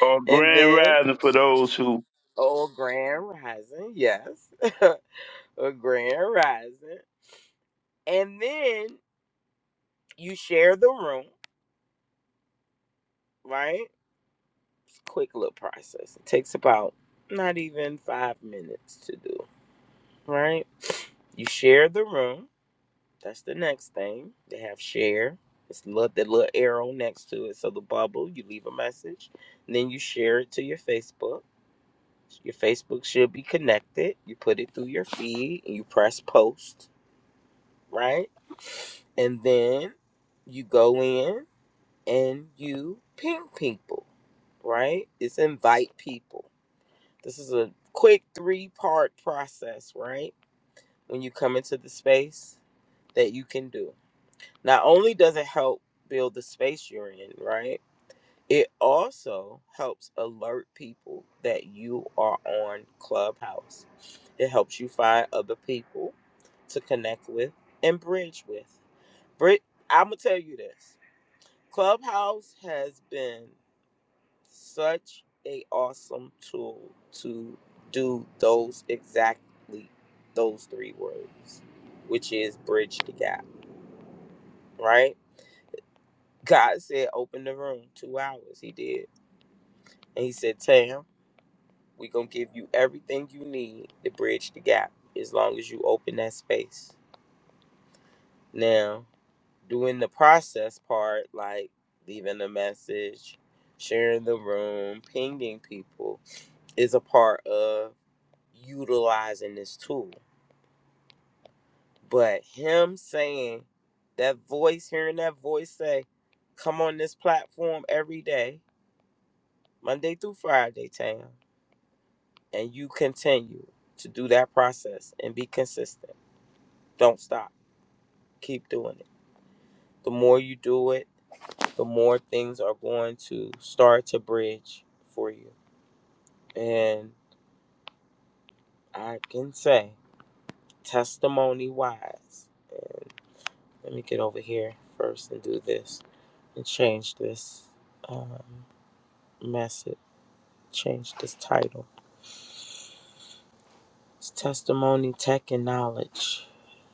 or grand rising for those who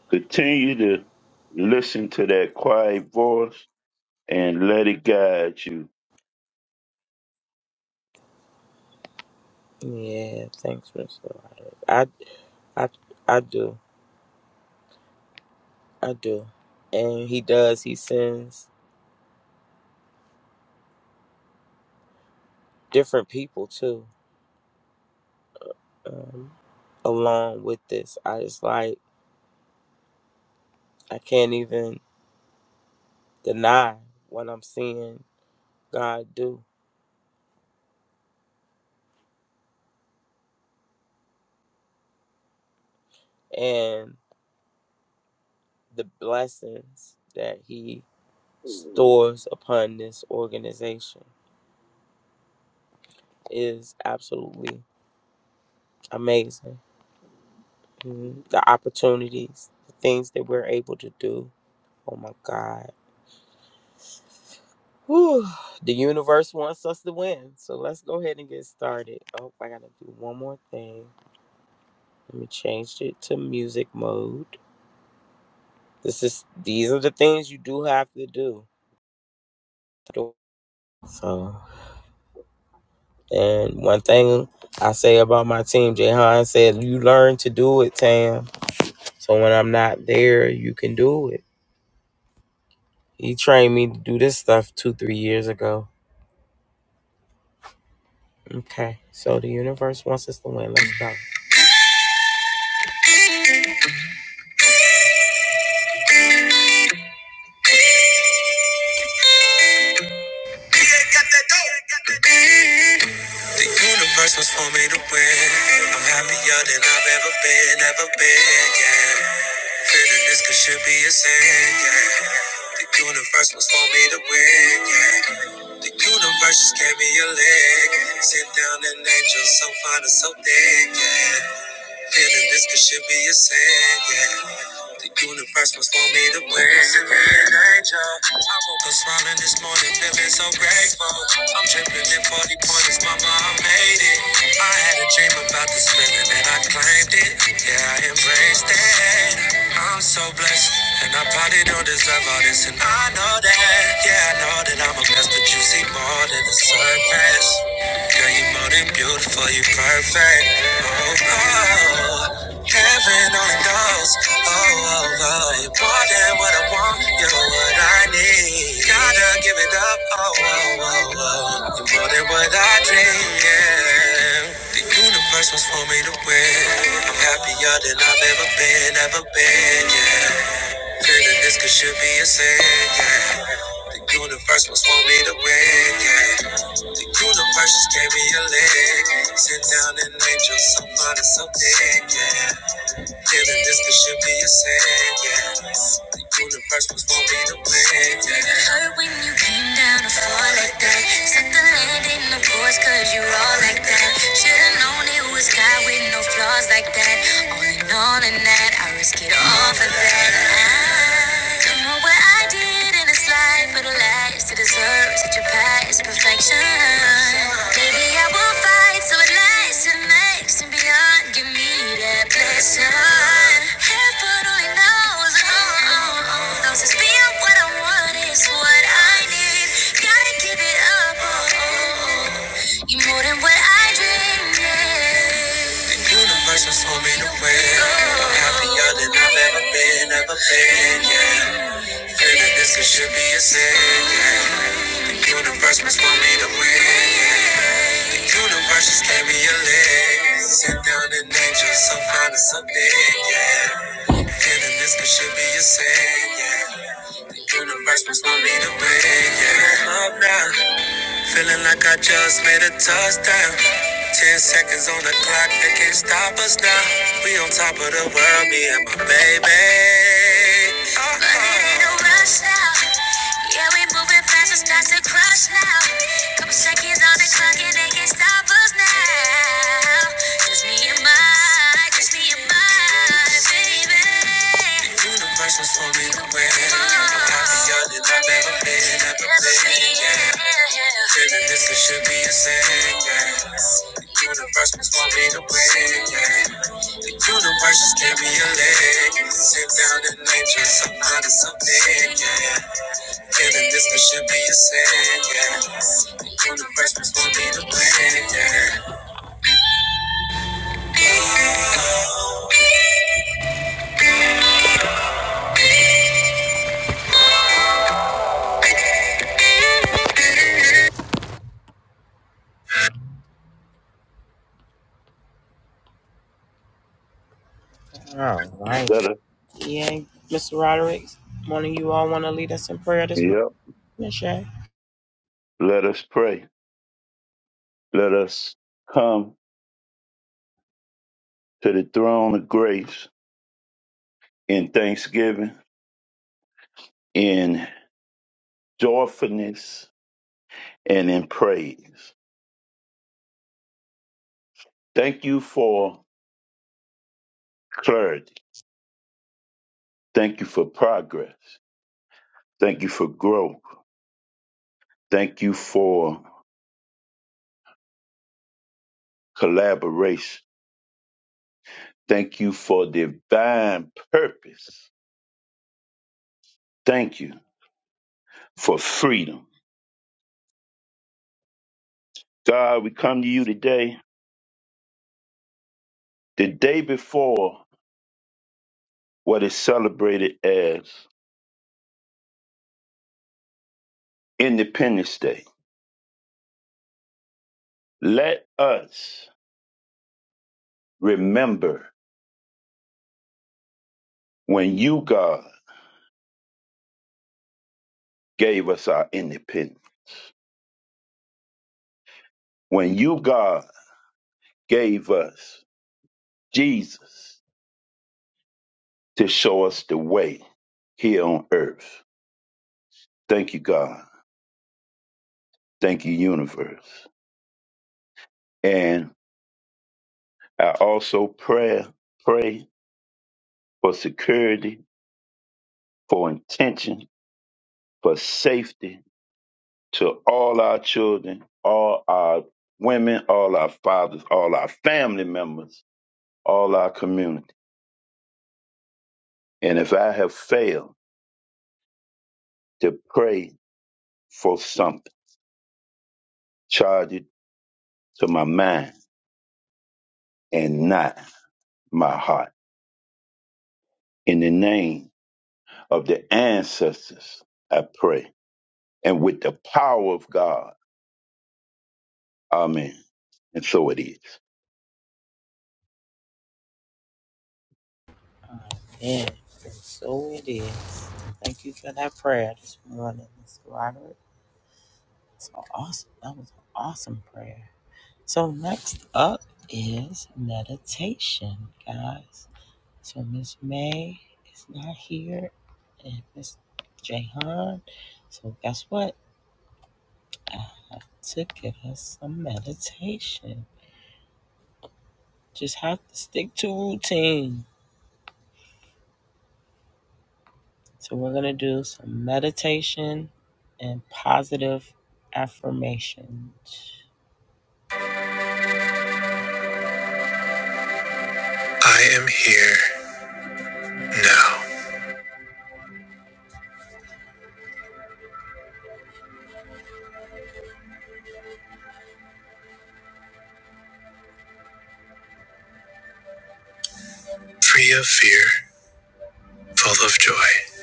continue to listen to that quiet voice and let it guide you. The universe was for me to win. I'm happier than I've ever been, ever been, yeah. Feeling this could should be a sin, yeah. The universe was for me to win, yeah. The universe just gave me a leg. Sit down and angel so fine and so thick, yeah. Feeling this could should be a sin, yeah. The universe must want me to win. An angel. I woke up smiling this morning, feeling so grateful. I'm dripping in 40 pointers, mama, I made it. I had a dream about this feeling and I claimed it. Yeah, I embraced it. I'm so blessed, and I probably don't deserve all this, and I know that. Yeah, I know that I'm a mess, but you see more than the surface. Girl, you're more than beautiful, you're perfect. Oh, oh, heaven only knows. Oh, oh, oh, you're more than what I want, you're what I need. Gotta give it up. Oh, oh, oh, oh, you're more than what I dream. Yeah. The universe was for me to win. I'm happier than I've ever been, ever been. Yeah. Feeling this could should be a sin, yeah. The universe must want me to win, yeah. The universe just gave me a leg. Sit down and angel, so fine and so thick, yeah. Feeling this could should be a sin, yeah. The universe was for me to win, yeah. Did it hurt when you came down to fall like that? Set the landing, of course, cause you're all like that. Should've known it was God with no flaws like that. All in all, in that, I risk it all for that. I don't know what I did fight in this life for the lies to deserve such a past perfection. Baby, I will fight so it lasts and makes and beyond. Give me that blessing. Heaven only knows, oh, oh, oh, knows it's beyond what I want is what I need. Gotta give it up, oh, oh, oh. you more than what I dreamed. Yeah. The universe was for me to win. I'm happier than I've ever been, ever been, yeah. This is should be a sin. yeah. Universe must want me to win. yeah. Universe just gave me a leg. Sit down and angel, so fine and so big, yeah. Feeling this could should be a sin, yeah. The universe must want me to win, yeah. Up now. Feeling like I just made a touchdown. Ten seconds on the clock, they can't stop us now. We on top of the world, me and my baby. Uh-huh. But it ain't no rush now. Yeah, we moving fast, it's starts to crush now. Couple seconds on the clock, and they can't stop us now. Just me and my, just me and my baby. Universe was for me to win. I'm happier than I've ever been, ever been. Yeah. Feeling this it should be a sin. Yeah. The universe was for me to win. Yeah. The universe just gave me a leg. Sit down and nature some honest something. Yeah. Feeling this it should be a sin. Yeah. The universe was for me to win. Yeah. Oh, right. Let us, yep. Let us pray. Let us come to the throne of grace in thanksgiving, in joyfulness, and in praise. Thank you for clarity. Thank you for progress. Thank you for growth. Thank you for collaboration. Thank you for divine purpose. Thank you for freedom. God, we come to you today, the day before what is celebrated as Independence Day. Let us remember when you, God, gave us our independence, when you, God, gave us Jesus to show us the way here on earth. Thank you, God. Thank you, universe. And I also pray, pray for security, for intention, for safety to all our children, all our women, all our fathers, all our family members, all our community. And if I have failed to pray for something, charge it to my mind and not my heart. In the name of the ancestors, I pray. And with the power of God, amen. And so it is. I am here now. free of fear, full of joy.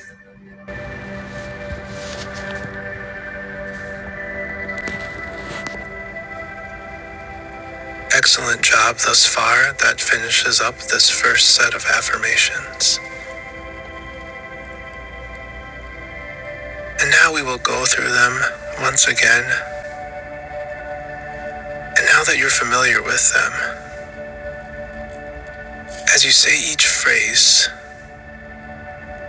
Excellent job thus far. That finishes up this first set of affirmations. And now we will go through them once again. And now that you're familiar with them, as you say each phrase,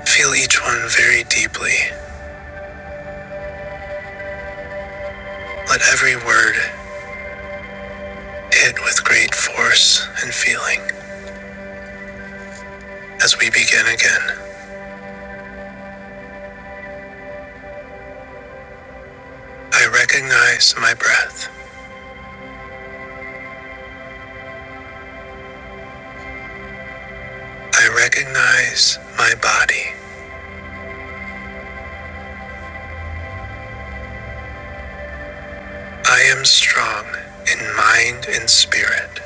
feel each one very deeply. Let every word hit with great force and feeling. As we begin again, I recognize my breath. I recognize my body. I am strong in mind and spirit.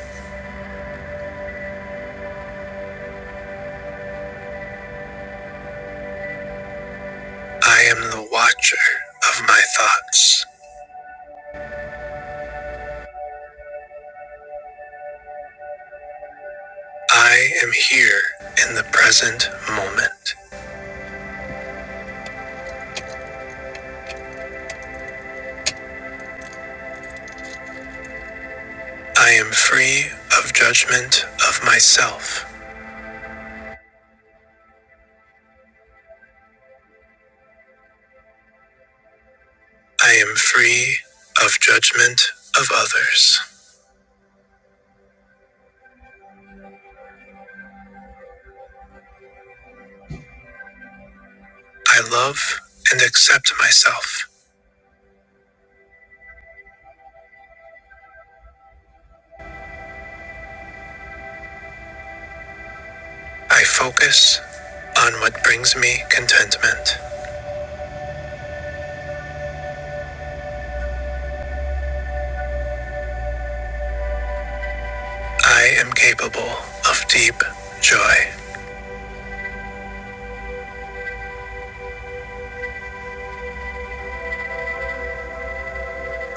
I am the watcher of my thoughts. I am here in the present moment. I am free of judgment of myself. I am free of judgment of others. I love and accept myself. I focus on what brings me contentment. I am capable of deep joy.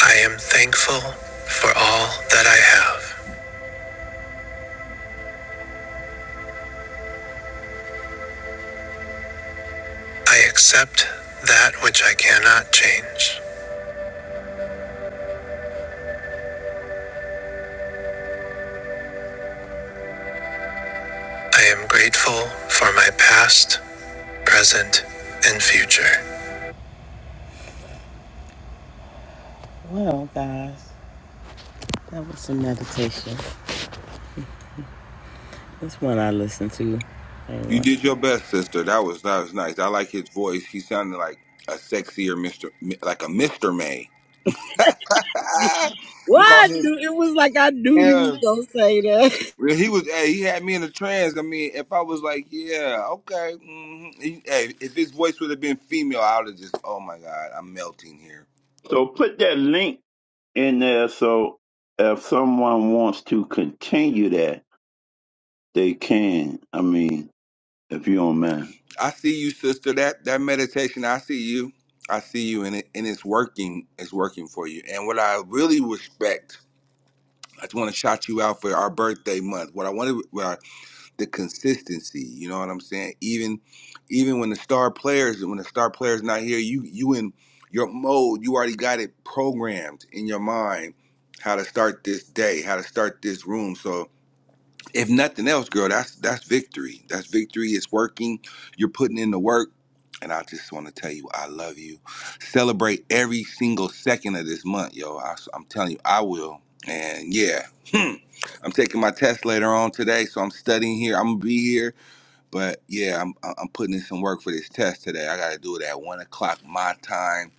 I am thankful for all that I have. I accept that which I cannot change. I am grateful for my past, present, and future. You did your best, sister. That was that was nice. I like his voice. He sounded like a sexier Mister, Mi- like a Mister May. Why I'm calling I him. knew it was like I knew you was Yeah, gonna say that. Well, he was. Hey, he had me in a trance. I mean, if I was like, yeah, okay. hmm He, hey, if his voice would have been female, I would have just. Oh my God, I'm melting here. So put that link in there. So if someone wants to continue that, they can. I mean, if you don't mind. I see you, sister. That that meditation. I see you. I see you, and it and it's working. It's working for you. And what I really respect. I just want to shout you out for our birthday month. What I wanted. the consistency. You know what I'm saying? Even even when the star players when the star player's not here, you you in your mode, you already got it programmed in your mind how to start this day, how to start this room. So if nothing else, girl, that's that's victory. That's victory. It's working. You're putting in the work. And I just want to tell you, I love you. Celebrate every single second of this month, yo. I, am telling you, I will. And yeah, hmm, I'm taking my test later on today, so I'm studying here. I'm gonna be here, but yeah, I'm I'm putting in some work for this test today. I gotta do it at one o'clock my time,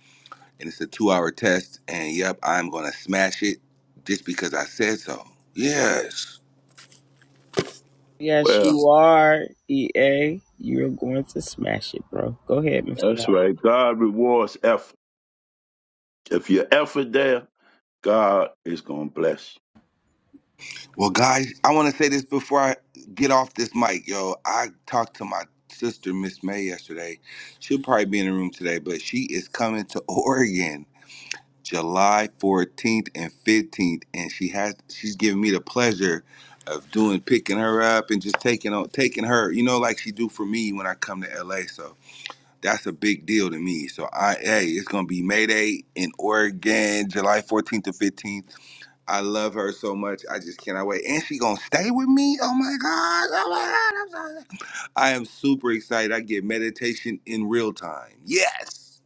and it's a two-hour test. And yep, I'm gonna smash it just because I said so. Yes. Well, that's right. God rewards effort. If your effort there, God is gonna bless Well, guys, I want to say this before I get off this mic, yo. I talked to my sister, Miss May, yesterday. She'll probably be in the room today, but she is coming to Oregon July 14th and 15th, and she has she's giving me the pleasure of doing picking her up and just taking on taking her, you know, like she do for me when I come to LA. So that's a big deal to me. So I hey, it's gonna be May Day in Oregon, July 14th to 15th I love her so much. I just cannot wait. And she gonna stay with me? Oh my god! Oh my god! I'm so I am super excited. I get meditation in real time. Yes.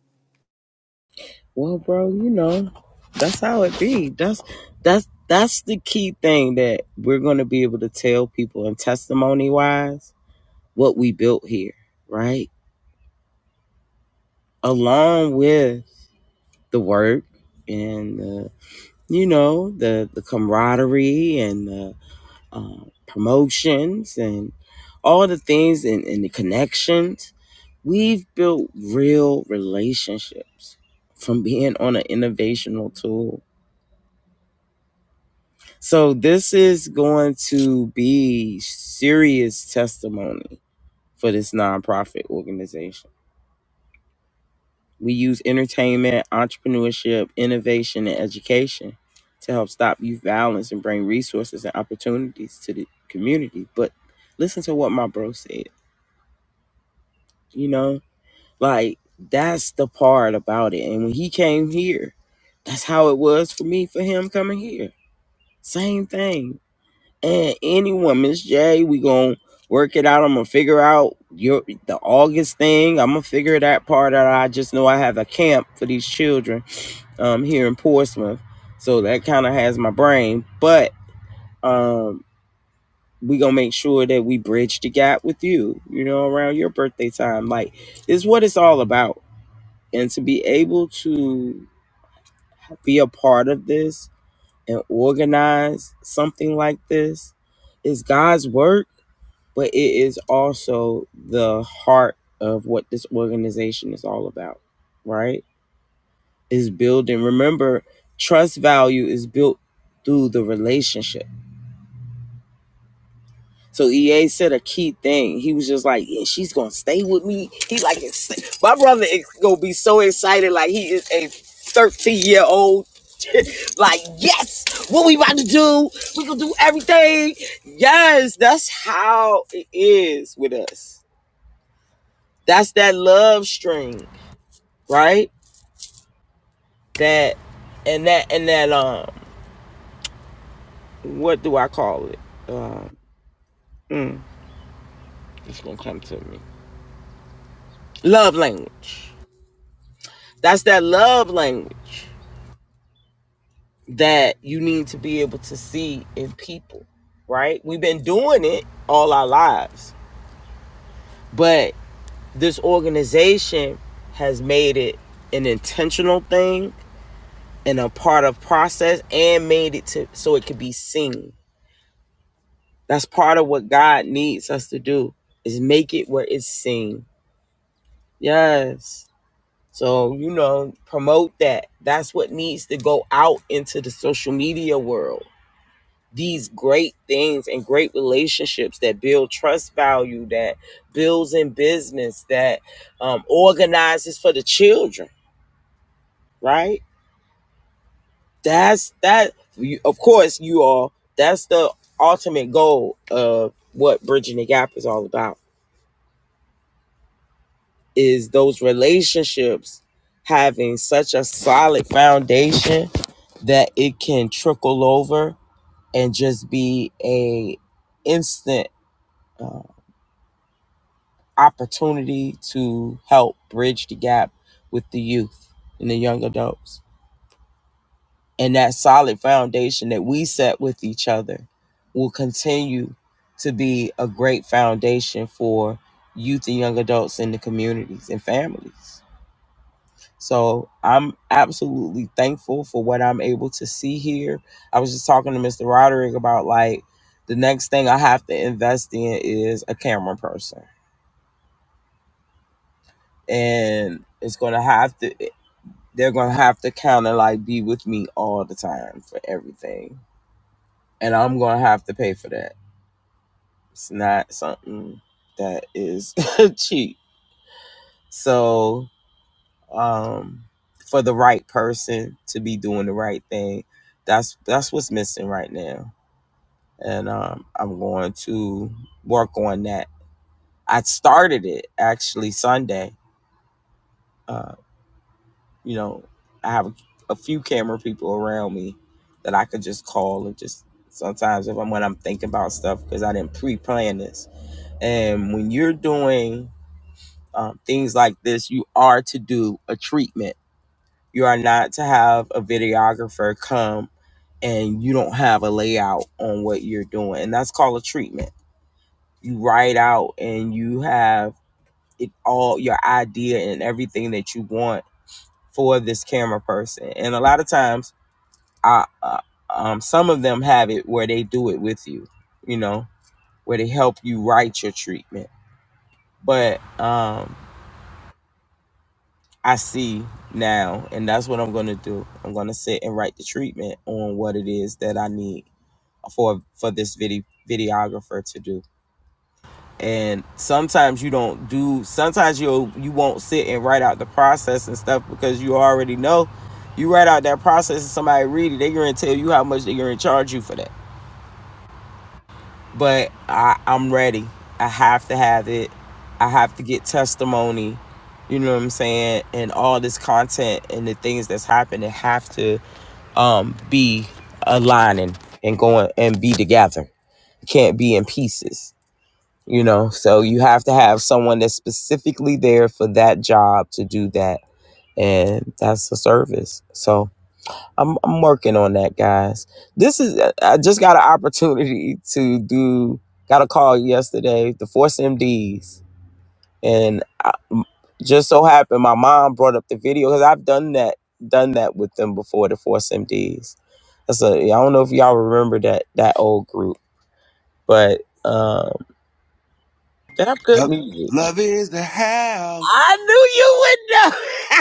Love, love is the house. I knew you would know.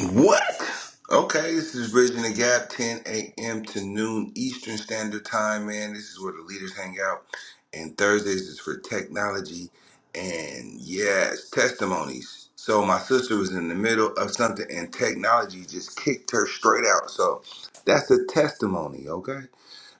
What? Okay, this is Bridging the Gap, 10 a.m. to noon Eastern Standard Time, man. This is where the leaders hang out. And Thursdays is for technology and, yes, testimonies. So, my sister was in the middle of something and technology just kicked her straight out. So, that's a testimony, okay?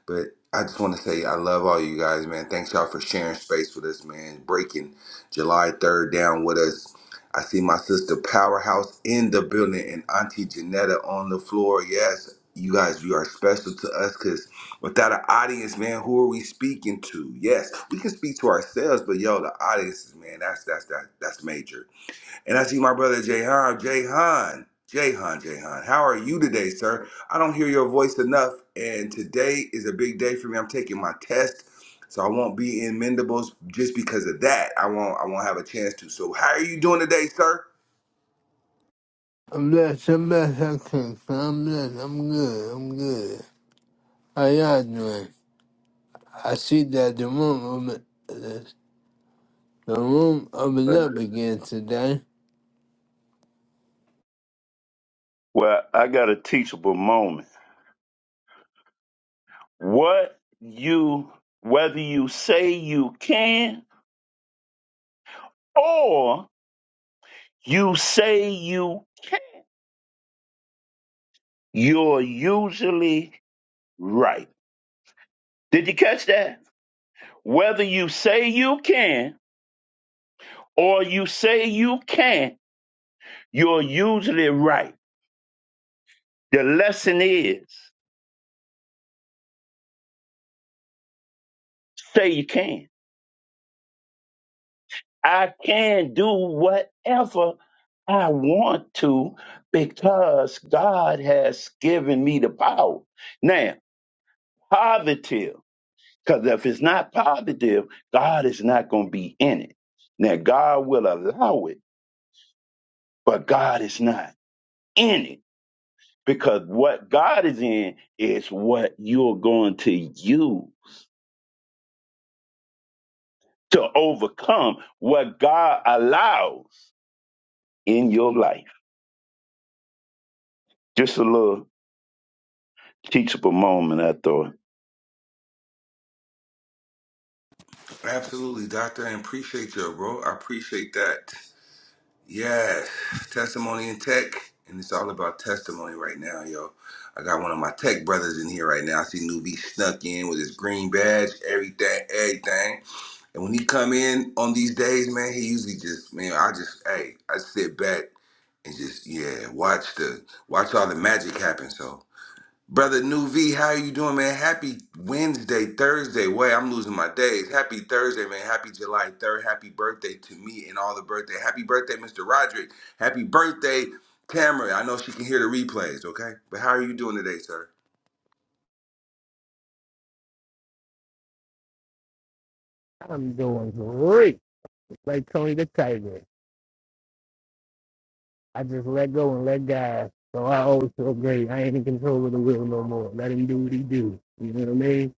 But I just want to say I love all you guys, man. Thanks y'all for sharing space with us, man. Breaking July 3rd down with us. I see my sister Powerhouse in the building and Auntie Janetta on the floor. Yes, you guys, you are special to us because without an audience, man, who are we speaking to? Yes, we can speak to ourselves, but yo, the audience, man, that's that's that that's major. And I see my brother Jahan. Jahan, Jahan, Jahan, how are you today, sir? I don't hear your voice enough, and today is a big day for me. I'm taking my test, so I won't be in Mendables just because of that. I won't. I won't have a chance to. So, how are you doing today, sir? I'm blessed. I'm good. I can't- I'm blessed. i can i am blessed i am good. I'm good. How y'all doing? I see that the room open, the the room opened you. up again today. Well, I got a teachable moment. What you whether you say you can or you say you you're usually right. Did you catch that? Whether you say you can or you say you can't, you're usually right. The lesson is say you can. I can do whatever I want to because God has given me the power. Now, positive, because if it's not positive, God is not going to be in it. Now, God will allow it, but God is not in it because what God is in is what you're going to use. to overcome what God allows in your life. Just a little teachable moment, I thought. Absolutely, doctor. I appreciate you, bro. I appreciate that. Yes, testimony in tech, and it's all about testimony right now, yo. I got one of my tech brothers in here right now. I see Nuvi snuck in with his green badge, everything, everything. And when he come in on these days, man, he usually just, man, I just, hey, I sit back and just, yeah, watch the, watch all the magic happen. So, brother New V, how you doing, man? Happy Wednesday, Thursday. Wait, I'm losing my days. Happy Thursday, man. Happy July 3rd. Happy birthday to me and all the birthday. Happy birthday, Mr. Roderick. Happy birthday, Tamara. I know she can hear the replays, okay? But how are you doing today, sir? I'm doing great. Like Tony the Tiger. I just let go and let God. So I always feel great. I ain't in control of the wheel no more. Let him do what he do. You know what I mean?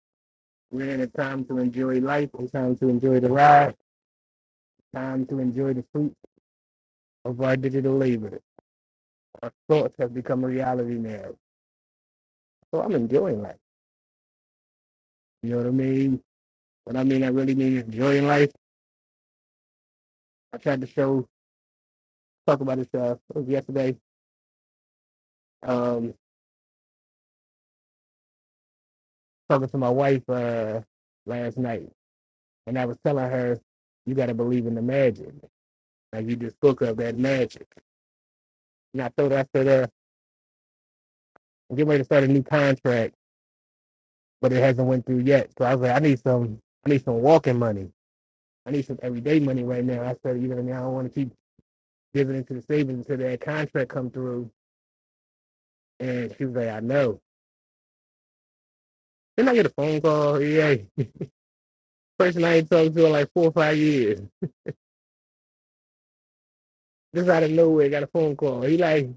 We're in a time to enjoy life, a time to enjoy the ride, time to enjoy the fruit of our digital labor. Our thoughts have become a reality now. So I'm enjoying life. You know what I mean? What I mean, I really mean enjoying life. I tried to show, talk about this, uh, yesterday, um, talking to my wife, uh, last night. And I was telling her, you got to believe in the magic. Like you just spoke of that magic. And I throw that to there. I'm getting ready to start a new contract, but it hasn't went through yet. So I was like, I need some, I need some walking money. I need some everyday money right now. I said, you know, I I don't want to keep giving into the savings until that contract come through. And she was like, I know. Then I get a phone call. Yeah, person I ain't talked to in like four or five years. Just out of nowhere, got a phone call. He like,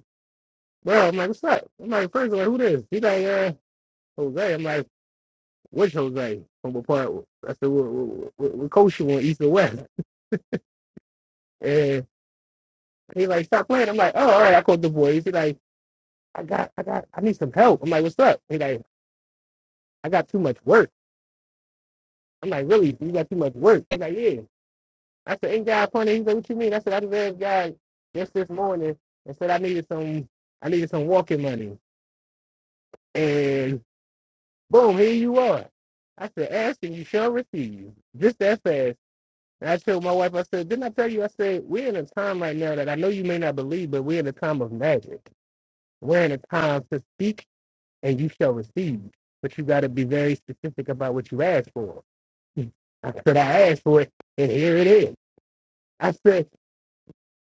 bro, I'm like, what's up? I'm like, first of all, who this? He like, uh, Jose. I'm like, with Jose from a part. I said, "What, what, what, what coach you on East or West?" And he like, "Stop playing." I'm like, "Oh, all right." I called the boys. He like, "I got, I got, I need some help." I'm like, "What's up?" He like, "I got too much work." I'm like, "Really? You got too much work?" He like, "Yeah." I said, "Ain't God funny?" He's like, "What you mean?" I said, "I just had God just this morning and said I needed some, I needed some walking money." And boom, here you are. I said, "Asking you shall receive." Just that fast. And I told my wife, I said, didn't I tell you? I said, we're in a time right now that I know you may not believe, but we're in a time of magic. We're in a time to speak and you shall receive. But you got to be very specific about what you ask for. I said, I asked for it and here it is. I said,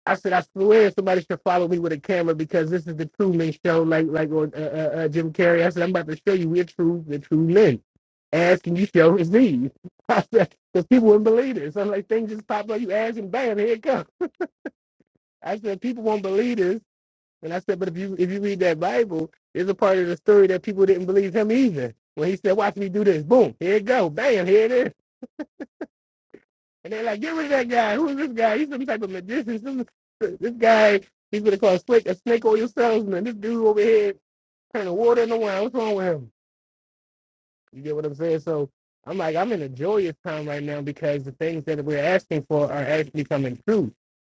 I said, I swear somebody should follow me with a camera because this is the true men show, like like on uh, uh, uh, Jim Carrey. I said, I'm about to show you we're true, the true men. Ask and you shall receive. I said, because people wouldn't believe it. So I'm like, things just pop up, you ask and bam, here it comes. I said people won't believe this, and I said, but if you if you read that Bible, there's a part of the story that people didn't believe him either. When he said, "Watch me do this," boom, here it go, bam, here it is, and they're like, "Get rid of that guy. Who's this guy? He's some type of magician. Some, this guy, he's what they call a snake, a snake oil salesman. This dude over here turning water into wine. What's wrong with him?" You get what I'm saying? So I'm like, I'm in a joyous time right now because the things that we're asking for are actually coming true.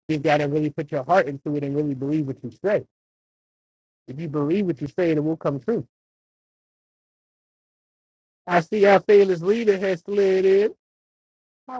You got to really put your heart into it and really believe what you say If you believe what you say, it will come true. I see our fearless leader has slid in. I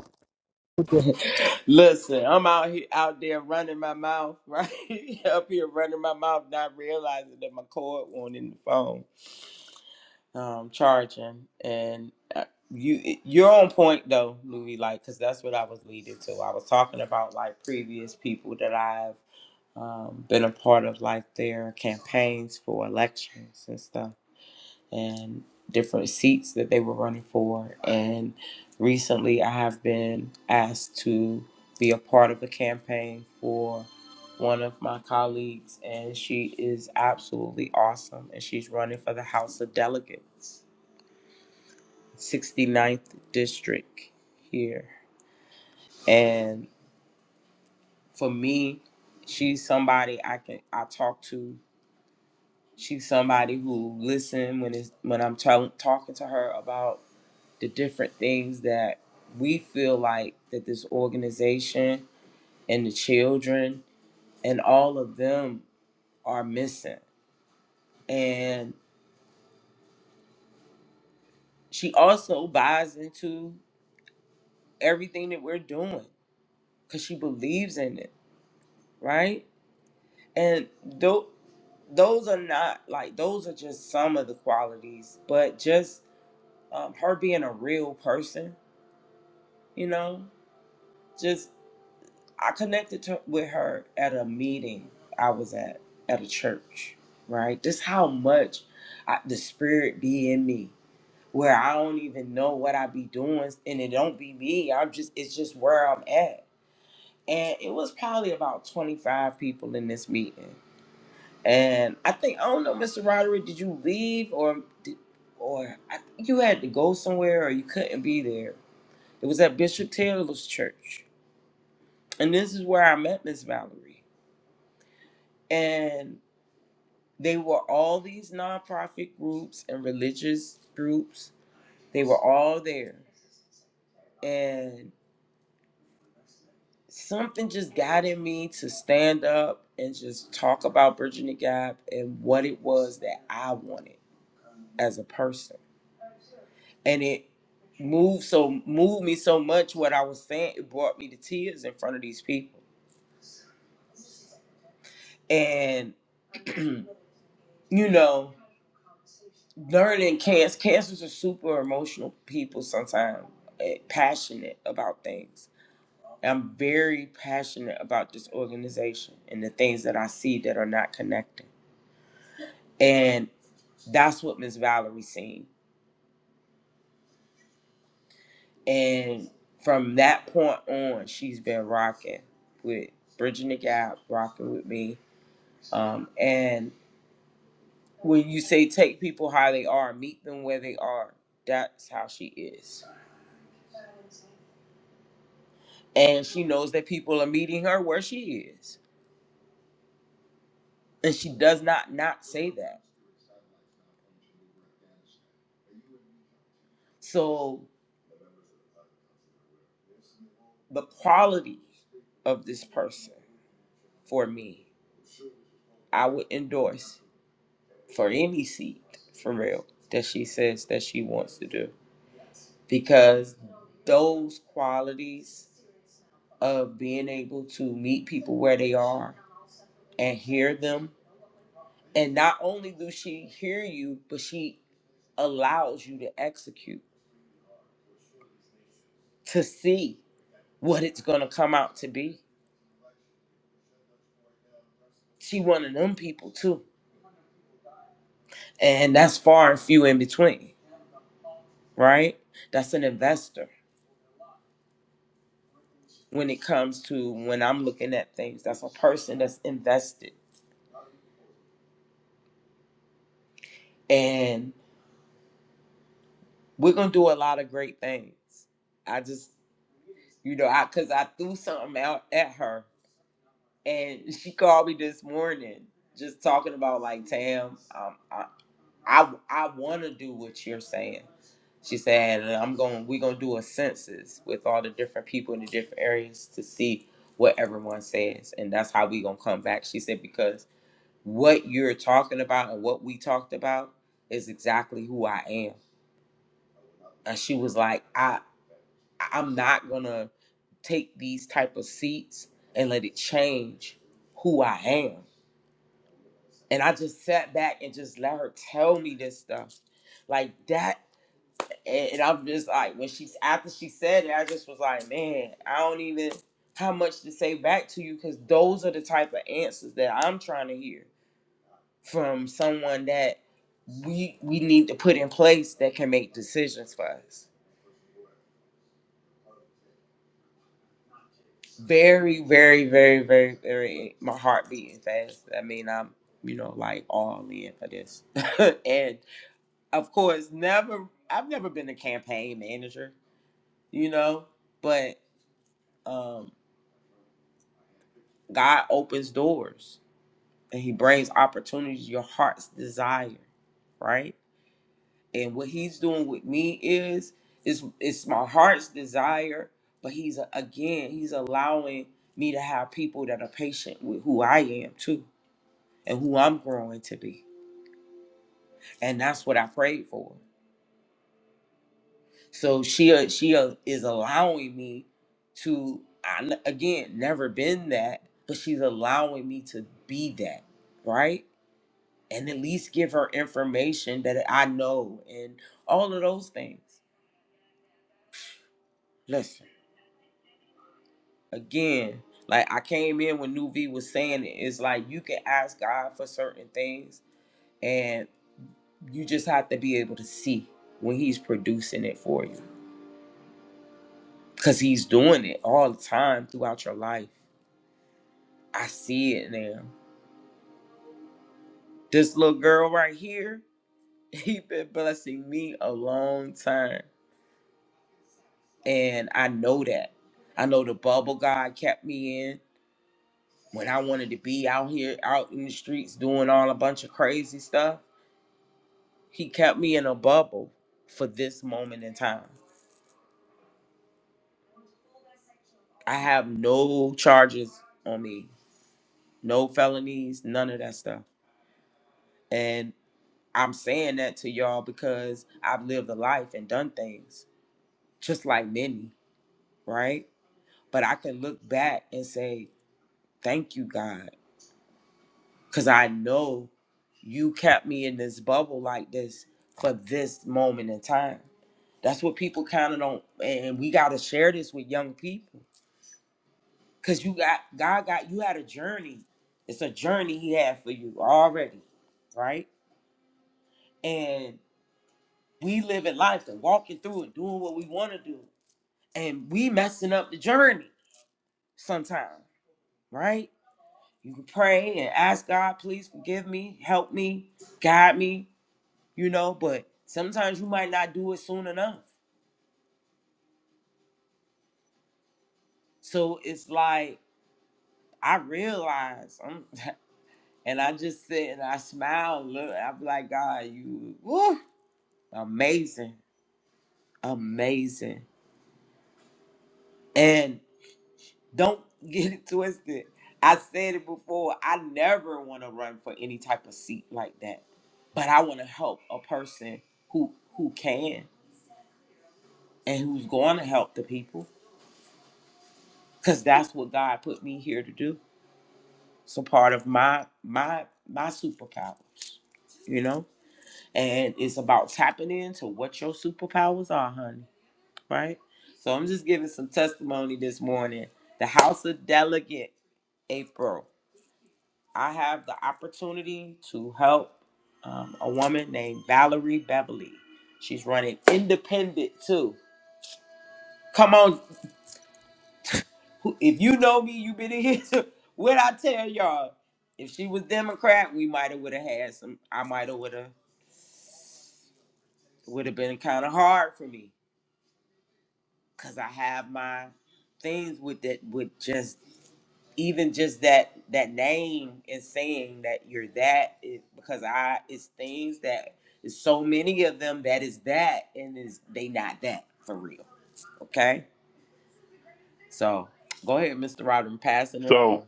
So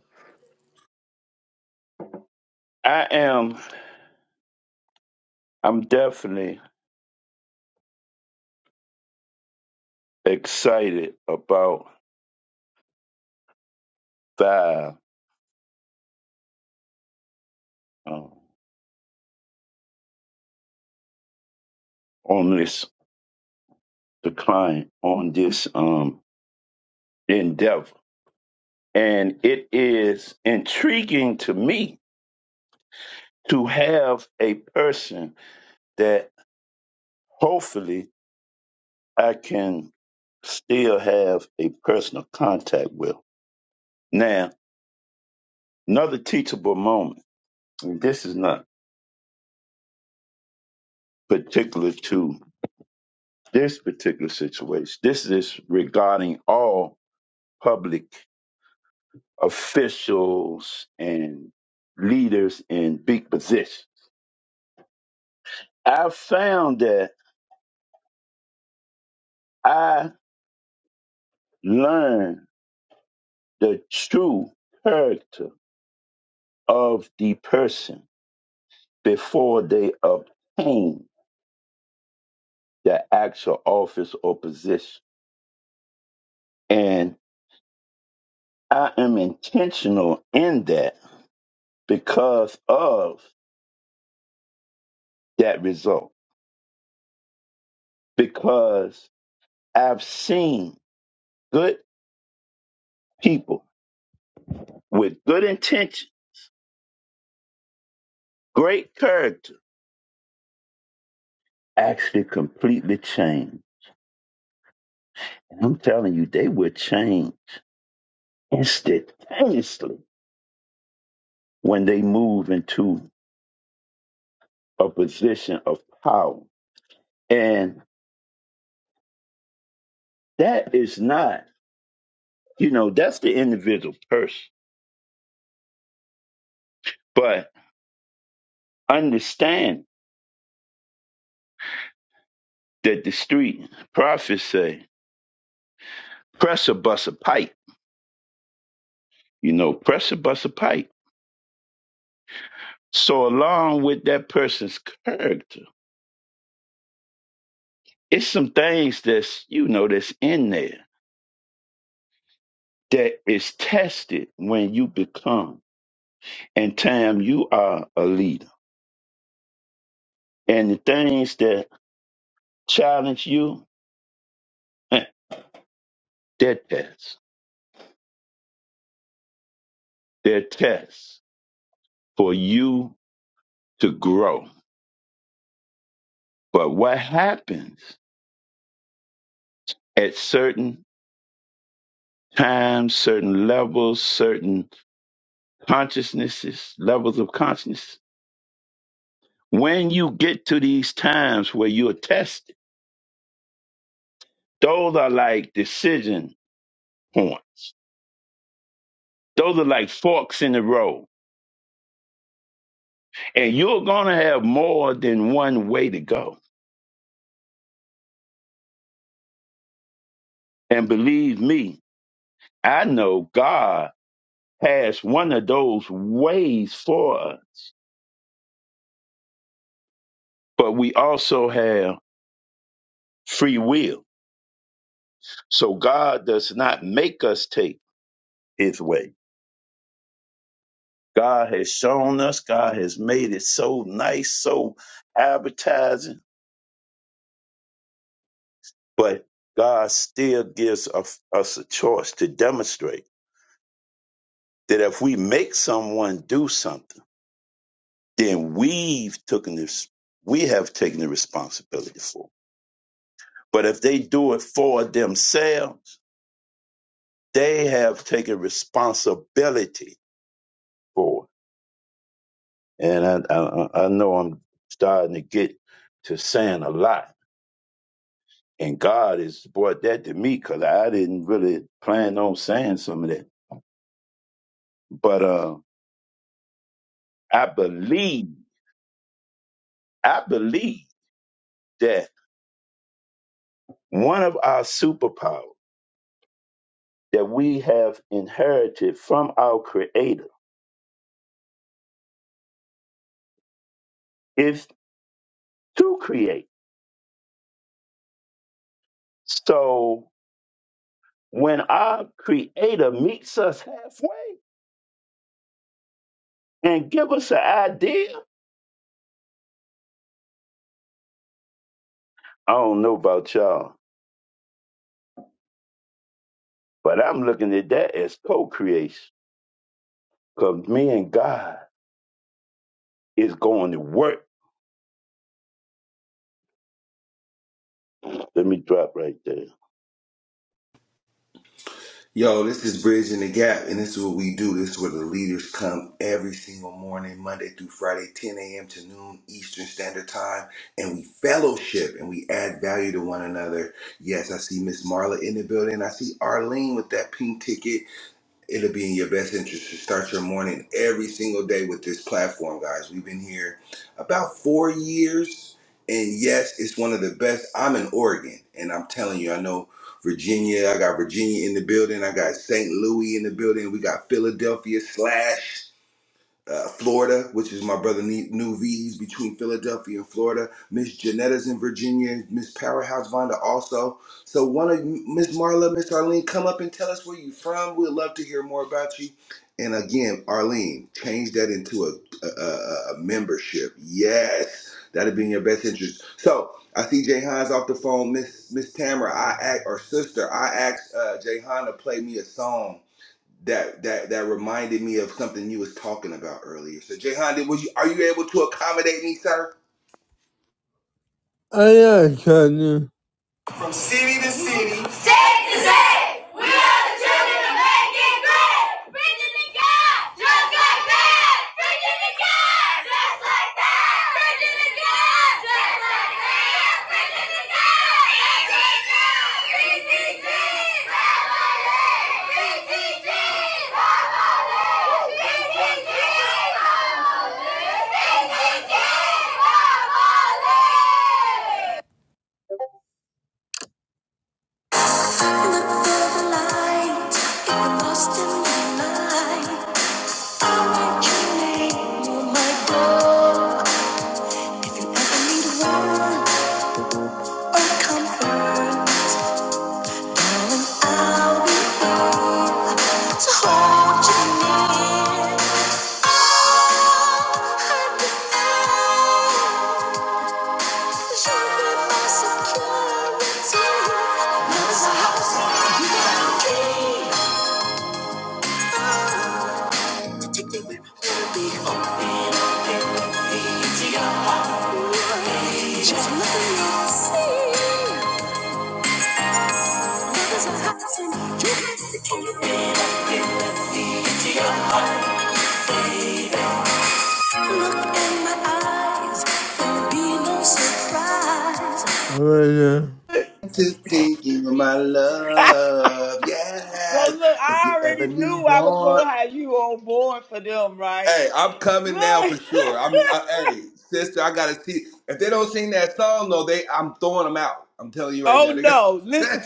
I am, I'm definitely excited about five um, on this decline, on this um, endeavor. And it is intriguing to me to have a person that hopefully I can still have a personal contact with. Now, Another teachable moment, and this is not particular to this particular situation. This is regarding all public officials and leaders in big positions. I found that I learned the true character of the person before they obtain the actual office or position. And I am intentional in that because of that result. Because I've seen good people with good intention, great character, actually completely change. And I'm telling you, they will change instantaneously when they move into a position of power. And that is not, you know, that's the individual person. But understand that the street prophets say, press a bus a pipe You know, pressure busts a pipe. So along with that person's character, it's some things that's you know that's in there that is tested when you become and time you are a leader. And the things that challenge you, eh, they're tests. They're tests for you to grow. But what happens at certain times, certain levels, certain consciousnesses, levels of consciousness, When you get to these times where you're tested, those are like decision points. Those are like forks in the road. And you're going to have more than one way to go. And believe me, I know God has one of those ways for us, but we also have free will. So God does not make us take his way. God has shown us, God has made it so nice, so advertising But God still gives us us a choice to demonstrate that if we make someone do something, then we've taken this, we have taken the responsibility for. it. But if they do it for themselves, they have taken responsibility for it. And I, I, I know I'm starting to get to saying a lot. And God has brought that to me because I didn't really plan on saying some of that. But uh, I believe I believe that one of our superpowers that we have inherited from our creator is to create. So when our creator meets us halfway and give us an idea, I don't know about y'all, but I'm looking at that as co-creation. Cause me and God is going to work. Let me drop right there. Yo, this is Bridging the Gap, and this is what we do. This is where the leaders come every single morning, Monday through Friday, 10 a.m. to noon Eastern Standard Time, and we fellowship and we add value to one another. Yes, I see Miss Marla in the building. I see Arlene with that pink ticket it'll be in your best interest to start your morning every single day with this platform, guys. We've been here about four years, and yes, it's one of the best. I'm in Oregon, and I'm telling you, I know Virginia. I got Virginia in the building. I got St. Louis in the building. We got Philadelphia slash uh, Florida, which is my brother Ne- New V's between Philadelphia and Florida. Miss Janetta's in Virginia. Miss Powerhouse Vonda also. So one of you- Miss Marla, Miss Arlene, come up and tell us where you from. We'd love to hear more about you. And again, Arlene, change that into a, a, a, a membership. Yes, that'd be in your best interest. So I see Jay Hines off the phone. Miss Miss Tamara, I act or sister, I asked uh, Jay to play me a song that that that reminded me of something you was talking about earlier. So Jayhan, did was you are you able to accommodate me, sir? How y'all trying from city to city, State to state, we are the children of making great. Preaching the God, just like that. Preaching the God, just like that. Preaching the God, just like that. Preaching the God. ETG, ETG, family. ETG, family. ETG, family. ETG, family. In the the light, you're lost in the night. I want your name, you my God. If I need warmth or comfort, I'll be here to hold you near. Oh, at the end, you'll be my security. You're a house, you're my key. Take you with me where I want Open up, baby, into your heart. Just nothing else. See, others are hiding. You have to open up. Look in my eyes. There'll be no surprise. All right, yeah. To think you were my love, yes. If you ever need one, hey, I'm coming now for sure. I'm uh, hey sister, I gotta see if they don't sing that song though. They I'm throwing them out. I'm telling you right now. They got.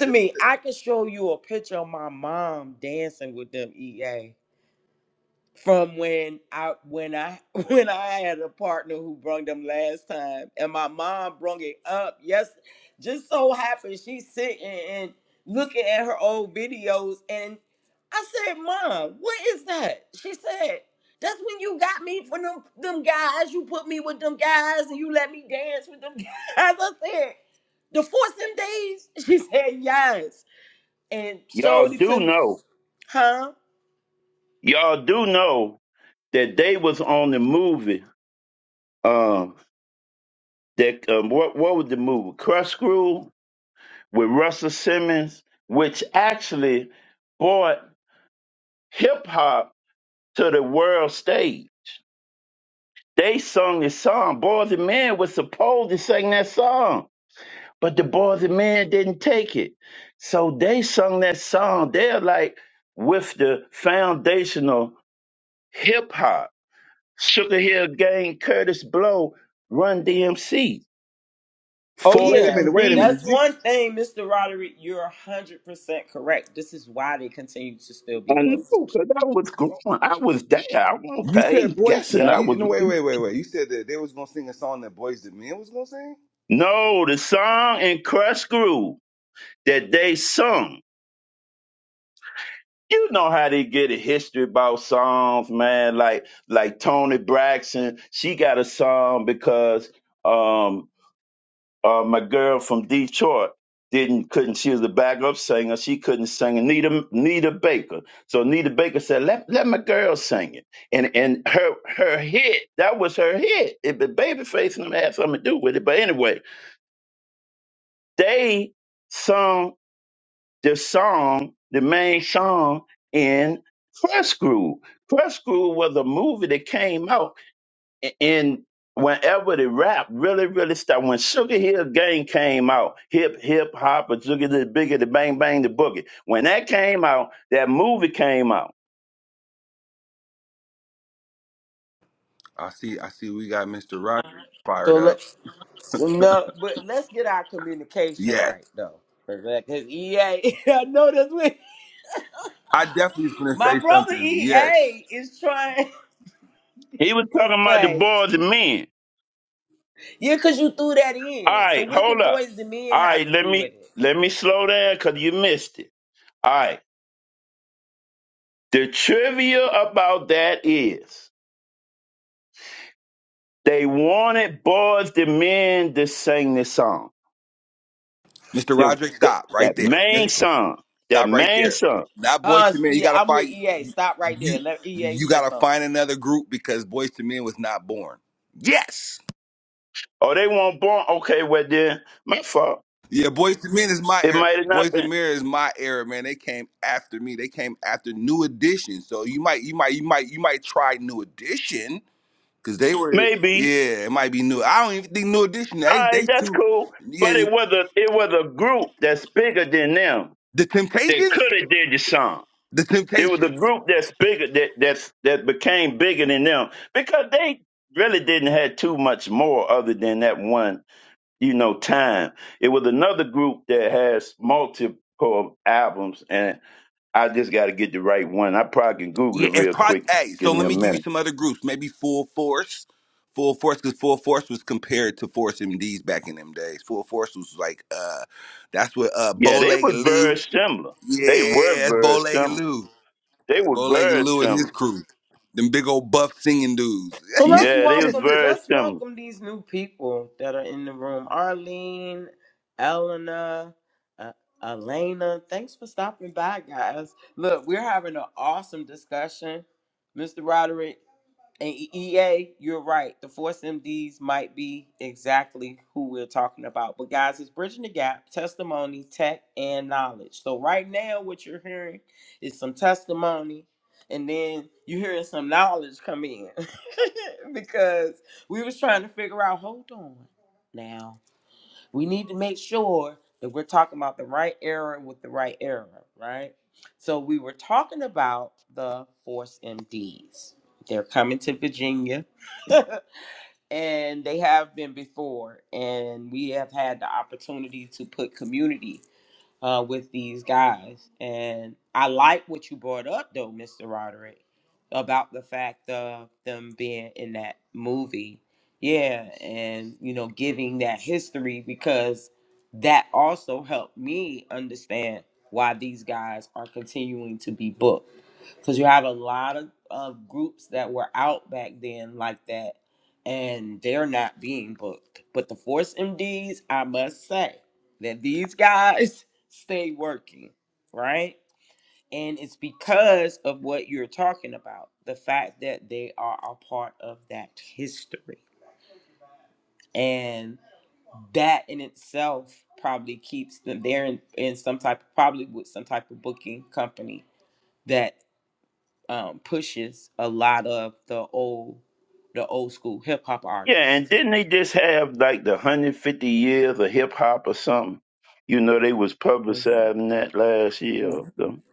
Y'all do know. Y'all do know that they was on the movie. um, that um, what what was the movie? Crush Groove with Russell Simmons, which actually brought hip hop to the world stage. They sung this song. Boys and Men was supposed to sing that song, but the Boys and Men didn't take it. So they sung that song. They're like with the foundational hip hop. Sugar Hill Gang, Curtis Blow, Run DMC, Force wait a minute, wait a MD. minute. You, I know, cause I was going. I was there. I will not you said paid boys to guessing. I you, was no wait really wait wait wait. You said that they was gonna sing a song that boys to men was gonna sing. no the song in Crush Groove that they sung. You know how they get a history about songs, man. Like like Tony Braxton, she got a song because um, uh, my girl from Detroit didn't couldn't she was a backup singer she couldn't sing and Nita Nita Baker so Nita Baker said let let my girl sing it and and her her hit that was her hit it, but Babyface and them had something to do with it but anyway they sung the song the main song in Press Crew Press Crew was a movie that came out and whenever the rap really, really started, when Sugar Hill Gang came out, hip, hip hop, or Sugar the Bigger, the Bang Bang, the Boogie, when that came out, that movie came out. I see. I see. We got Mr. Roderick fired up. Yeah, I definitely was gonna say something. Yes, He was talking about the boys and men. All right, hold up. All right, let me let me slow down because you missed it. All right, the trivia about that is they wanted boys and men to sing this song. Mr. The, Roderick, stop right that there. Mi- main song, that Stop right main there. song. Not boys to men. You gotta find you. You you gotta find another group because boys to men was not born. Yes. Oh, they weren't born. Okay, well then, my fault. Yeah, boys to men is my It era. might have not Boys to been. men is my era, man. They came after me. They came after New Edition. So you might, you might, you might, you might try New Edition Cause they were, Maybe. yeah, it might be new. I don't even think New Edition. All They, right, they that's too, cool. But yeah. it was a it was a group that's bigger than them The that Temptations, could have did the song. the It was Temptations. a group that's bigger that that's that became bigger than them because they really didn't have too much more other than that one you know time. It was another group that has multiple albums, and I just got to get the right one. I probably can Google Yeah, it it real probably. quick. Hey, so Give me let a me give you minute. some other groups. Maybe Full Force, Full Force, because Full Force was compared to Force MDs back in them days. Full Force was like, uh, that's what uh, Yeah, Bow they Legged was very Lou. similar. They were Yeah, that's Bow very Legged similar. Lou. They were Bow Legged very Lou and his similar. crew. Them big old buff singing dudes. Yeah, they was very similar. Yeah, and didn't they just have like the 150 years of hip hop or something? You know, they was publicizing that last year or something.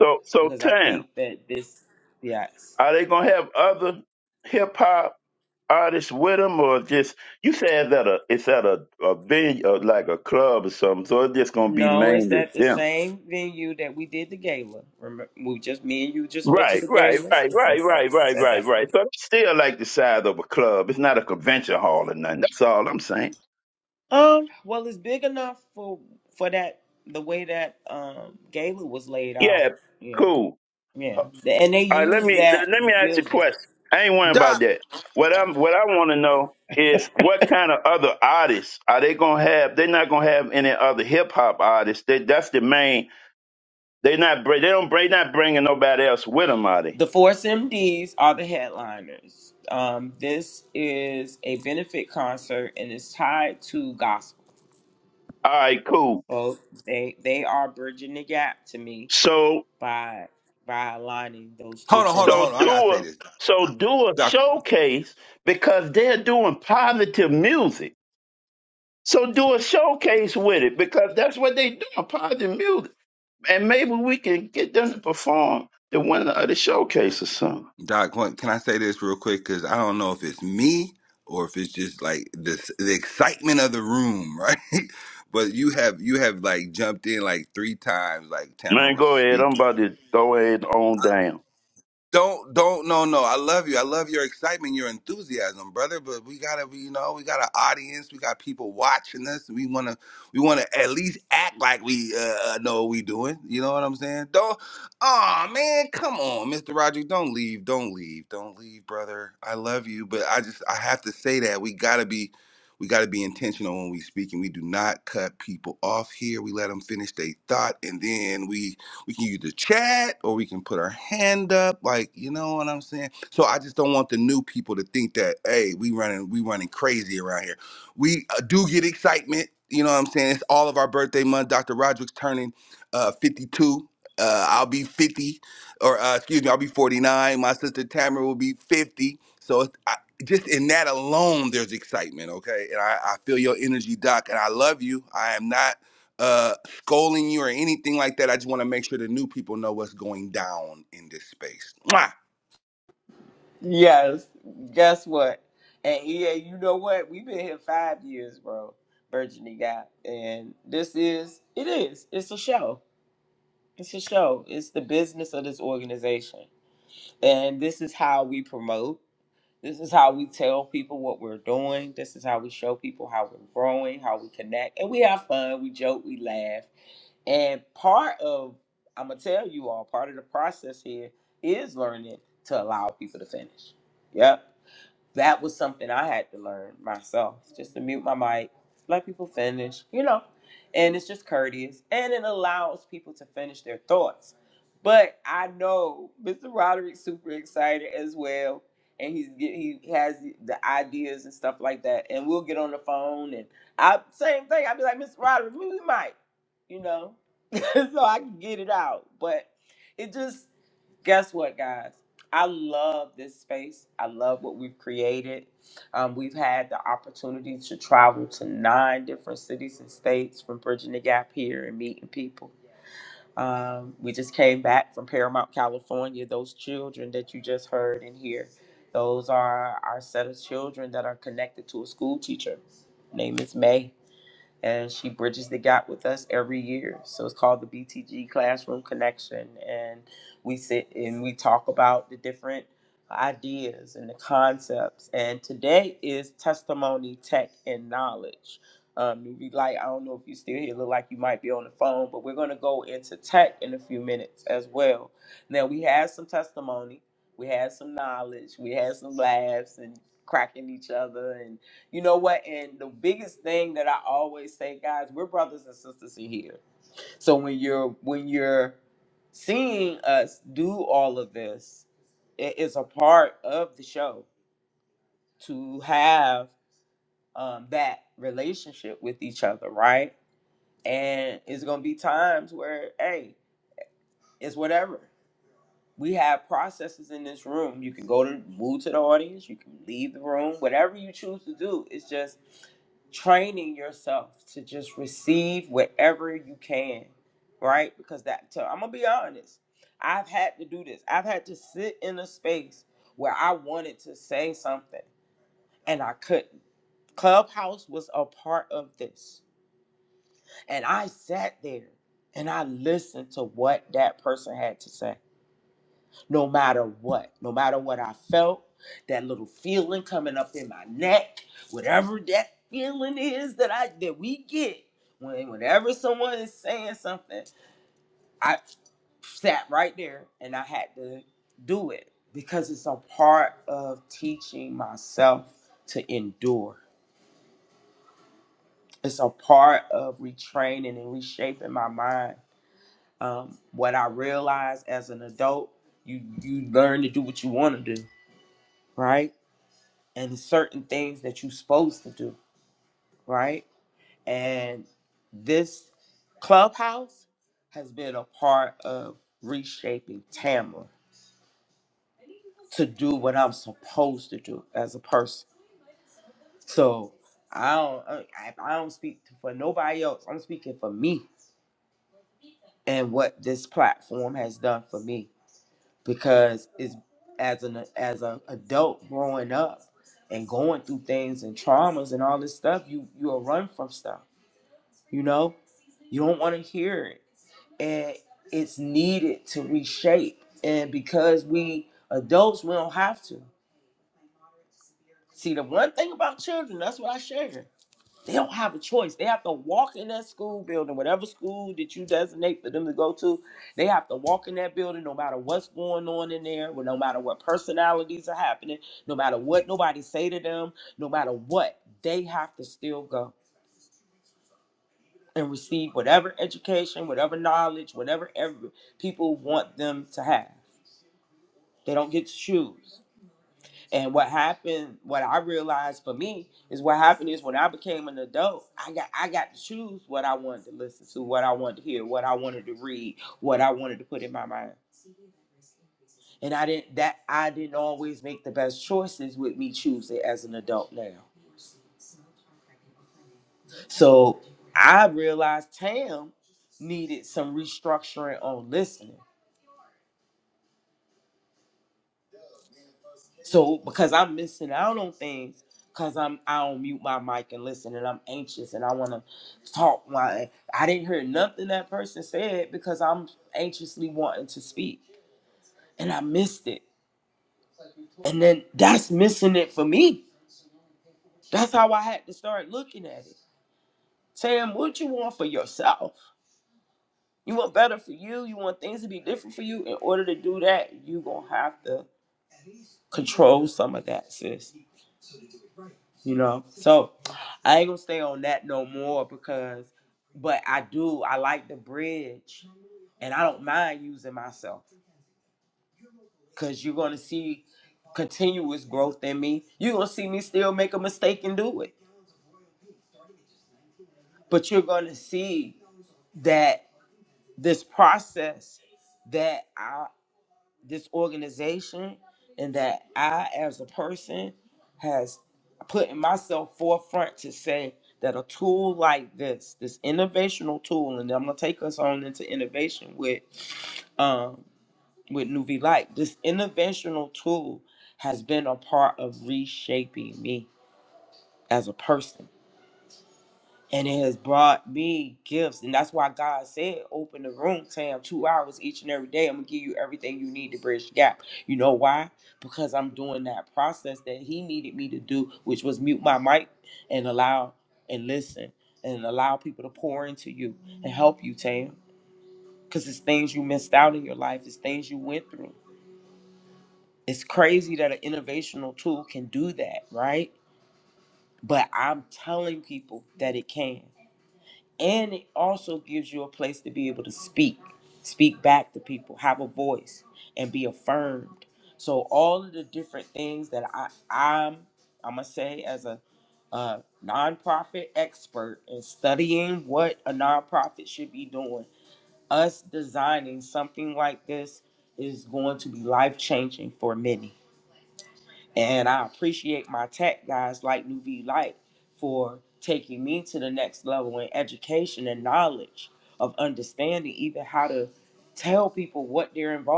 So, so Tam, are they gonna have other hip hop artists with them, or just you said that a, it's at a a venue, or like a club or something? So it's just gonna be mainly them. Right, right, right, right, right, right, right, right. So I'm still like the size of a club. It's not a convention hall or nothing. That's all I'm saying. Yeah, cool. All right, let me let me ask you a question. I ain't worrying about Doc, that. What I'm what I want to know is what kind of other artists are they gonna have? They're not gonna have any other hip hop artists. They, that's the main. They not br- they don't bring not bringing nobody else with them, are they? All right, cool. So hold on, hold on, So hold on. I do gotta say a this. so do a Doc, showcase because they're doing positive music. So do a showcase with it because that's what they do, positive music. And maybe we can get them to perform the one of the showcase or something. Doc, what- can I say this real quick? Because I don't know if it's me or if it's just like this the excitement of the room, right? but you have you have like jumped in like three times, like Tamara Man, was go ahead. speaking. I'm about to go ahead on down. Don't don't no no. I love you. I love your excitement, your enthusiasm, brother. But we gotta be, you know, we got an audience. We got people watching us. We wanna we wanna at least act like we uh, uh, know what we doing. You know what I'm saying? Don't. Oh man, come on, Mr. Roger. Don't leave. Don't leave. Don't leave, brother. I love you, but I just I have to say that we gotta be we gotta be intentional when we speak, and we do not cut people off here. We let them finish their thought, and then we we can either chat or we can put our hand up. Like, you know what I'm saying? So I just don't want the new people to think that, hey, we running, we running crazy around here. We uh, do get excitement. You know what I'm saying? It's all of our birthday month. Dr. Roderick's turning uh, 52. Uh, I'll be 50, or uh, excuse me, I'll be 49. My sister Tamara will be 50. So it's, I, just in that alone, there's excitement, okay? And I, I feel your energy, Doc, and I love you. I am not. uh, scolding you or anything like that. I just want to make sure the new people know what's going down in this space. Mwah!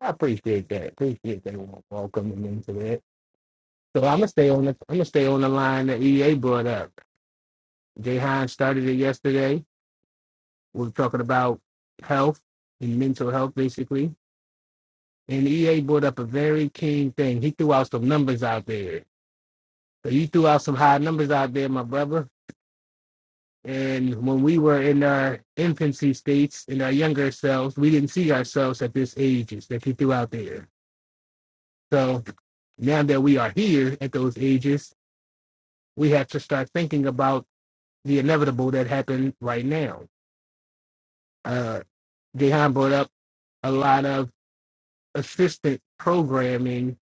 appreciate that. Appreciate that wel- welcoming into that. So I'm gonna stay on the I'm gonna stay on the line that EA brought up. Jay Hines started it yesterday. We were talking about health and mental health basically. And EA brought up a very keen thing. He threw out some numbers out there. So you threw out some high numbers out there, my brother. And when we were in our infancy states, in our younger selves, we didn't see ourselves at this ages that he threw out there. So now that we are here at those ages, we have to start thinking about the inevitable that happened right now. Uh, Dehan brought up a lot of assistant programming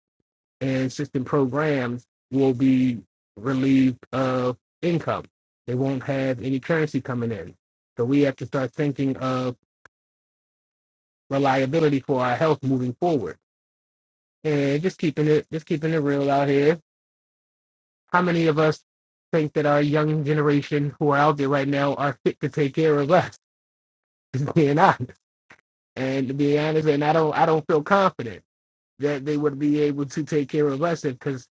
and assistant programs will be relieved of income. They won't have any currency coming in. So we have to start thinking of reliability for our health moving forward. And just keeping it just keeping it real out here. How many of us think that our young generation who are out there right now are fit to take care of us? Being honest. And to be honest, and I don't I don't feel confident that they would be able to take care of us because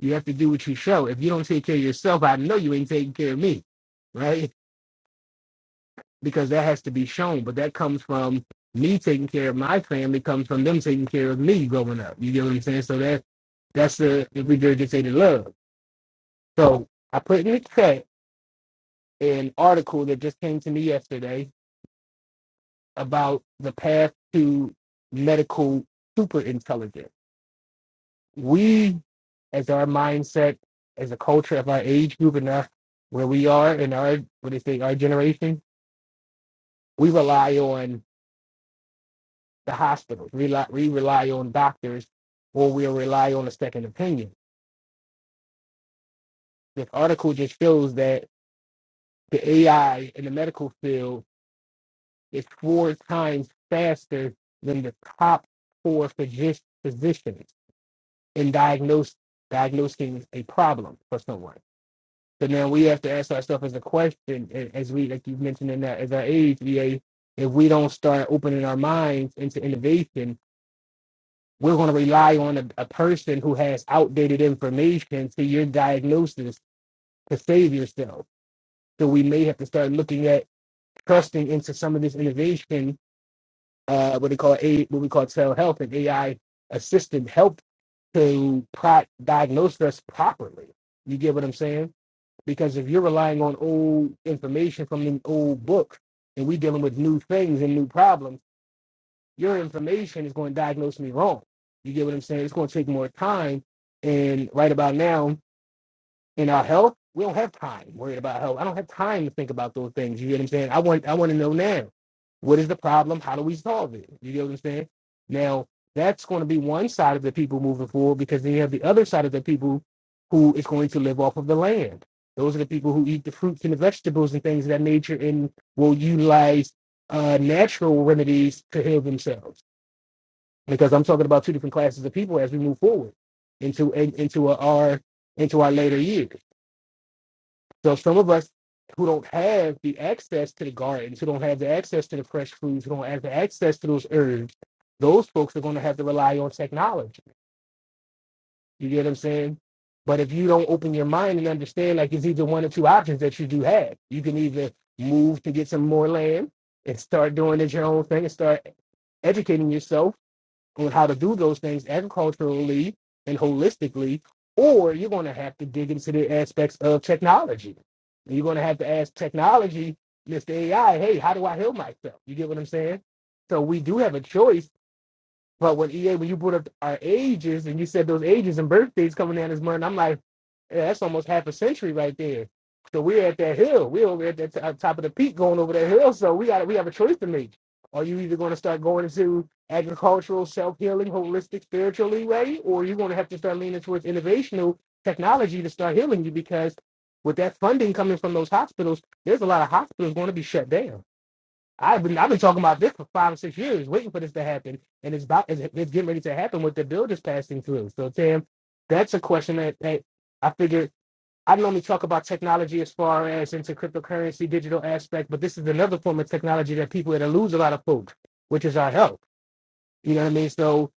you have to do what you show. If you don't take care of yourself, I know you ain't taking care of me. Right? Because that has to be shown. But that comes from me taking care of my family comes from them taking care of me growing up. You get what I'm saying? So that That's the, the regurgitated love. So I put in the chat an article that just came to me yesterday about the path to medical superintelligence. We, as our mindset, as a culture of our age group and our, where we are in our, what do you say, our generation, we rely on the hospitals. We rely, we rely on doctors or we'll rely on a second opinion. This article just shows that the AI in the medical field is four times faster than the top four physi- physicians in diagnose, diagnosing a problem for someone. So now we have to ask ourselves as a question, a- as we, like you mentioned in that, as our age, VA, if we don't start opening our minds into innovation, we're going to rely on a, a person who has outdated information to your diagnosis to save yourself. So we may have to start looking at trusting into some of this innovation uh, what they call a what we call telehealth and AI assistant help to pro- diagnose us properly. You get what I'm saying? Because if you're relying on old information from an old book, and we dealing with new things and new problems, your information is going to diagnose me wrong. You get what I'm saying? It's going to take more time. And right about now, in our health, we don't have time worried about health. I don't have time to think about those things. You get what I'm saying? I want I want to know now. What is the problem? How do we solve it? You get what I'm saying? Now that's going to be one side of the people moving forward because then you have the other side of the people who is going to live off of the land. Those are the people who eat the fruits and the vegetables and things of that nature and will utilize uh, natural remedies to heal themselves. Because I'm talking about two different classes of people as we move forward into into our into our later years. So some of us who don't have the access to the gardens, who don't have the access to the fresh foods, who don't have the access to those herbs, those folks are going to have to rely on technology. You get what I'm saying? But if you don't open your mind and understand, like it's either one or two options that you do have. You can either move to get some more land and start doing it your own thing and start educating yourself on how to do those things agriculturally and holistically, or you're going to have to dig into the aspects of technology. And you're going to have to ask technology, Mr. AI, hey, how do I heal myself? You get what I'm saying? So we do have a choice but when EA, when you brought up our ages and you said those ages and birthdays coming down this month, I'm like, yeah, that's almost half a century right there. So we're at that hill. We're over at that t- uh, top of the peak, going over that hill. So we got we have a choice to make. Are you either going to start going into agricultural, self healing, holistic, spiritually way, or you're going to have to start leaning towards innovational technology to start healing you? Because with that funding coming from those hospitals, there's a lot of hospitals going to be shut down I've been I've been talking about this for five or six years, waiting for this to happen, and it's about it's, it's getting ready to happen with the bill just passing through. So Tam, that's a question that, that I figured I normally talk about technology as far as into cryptocurrency, digital aspect, but this is another form of technology that people that lose a lot of folks, which is our health. You know what I mean? So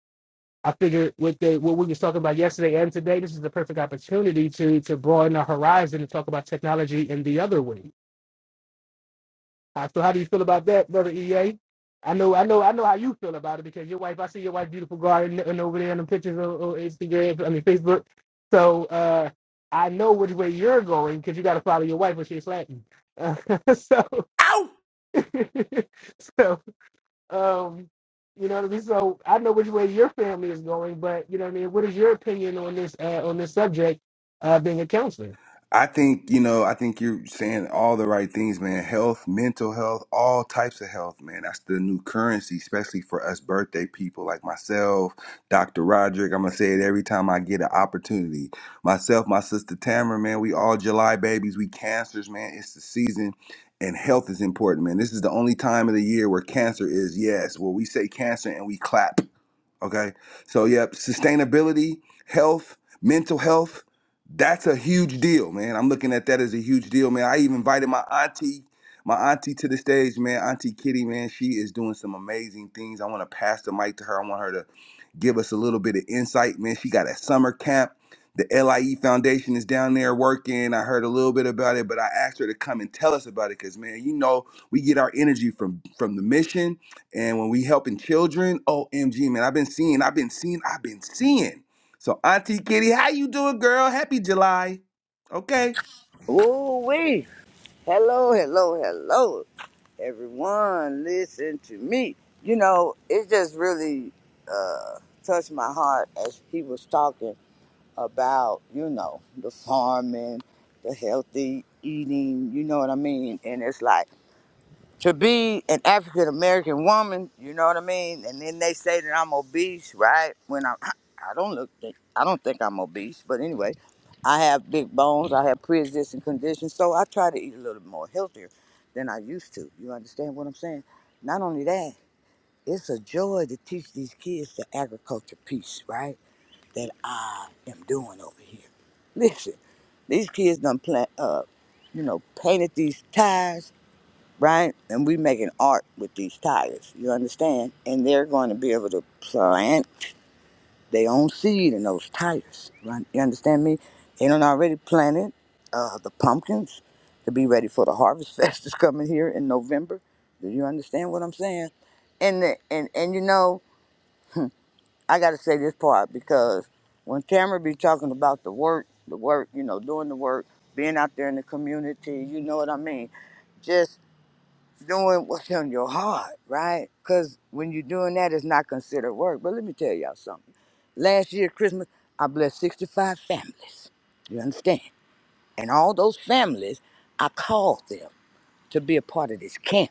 I figured with the, what we was talking about yesterday and today, this is the perfect opportunity to to broaden our horizon and talk about technology in the other way. Uh, so how do you feel about that, brother EA? I know, I know, I know how you feel about it because your wife. I see your wife, beautiful garden, and over there in the pictures on, on Instagram. I mean Facebook. So uh, I know which way you're going because you got to follow your wife when she's Latin. Uh, so, Ow! so um, you know what I mean. So I know which way your family is going, but you know what I mean. What is your opinion on this uh, on this subject? Uh, being a counselor. I think, you know, I think you're saying all the right things, man. Health, mental health, all types of health, man. That's the new currency, especially for us birthday people like myself, Dr. Roderick. I'm going to say it every time I get an opportunity. Myself, my sister Tamara, man, we all July babies. We cancers, man. It's the season and health is important, man. This is the only time of the year where cancer is yes, where we say cancer and we clap Okay. So, yep, sustainability, health, mental health, that's a huge deal, man. I'm looking at that as a huge deal, man. I even invited my auntie, my auntie to the stage, man. Auntie Kitty, man, she is doing some amazing things. I want to pass the mic to her. I want her to give us a little bit of insight, man. She got a summer camp. The LIE Foundation is down there working. I heard a little bit about it, but I asked her to come and tell us about it because, man, you know, we get our energy from from the mission and when we helping children, OMG, man, I've been seeing, I've been seeing, I've been seeing. So Auntie Kitty, how you doing, girl? Happy July. Okay. Ooh wee! Hello, hello, hello, everyone. Listen to me. You know, it just really uh, touched my heart as he was talking about, you know, the farming, the healthy eating. You know what I mean? And it's like to be an African American woman, you know what I mean? And then they say that I'm obese, right? When I'm, I don't look, think, I don't think I'm obese, but anyway, I have big bones, I have pre-existing conditions, so I try to eat a little more healthier than I used to. You understand what I'm saying? Not only that, it's a joy to teach these kids the agriculture piece, right? That I am doing over here. Listen, these kids done plant, uh, you know, painted these ties right? And we making art with these tires. You understand? And they're going to be able to plant their own seed in those tires. Right? You understand me? They done already planted uh, the pumpkins to be ready for the harvest fest that's coming here in November. Do you understand what I'm saying? And the, and and you know, I got to say this part because when Tamara be talking about the work, the work, you know, doing the work, being out there in the community, you know what I mean? Just doing what's in your heart, right? Because when you're doing that, it's not considered work. But let me tell y'all something. Last year, Christmas, I blessed 65 families. You understand? And all those families, I called them to be a part of this camp.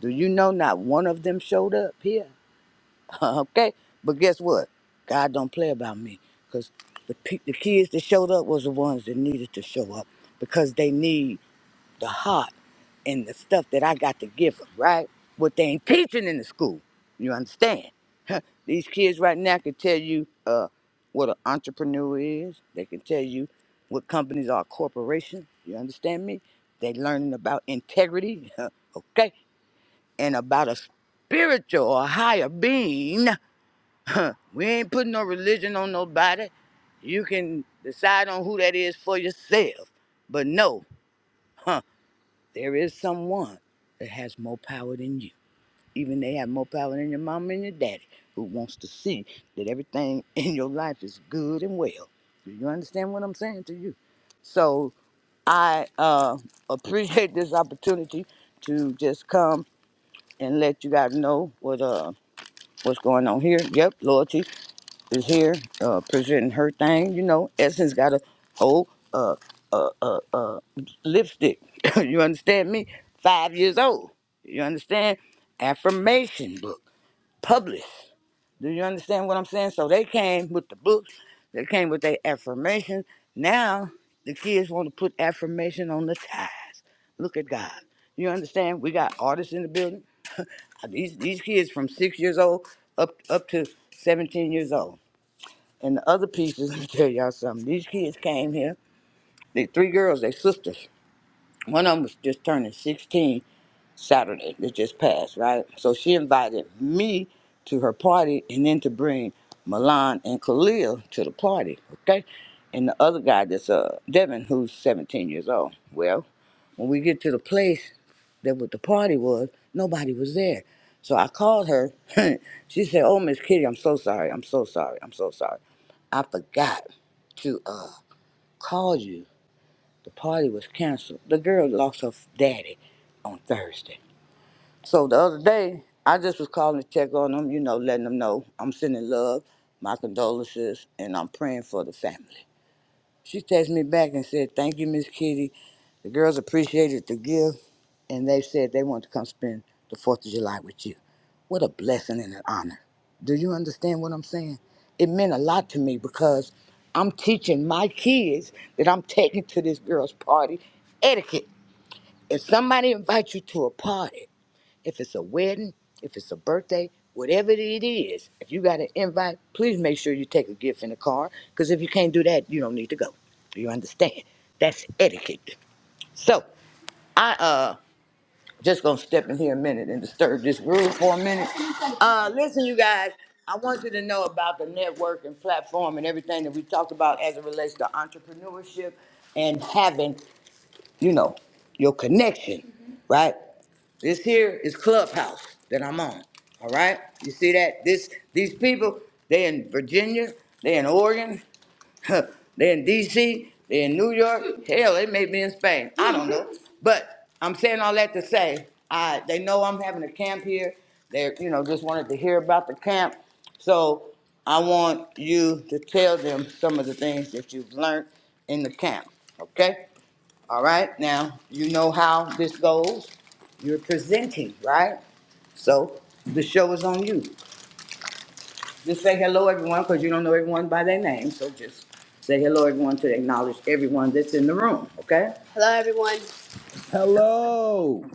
Do you know not one of them showed up here? okay? But guess what? God don't play about me because the, pe- the kids that showed up was the ones that needed to show up because they need the heart and the stuff that I got to give them, right? What they ain't teaching in the school. You understand? These kids right now can tell you uh, what an entrepreneur is. They can tell you what companies are corporations. You understand me? They learning about integrity, okay? And about a spiritual or higher being. we ain't putting no religion on nobody. You can decide on who that is for yourself. But no, There is someone that has more power than you. Even they have more power than your mama and your daddy, who wants to see that everything in your life is good and well. Do you understand what I'm saying to you? So I uh, appreciate this opportunity to just come and let you guys know what uh what's going on here. Yep, loyalty is here uh, presenting her thing. You know, Essence got a whole uh, uh, uh, uh, lipstick. you understand me? Five years old. You understand? Affirmation book published. Do you understand what I'm saying? So they came with the books. They came with their affirmations. Now the kids want to put affirmation on the ties. Look at God. You understand? We got artists in the building. These these kids from six years old up up to 17 years old. And the other pieces, let me tell y'all something. These kids came here. The three girls, they sisters. One of them was just turning 16 Saturday that just passed, right? So she invited me to her party and then to bring Milan and Khalil to the party, okay? And the other guy that's uh Devin, who's 17 years old. Well, when we get to the place, that what the party was, nobody was there. So I called her. she said, "Oh, Miss Kitty, I'm so sorry. I'm so sorry. I'm so sorry. I forgot to uh, call you. The party was canceled. The girl lost her daddy on Thursday. So the other day, I just was calling to check on them. You know, letting them know I'm sending love, my condolences, and I'm praying for the family." She texted me back and said, "Thank you, Miss Kitty. The girls appreciated the gift." and they said they want to come spend the Fourth of July with you. What a blessing and an honor. Do you understand what I'm saying? It meant a lot to me because I'm teaching my kids that I'm taking to this girl's party etiquette. If somebody invites you to a party, if it's a wedding, if it's a birthday, whatever it is, if you got an invite, please make sure you take a gift in the car because if you can't do that, you don't need to go. Do you understand? That's etiquette. So I uh just gonna step in here a minute and disturb this groove for a minute. Uh, listen, you guys, I want you to know about the network and platform and everything that we talked about as it relates to entrepreneurship and having, you know, your connection, right? This here is Clubhouse that I'm on. All right, you see that? This these people, they in Virginia, they in Oregon, they are in DC, they are in New York, hell, they may be in Spain. I don't know. But I'm saying all that to say, I they know I'm having a camp here. They you know just wanted to hear about the camp. So I want you to tell them some of the things that you've learned in the camp. Okay? All right. Now you know how this goes. You're presenting, right? So the show is on you. Just say hello, everyone, because you don't know everyone by their name. So just say hello, everyone, to acknowledge everyone that's in the room, okay? Hello, everyone. Hello.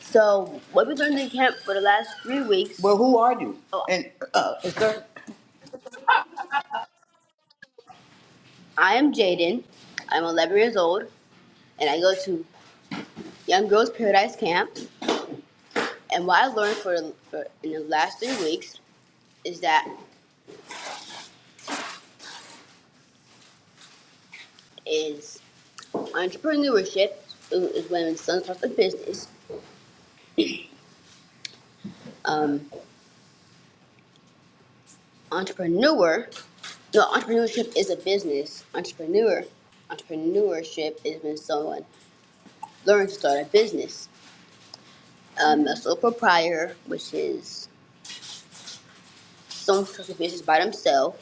So, what we've learned in camp for the last three weeks. Well, who are you? Oh, And, uh, sir? I am Jaden. I'm 11 years old, and I go to Young Girls Paradise Camp. And what I learned for, for in the last three weeks is that is entrepreneurship is when someone starts a business. Um. entrepreneur no entrepreneurship is a business entrepreneur entrepreneurship is when someone learns to start a business um, a sole proprietor which is someone who starts a business by themselves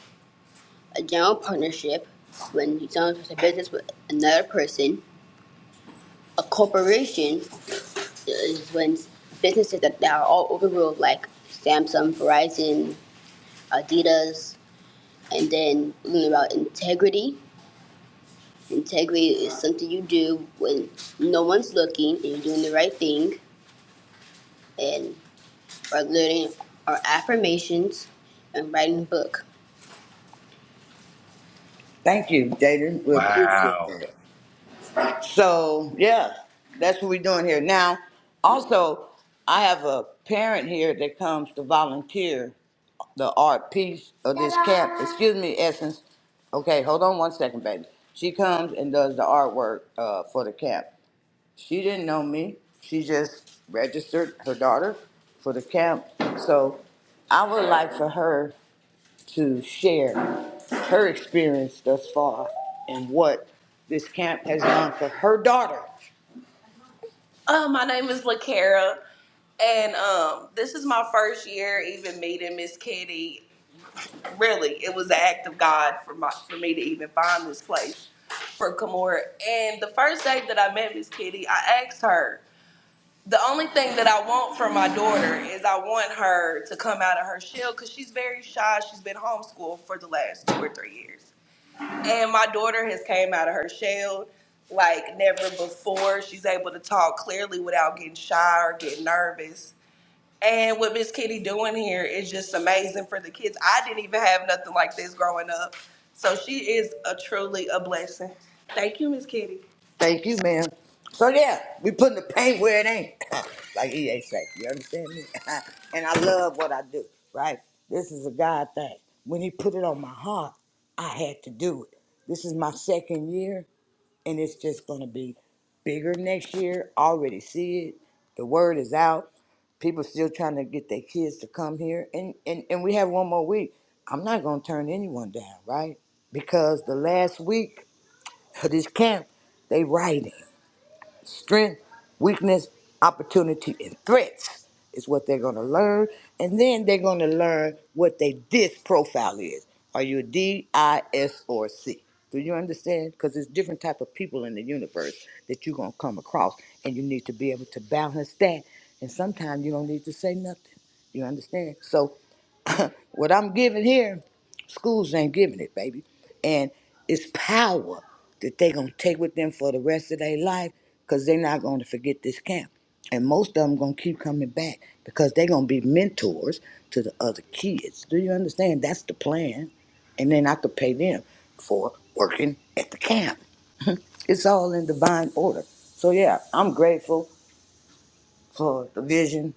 a general partnership when someone starts a business with another person a corporation is when businesses that that are all over the world like samsung verizon adidas and then learning about integrity Integrity is something you do when no one's looking and you're doing the right thing and by learning our affirmations and writing a book. Thank you, Jaden. We appreciate Wow. that. So, yeah, that's what we're doing here. Now, also, I have a parent here that comes to volunteer the art piece of this camp. Excuse me, Essence. Okay, hold on one second, baby. She comes and does the artwork uh, for the camp. She didn't know me. She just registered her daughter for the camp. So I would like for her to share her experience thus far and what this camp has done for her daughter. Uh, my name is LaCara, and um, this is my first year even meeting Miss Kitty. Really, it was an act of God for my for me to even find this place for Kamora. And the first day that I met Miss Kitty, I asked her, the only thing that I want for my daughter is I want her to come out of her shell because she's very shy. She's been homeschooled for the last two or three years, and my daughter has came out of her shell like never before. She's able to talk clearly without getting shy or getting nervous. And what Miss Kitty doing here is just amazing for the kids. I didn't even have nothing like this growing up. So she is a truly a blessing. Thank you, Miss Kitty. Thank you, ma'am. So yeah, we putting the paint where it ain't, like EA say. You understand me? and I love what I do, right? This is a God thing. When He put it on my heart, I had to do it. This is my second year and it's just going to be bigger next year. I Already see it. The word is out. People still trying to get their kids to come here, and and and we have one more week. I'm not going to turn anyone down, right? Because the last week of this camp, they writing strength, weakness, opportunity, and threats is what they're going to learn. And then they're going to learn what their DIS profile is. Are you a D, I, S, or C? Do you understand? Because there's different type of people in the universe that you're going to come across, and you need to be able to balance that. And sometimes you don't need to say nothing. You understand? So What I'm giving here, schools ain't giving it, baby. And it's power that they gonna take with them for the rest of their life, cause they're not gonna forget this camp. And most of them gonna keep coming back because they're gonna be mentors to the other kids. Do you understand? That's the plan. And then I could pay them for working at the camp. It's all in divine order. So yeah, I'm grateful for the vision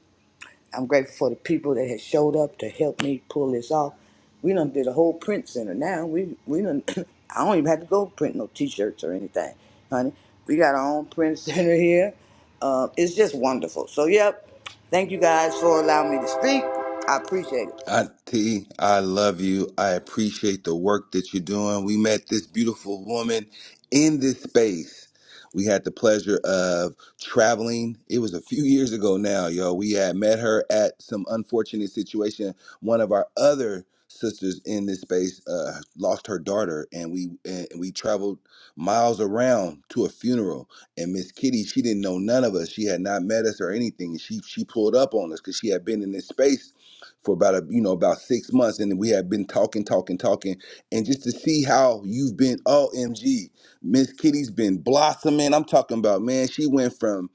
I'm grateful for the people that have showed up to help me pull this off. We done did a whole print center now. We we done I don't even have to go print no t-shirts or anything, honey. We got our own print center here. Uh, it's just wonderful. So yep, thank you guys for allowing me to speak. I appreciate it. I, T, I love you. I appreciate the work that you're doing. We met this beautiful woman in this space. We had the pleasure of traveling. It was a few years ago now, yo. We had met her at some unfortunate situation. One of our other sisters in this space uh, lost her daughter, and we and we traveled miles around to a funeral. And Miss Kitty, she didn't know none of us. She had not met us or anything. She she pulled up on us because she had been in this space for about a you know about six months, and we have been talking, talking, talking, and just to see how you've been. OMG, Miss Kitty's been blossoming. I'm talking about man. She went from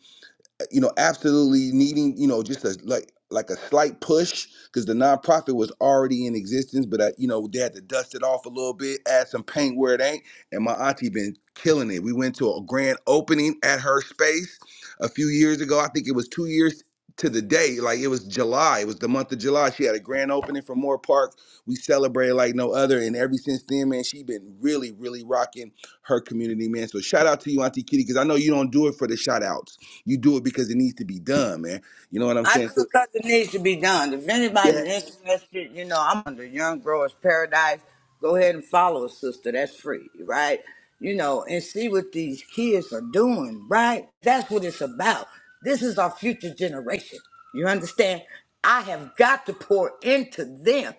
you know, absolutely needing, you know, just a like like a slight push because the nonprofit was already in existence, but I, you know, they had to dust it off a little bit, add some paint where it ain't. And my auntie been killing it. We went to a grand opening at her space a few years ago. I think it was two years to the day. Like it was July. It was the month of July. She had a grand opening for Moore Park. We celebrated like no other. And ever since then, man, she been really, really rocking her community, man. So shout out to you, Auntie Kitty, because I know you don't do it for the shout outs you do it because it needs to be done, man. You know what I'm I saying? do So, it 'cause it needs to be done. If anybody's yeah, interested, you know, I'm on the Young Growers Paradise. Go ahead and follow us, sister. That's free, right? You know, and see what these kids are doing, right? That's what it's about. This is our future generation. You understand? I have got to pour into them.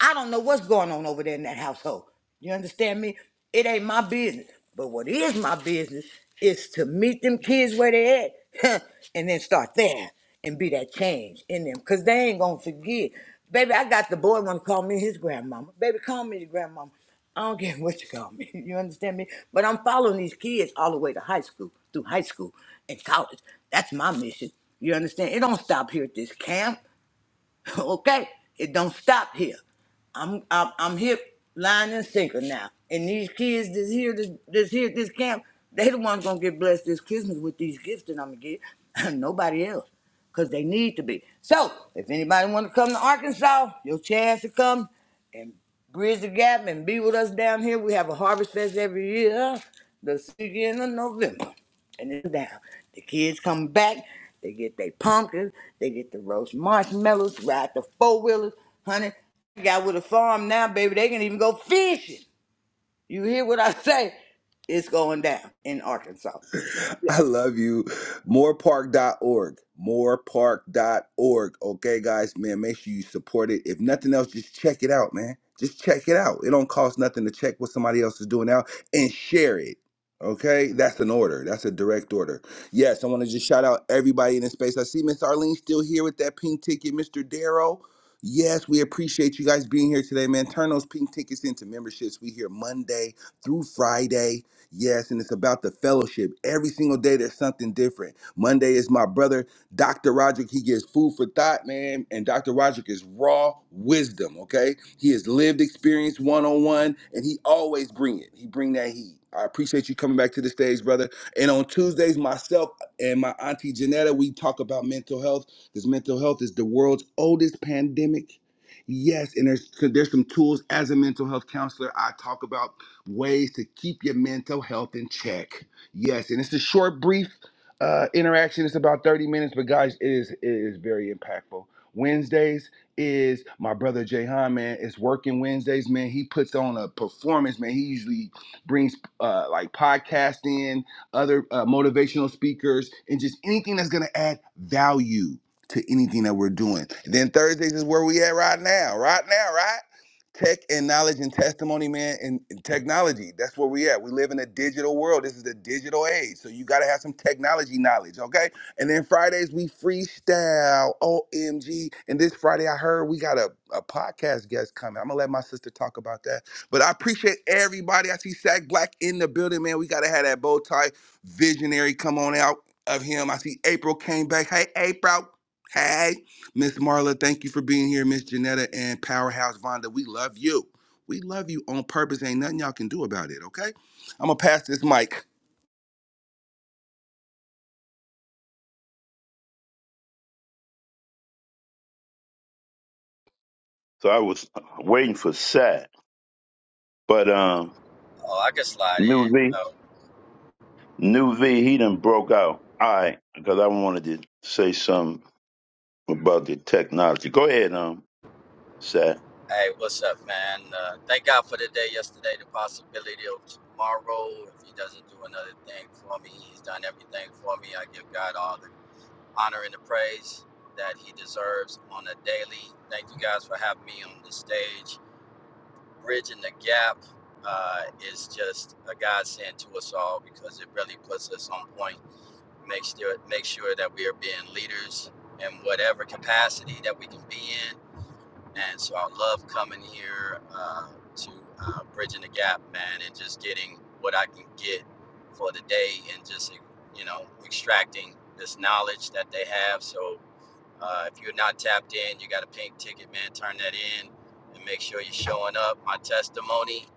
I don't know what's going on over there in that household. You understand me? It ain't my business. But what is my business is to meet them kids where they at and then start there and be that change in them. Cause they ain't gonna forget. Baby, I got the boy wanna call me his grandmama. Baby, call me your grandmama. I don't care what you call me. You understand me? But I'm following these kids all the way to high school, through high school and college. That's my mission. You understand? It don't stop here at this camp. okay? It don't stop here. I'm I'm, I'm hip, line and sinker now. And these kids that's here this this here at this camp, they the ones gonna get blessed this Christmas with these gifts that I'm gonna get. Nobody else. Cause they need to be. So if anybody wanna come to Arkansas, your chance to come, Bridge the gap and be with us down here. We have a harvest fest every year, the second of November. And it's down. The kids come back, they get their pumpkins, they get the roast marshmallows, ride the four wheelers. Honey, I got with a farm now, baby. They can even go fishing. You hear what I say? It's going down in Arkansas. Yeah. I love you. Morepark.org. Morepark.org. Okay, guys, man, make sure you support it. If nothing else, just check it out, man. Just check it out. It don't cost nothing to check what somebody else is doing out and share it. Okay, that's an order. That's a direct order. Yes, I want to just shout out everybody in the space. I see Miss Arlene still here with that pink ticket, Mr. Darrow. Yes, we appreciate you guys being here today, man. Turn those pink tickets into memberships. We here Monday through Friday. Yes, and it's about the fellowship. Every single day there's something different. Monday is my brother, Dr. Roderick. He gives food for thought, man. And Dr. Roderick is raw wisdom, okay? He has lived experience one-on-one, and he always bring it. He bring that heat. I appreciate you coming back to the stage, brother. And on Tuesdays, myself and my auntie Janetta, we talk about mental health because mental health is the world's oldest pandemic. Yes, and there's there's some tools as a mental health counselor I talk about ways to keep your mental health in check. Yes, and it's a short, brief uh, interaction. It's about 30 minutes, but guys, it is, it is very impactful. Wednesdays is my brother Jahan, man. It's working Wednesdays, man. He puts on a performance, man. He usually brings uh, like podcasting, other uh, motivational speakers, and just anything that's going to add value to anything that we're doing. then Thursdays is where we at right now, right now, right? tech and knowledge and testimony, man, and, and technology. That's where we at. We live in a digital world. This is the digital age. So you gotta have some technology knowledge, okay? And then Fridays we freestyle. OMG. And this Friday I heard we got a, a podcast guest coming. I'm gonna let my sister talk about that. But I appreciate everybody. I see Sack Black in the building, man. We gotta have that bow tie visionary come on out of him. I see April came back. Hey, April. Hey. Miss Marla, thank you for being here. Miss Janetta and Powerhouse Vonda, we love you. We love you on purpose. Ain't nothing y'all can do about it, okay? I'm going to pass this mic. So I was waiting for Sat. But um Oh, I can slide New in. V Oh, New V he done broke out. All right, because I wanted to say something about the technology. Go ahead, um, Sat. hey, what's up, man? Uh, thank God for the day yesterday, the possibility of tomorrow. If He doesn't do another thing for me, He's done everything for me. I give God all the honor and the praise that He deserves on a daily. Thank you guys for having me on the stage. Bridging the gap uh, is just a godsend to us all because it really puts us on point. Makes sure, make sure that we are being leaders in whatever capacity that we can be in And so I love coming here uh, to uh, Bridging the Gap, man, and just getting what I can get for the day and just, e, you know, extracting this knowledge that they have. So uh, if you're not tapped in, you got a pink ticket, man, turn that in and make sure you're showing up. My testimony,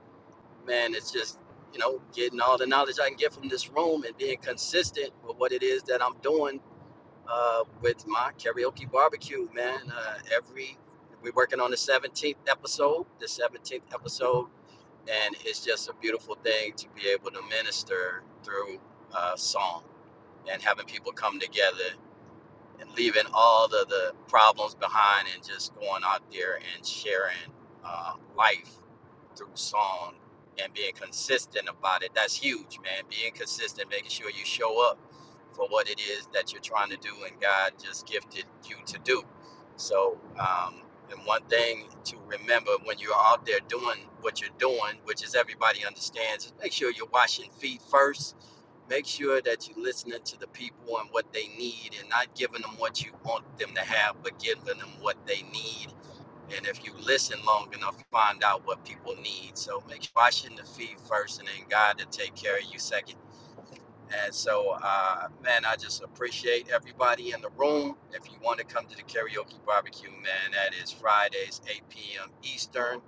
man, it's just, you know, getting all the knowledge I can get from this room and being consistent with what it is that I'm doing uh, with my karaoke barbecue, man. Uh, every we're working on the 17th episode, the 17th episode, and it's just a beautiful thing to be able to minister through uh, song and having people come together and leaving all the, the problems behind and just going out there and sharing uh, life through song and being consistent about it. That's huge, man. Being consistent, making sure you show up for what it is that you're trying to do and God just gifted you to do. So, um, and one thing to remember when you're out there doing what you're doing, which is everybody understands, is make sure you're washing feet first Make sure that you're listening to the people and what they need and not giving them what you want them to have, but giving them what they need. And if you listen long enough, find out what people need. So make sure washing the feet first and then God to take care of you second. And so, uh, man, I just appreciate everybody in the room. If you want to come to the karaoke barbecue, man, that is Fridays, 8 p.m. Eastern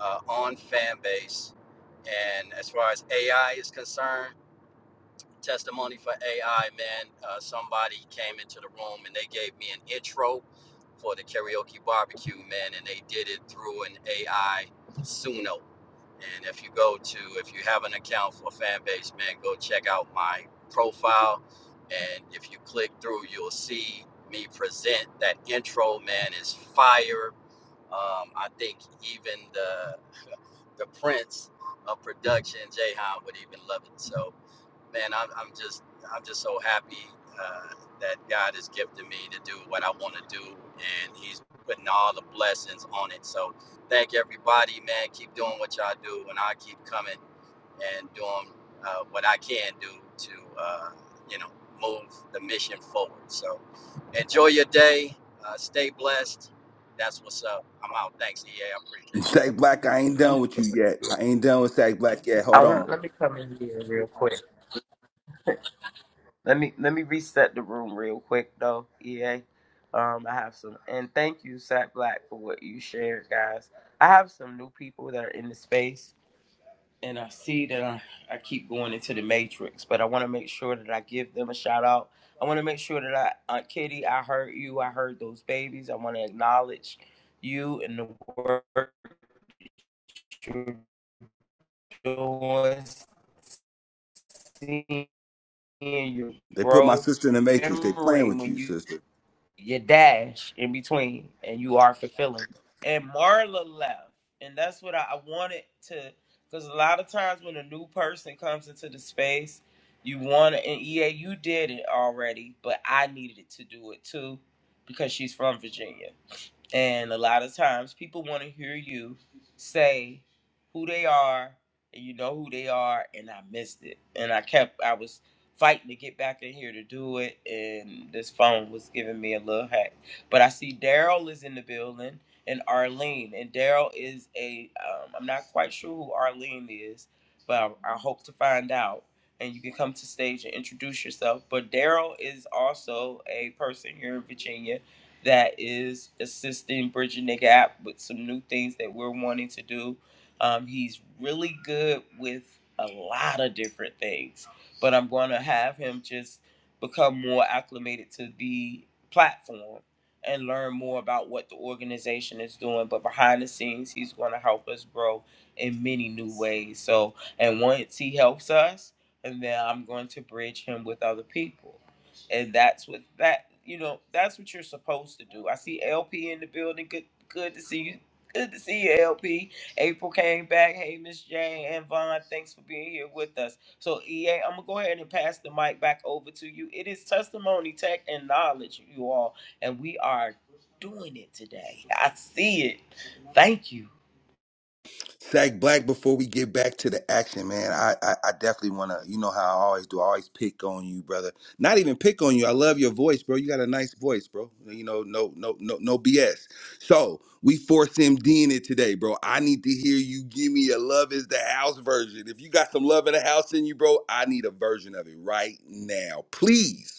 uh, on Fanbase. And as far as AI is concerned, testimony for AI, man. Uh, somebody came into the room and they gave me an intro for the karaoke barbecue, man, and they did it through an AI Suno. And if you go to, if you have an account for Fanbase, man, go check out my profile. And if you click through, you'll see me present that intro, man, is fire. Um, I think even the the prince of production, Jayhan, would even love it. So man, I'm, I'm just I'm just so happy uh, that God has gifted me to do what I want to do, and He's putting all the blessings on it. So thank everybody, man. Keep doing what y'all do, and I keep coming and doing uh, what I can do to uh, you know move the mission forward. So enjoy your day. Uh, stay blessed. That's what's up. I'm out. Thanks, E. A. I appreciate you. Sack Black, I ain't done with you yet. I ain't done with Sack Black yet. Hold on. They put my sister in the Matrix. They playing with you, sister. Sack Black, before we get back to the action, man, I, I, I definitely want to, you know how I always do. I always pick on you, brother. Not even pick on you. I love your voice, bro. You got a nice voice, bro. You know, no, no, no, no BS. So we force MD in it today, bro. I need to hear you give me a love is the house version. If you got some love in the house in you, bro, I need a version of it right now, please.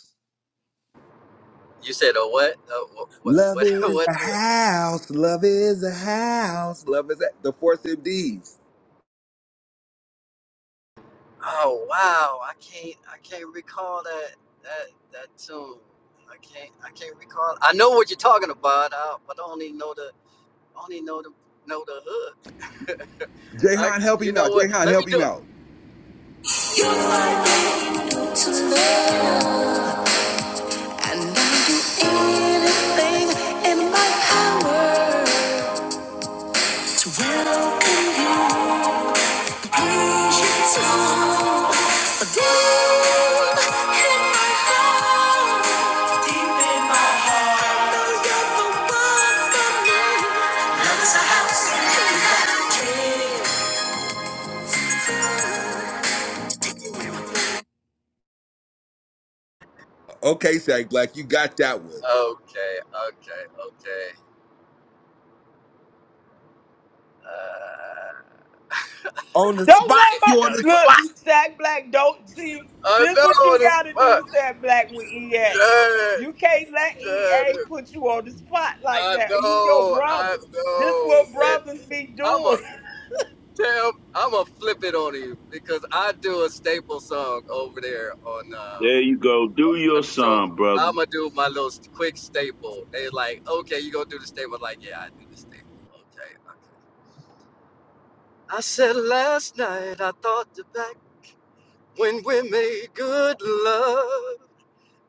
You said a what? Uh, what? Love What? What? is the What? house. Love is the house. Love is the the force MDs. Oh wow, I can't I can't recall that that that tune. I can't I can't recall. I know what you're talking about, uh, but I only know the only know the know the hook. I, Jahan, help you him know out. what? Jahan, Let me help do him it. out. You're my angel to love, and I'll do anything in my power to welcome you, praise you too. Deep in my heart, know you're the one for me. Love Okay, Sag Black, you got that one. Okay, okay, okay. Uh, On the spot. you You on got the me. hooked. spot. I know it is. Fuck. Yeah, yeah. I know. I know. Man, I'm a Tam, I'm gonna flip it on you because I do a staple song over there on. Um, There you go. Do uh, your so song, brother. I'm gonna do my little st- quick staple. They like, okay, you gonna do the staple? I'm Like, yeah, I do the staple. Okay, okay. I said last night I thought back when we made good love,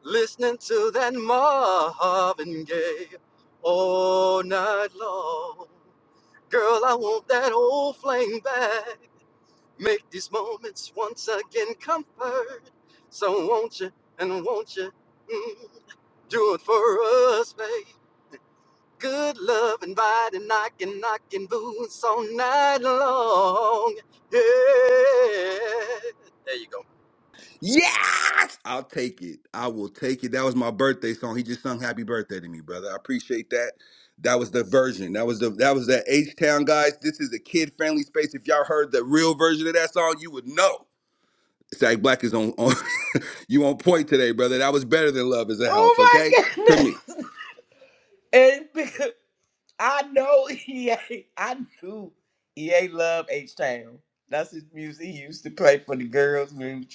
listening to that Marvin Gaye all night long. Girl, I want that old flame back. Make these moments once again comfort. So won't you and won't you mm, do it for us, babe? Good love inviting, knocking, knocking boots all night long. Yeah. There you go. Yes! I'll take it. I will take it. That was my birthday song. He just sung happy birthday to me, brother. I appreciate that. That was the version. That was the that was that H Town guys. This is a kid friendly space. If y'all heard the real version of that song, you would know. Sag Black is on, on you on point today, brother. That was better than Love is a House, okay? To me.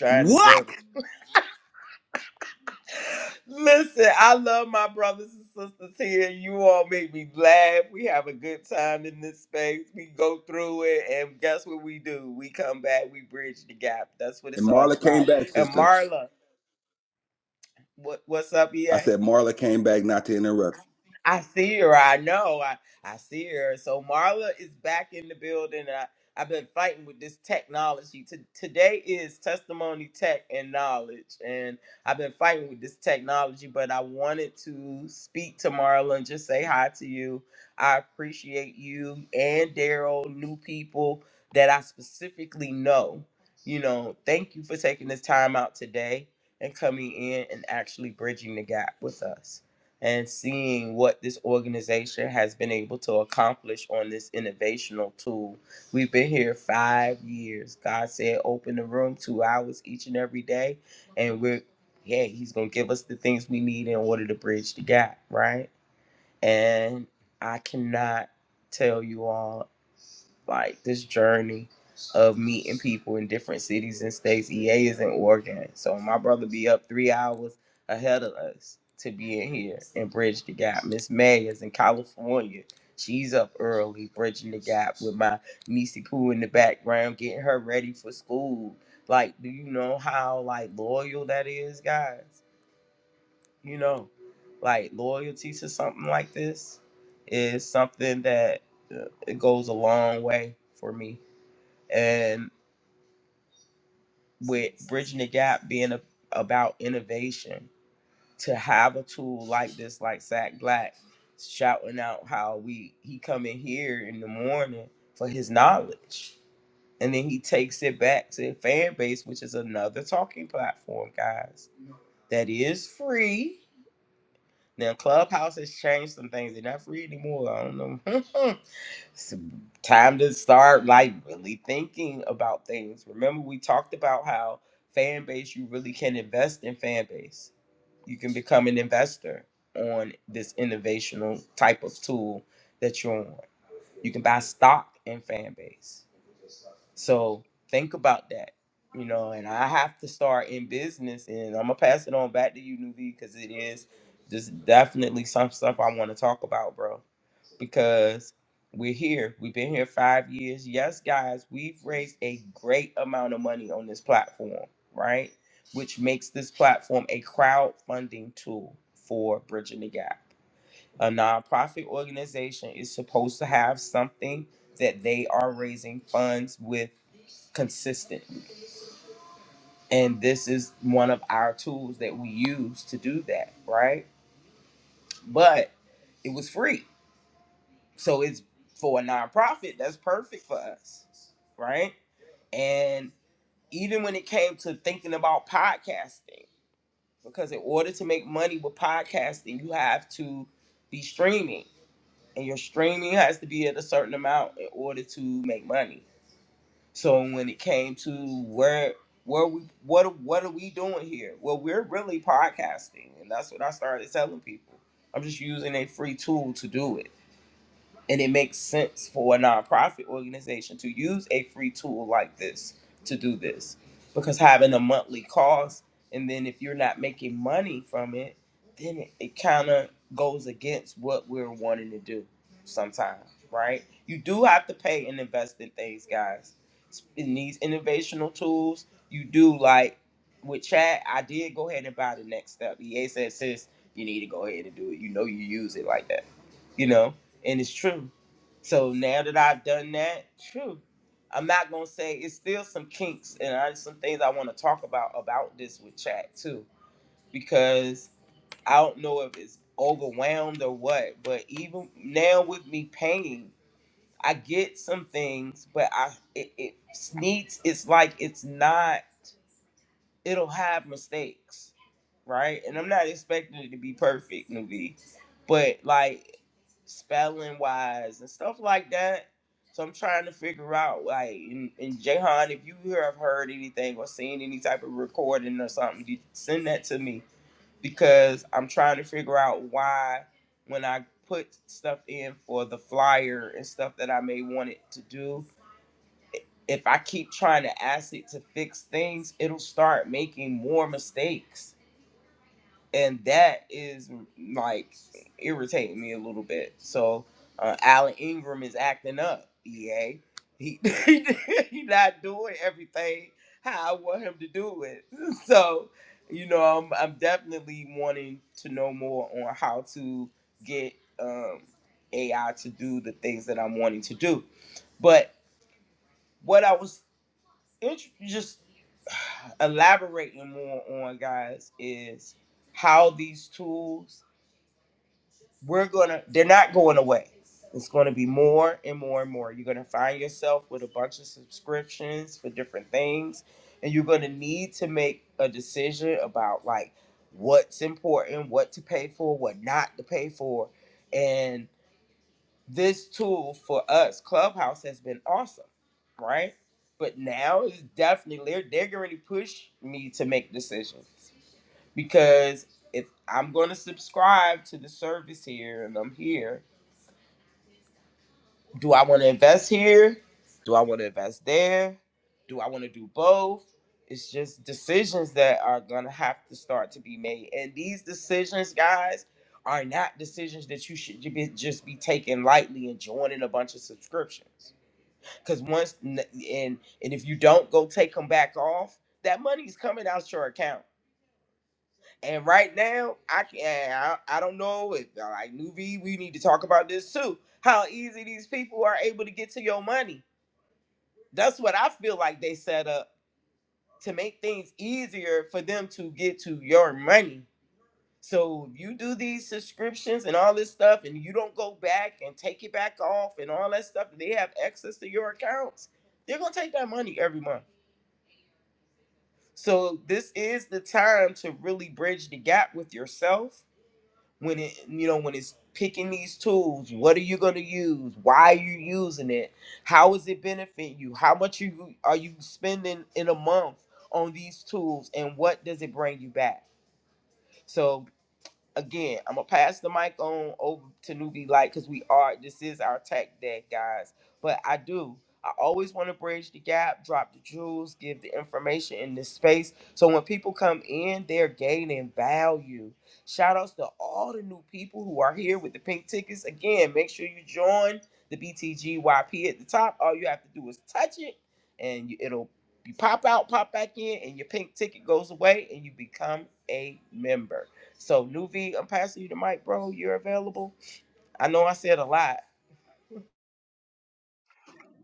What? And Marla came back, sister. I said Marla came back not to interrupt.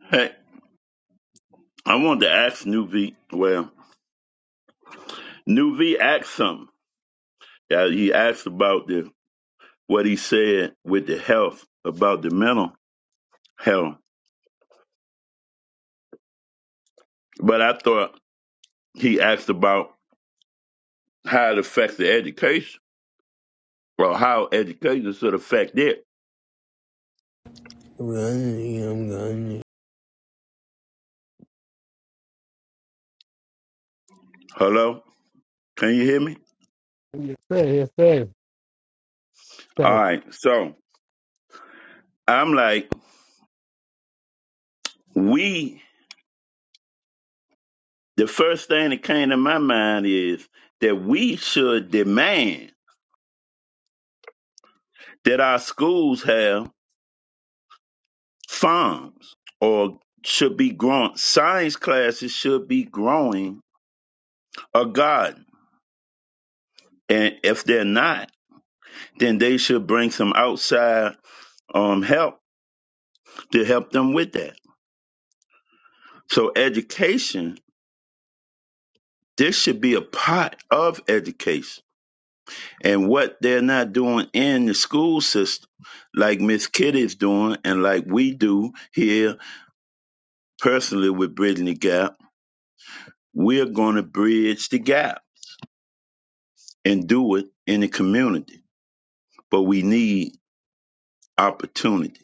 Hey, I wanted to ask New V. Well, New V asked something. Uh, he asked about the what he said with the health, about the mental health. But I thought he asked about how it affects the education or how education should affect it. is a house in heaven. Hello? Can you hear me? Yes, sir. Yes, sir. All So, right. So I'm like, we, the first thing that came to my mind is that we should demand that our schools have farms or should be growing science classes should be growing a garden and if they're not then they should bring some outside um, help to help them with that so education this should be a part of education and what they're not doing in the school system like miss kitty's doing and like we do here personally with bridging the gap we're going to bridge the gap and do it in the community but we need opportunity.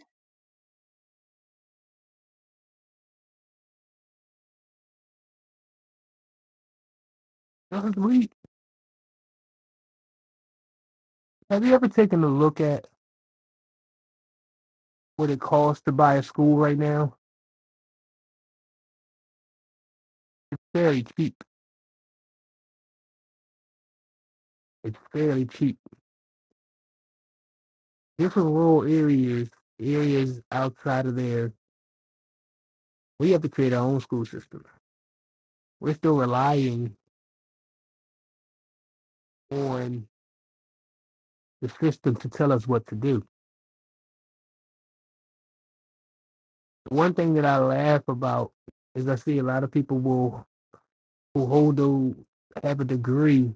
Brother Reed, have you ever taken a look at? what it costs to buy a school right now, fairly cheap. It's fairly cheap. Different rural areas, areas outside of there, we have to create our own school system. We're still relying on the system to tell us what to do. The one thing that I laugh about is I see a lot of people will who hold those have a degree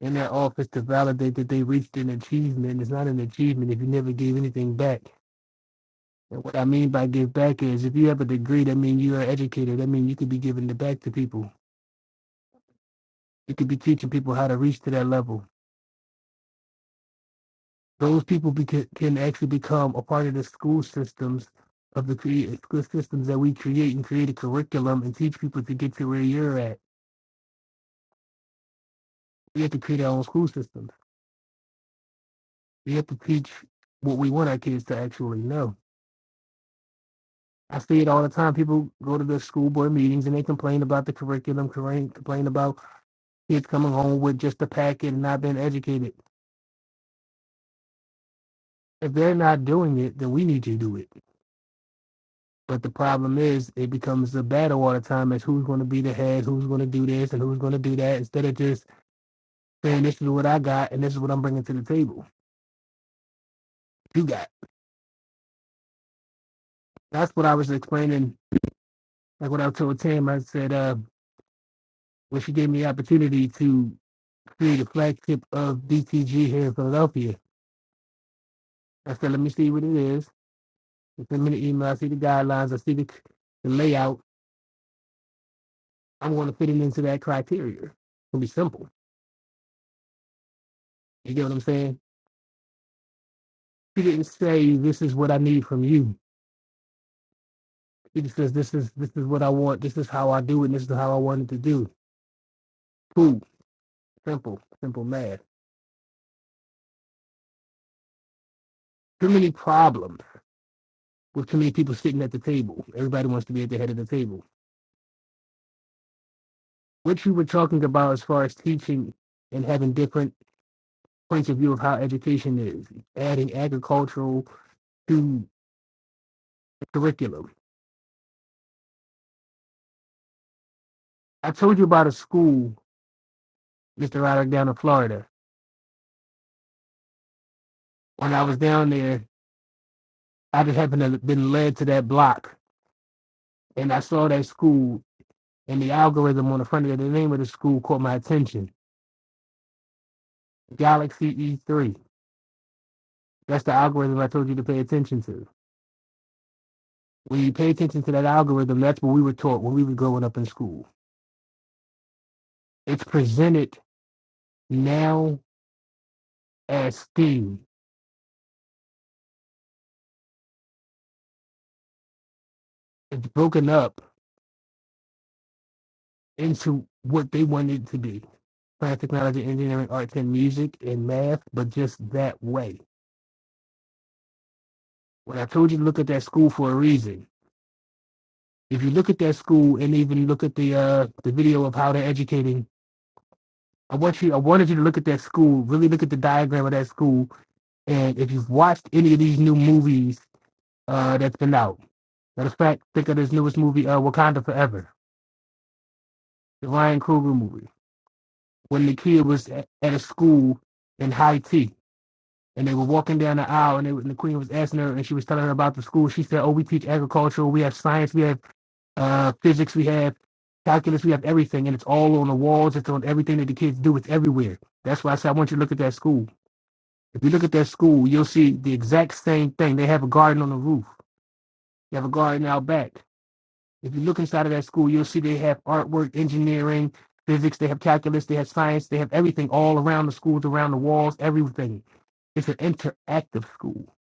in their office to validate that they reached an achievement. It's not an achievement if you never gave anything back. And what I mean by give back is if you have a degree, that means you are educated. That means you could be giving it back to people. You could be teaching people how to reach to that level. Those people beca- can actually become a part of the school systems of the cre- school systems that we create and create a curriculum and teach people to get to where you're at. We have to create our own school systems. We have to teach what we want our kids to actually know. I see it all the time. People go to the school board meetings and they complain about the curriculum, complain complain about kids coming home with just a packet and not being educated if they're not doing it, then we need to do it. But the problem is, it becomes a battle all the time as who's going to be the head, who's going to do this, and who's going to do that, instead of just saying, this is what I got, and this is what I'm bringing to the table. You got. That's what I was explaining. Like what I told Tam, I said, uh, when she gave me the opportunity to create a flagship of DTG here in Philadelphia, I said, let me see what it is. They Send me the email. I see the guidelines. I see the, the layout. I'm going to fit it into that criteria. It'll be simple. You get what I'm saying? He didn't say this is what I need from you. He just says this is this is what I want. This is how I do it. And this is how I want it to do. Cool, simple, simple math. Too many problems with too many people sitting at the table. Everybody wants to be at the head of the table. What you were talking about as far as teaching and having different points of view of how education is, adding agricultural to the curriculum. I told you about a school, Mr. Roderick, down in Florida. When I was down there, I just happened to have been led to that block and I saw that school and the algorithm on the front of the name of the school caught my attention. Galaxy E3. That's the algorithm I told you to pay attention to. When you pay attention to that algorithm, that's what we were taught when we were growing up in school. It's presented now as STEAM. It's broken up into what they want it to be. Science, technology, engineering, arts, and music, and math, but just that way. When I told you to look at that school for a reason, if you look at that school and even look at the uh the video of how they're educating i want you i wanted you to look at that school really look at the diagram of that school and if you've watched any of these new movies uh that's been out matter of fact think of this newest movie uh wakanda forever the ryan Coogler movie when the kid was at, at a school in high tea and they were walking down the aisle and, they, and the queen was asking her and she was telling her about the school she said oh we teach agriculture we have science we have uh, physics we have, calculus we have, everything, and it's all on the walls. It's on everything that the kids do. It's everywhere. That's why I say I want you to look at that school. If you look at that school, you'll see the exact same thing. They have a garden on the roof. They have a garden out back. If you look inside of that school, you'll see they have artwork, engineering, physics. They have calculus. They have science. They have everything all around the schools, around the walls, everything. It's an interactive school.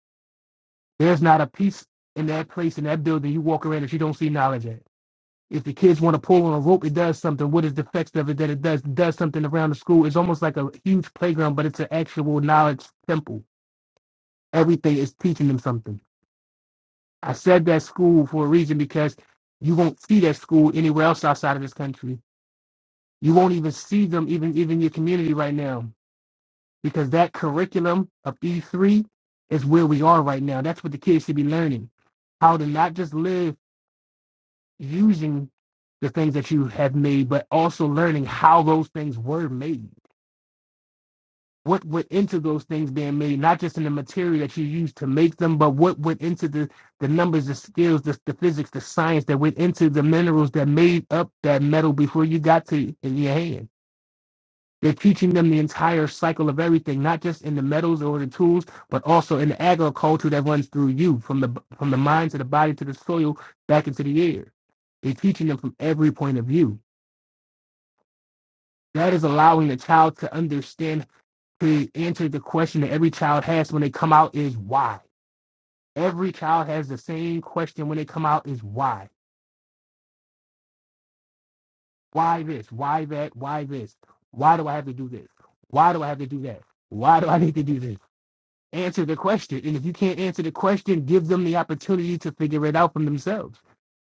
There's not a piece in that place in that building you walk around that you don't see knowledge at. If the kids want to pull on a rope, it does something. What is the effects of it that it does? It does something around the school. It's almost like a huge playground, but it's an actual knowledge temple. Everything is teaching them something. I said that school for a reason because you won't see that school anywhere else outside of this country. You won't even see them even even your community right now because that curriculum of E3 is where we are right now. That's what the kids should be learning. How to not just live using the things that you have made, but also learning how those things were made. What went into those things being made, not just in the material that you used to make them, but what went into the, the numbers, the skills, the, the physics, the science that went into the minerals that made up that metal before you got to in your hand. They're teaching them the entire cycle of everything, not just in the metals or the tools, but also in the agriculture that runs through you from the from the mind to the body to the soil back into the air. They're teaching them from every point of view That is allowing a child to understand to answer the question that every child has when they come out is why. Every child has the same question when they come out is why. Why this? Why that? Why this? Why do I have to do this? Why do I have to do that? Why do I need to do this? Answer the question. And if you can't answer the question, give them the opportunity to figure it out for themselves.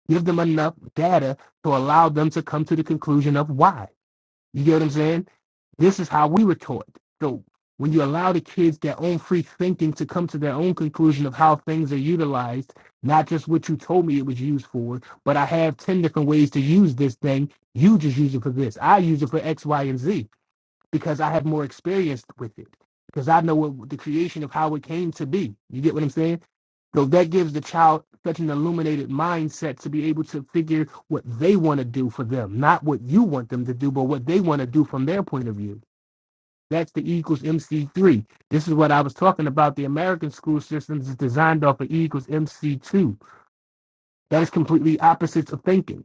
Give them enough data to allow them to come to the conclusion of why. You get what I'm saying? This is how we were taught. So when you allow the kids their own free thinking to come to their own conclusion of how things are utilized, not just what you told me it was used for, but I have 10 different ways to use this thing. You just use it for this. I use it for X, Y, and Z because I have more experience with it. Because I know what the creation of how it came to be. You get what I'm saying? So that gives the child such an illuminated mindset to be able to figure what they want to do for them, not what you want them to do, but what they want to do from their point of view. That's the E equals MC3. This is what I was talking about. The American school systems is designed off of E equals MC2. That is completely opposites of thinking.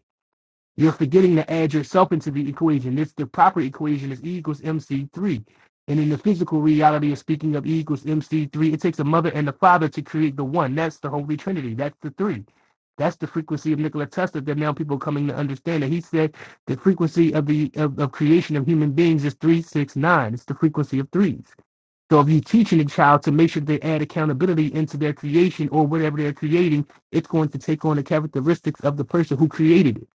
You're forgetting to add yourself into the equation. This the proper equation is E equals MC3. And in the physical reality of speaking of E equals MC3, it takes a mother and a father to create the one. That's the Holy Trinity. That's the three. That's the frequency of Nikola Tesla that now people are coming to understand. And he said the frequency of the of, of creation of human beings is three, six, nine. It's the frequency of threes. So if you're teaching a child to make sure they add accountability into their creation or whatever they're creating, it's going to take on the characteristics of the person who created it.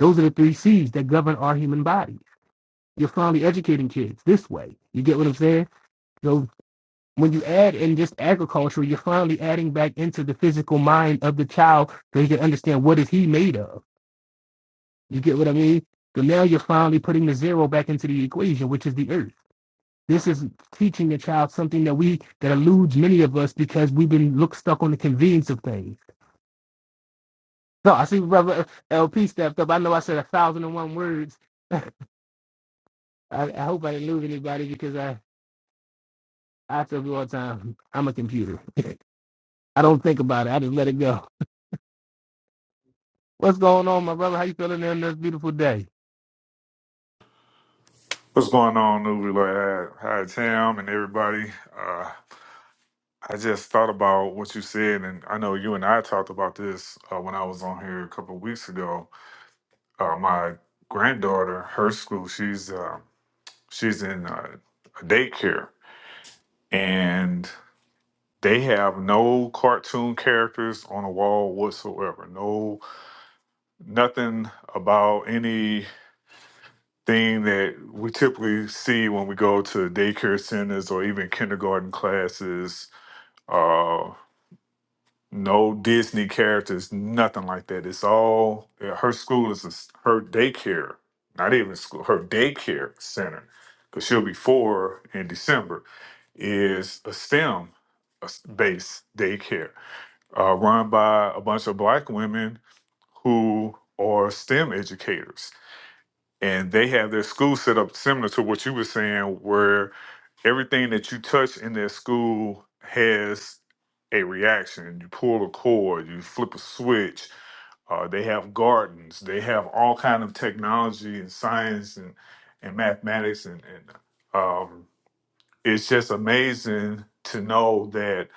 Those are the three C's that govern our human body. You're finally educating kids this way. You get what I'm saying? So when you add in just agriculture, you're finally adding back into the physical mind of the child so he can understand what is he made of. You get what I mean? So now you're finally putting the zero back into the equation, which is the earth. This is teaching a child something that we that eludes many of us because we've been look stuck on the convenience of things. So I see Brother LP stepped up. I know I said a thousand and one words. I, I hope I didn't lose anybody because I I tell you all the time I'm a computer. I don't think about it. I just let it go. What's going on, my brother? How you feeling on this beautiful day? What's going on, Nuvi? Like, hi, hi, Tam, and everybody. Uh, I just thought about what you said, and I know you and I talked about this uh, when I was on here a couple of weeks ago. Uh, my granddaughter, her school, she's uh, she's in uh, a daycare, and they have no cartoon characters on the wall whatsoever. No, nothing about any thing that we typically see when we go to daycare centers or even kindergarten classes uh no disney characters nothing like that it's all yeah, her school is a s her daycare not even school her daycare center because she'll be four in december is a stem s- based daycare uh, run by a bunch of black women who are stem educators and they have their school set up similar to what you were saying, where everything that you touch in their school has a reaction. You pull a cord, you flip a switch. Uh, they have gardens. They have all kind of technology and science and and mathematics and, and um, it's just amazing to know that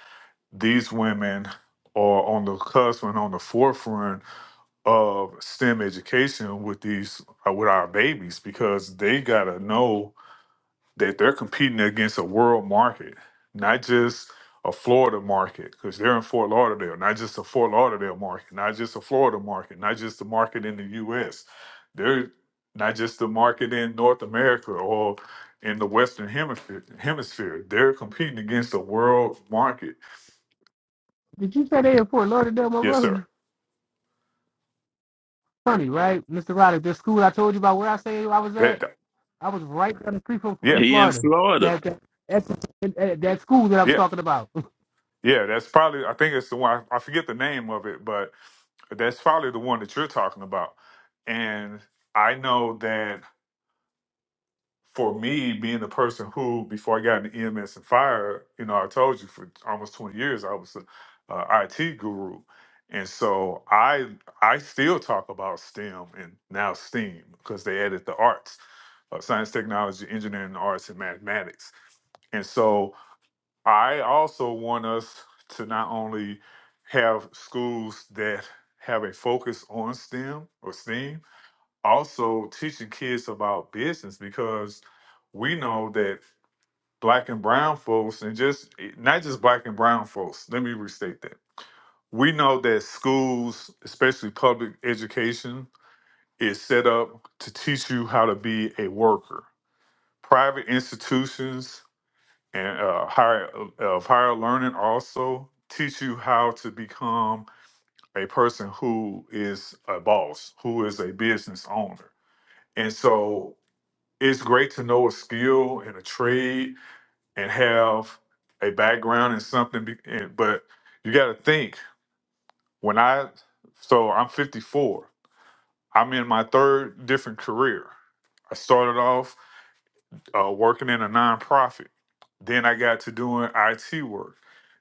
these women are on the cusp and on the forefront of STEM education with these uh, with our babies because they gotta know that they're competing against a world market, not just a Florida market because they're in Fort Lauderdale, not just a Fort Lauderdale market, not just a Florida market, not just the market in the U.S. They're not just the market in North America or in the Western hemisphere. Hemisphere. They're competing against a world market. Did you say they in Fort Lauderdale, my Yes, sir. brother? Funny, right, Mr. Roddick? This school I told you about where I say I was That. at. that- I was right down the street from Yeah. in He in Florida. Florida. That that that's, that school that I was Yeah. talking about. Yeah, that's probably. I think it's the one. I, I forget the name of it, but that's probably the one that you're talking about. And I know that for me, being the person who, before I got into EMS and fire, you know, I told you for almost 20 years I was a uh, IT guru, and so I I still talk about STEM and now STEAM because they added the arts, uh, science, technology, engineering, arts, and mathematics. And so I also want us to not only have schools that have a focus on STEM or STEAM, also teaching kids about business because we know that black and brown folks, and just eh, not just black and brown folks, let me restate that. We know that schools, especially public education, is set up to teach you how to be a worker. Private institutions and uh, higher of higher learning also teach you how to become a person who is a boss, who is a business owner. And so it's great to know a skill and a trade and have a background in something. Be- and, but you got to think when I, so I'm 54, I'm in my third different career. I started off uh, working in a nonprofit. Then I got to doing IT work.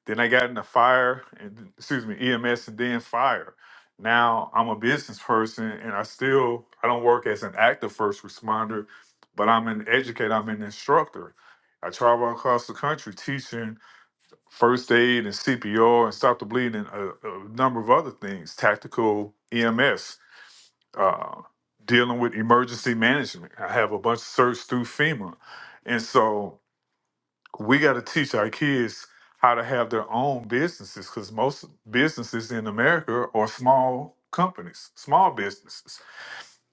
Then I got into fire and excuse me, EMS and then fire. Now I'm a business person and I still I don't work as an active first responder, but I'm an educator, I'm an instructor. I travel across the country teaching first aid and CPR and stop the bleeding, a, a number of other things, tactical EMS uh, dealing with emergency management. I have a bunch of certs through FEMA. And so we got to teach our kids how to have their own businesses because most businesses in America are small companies, small businesses,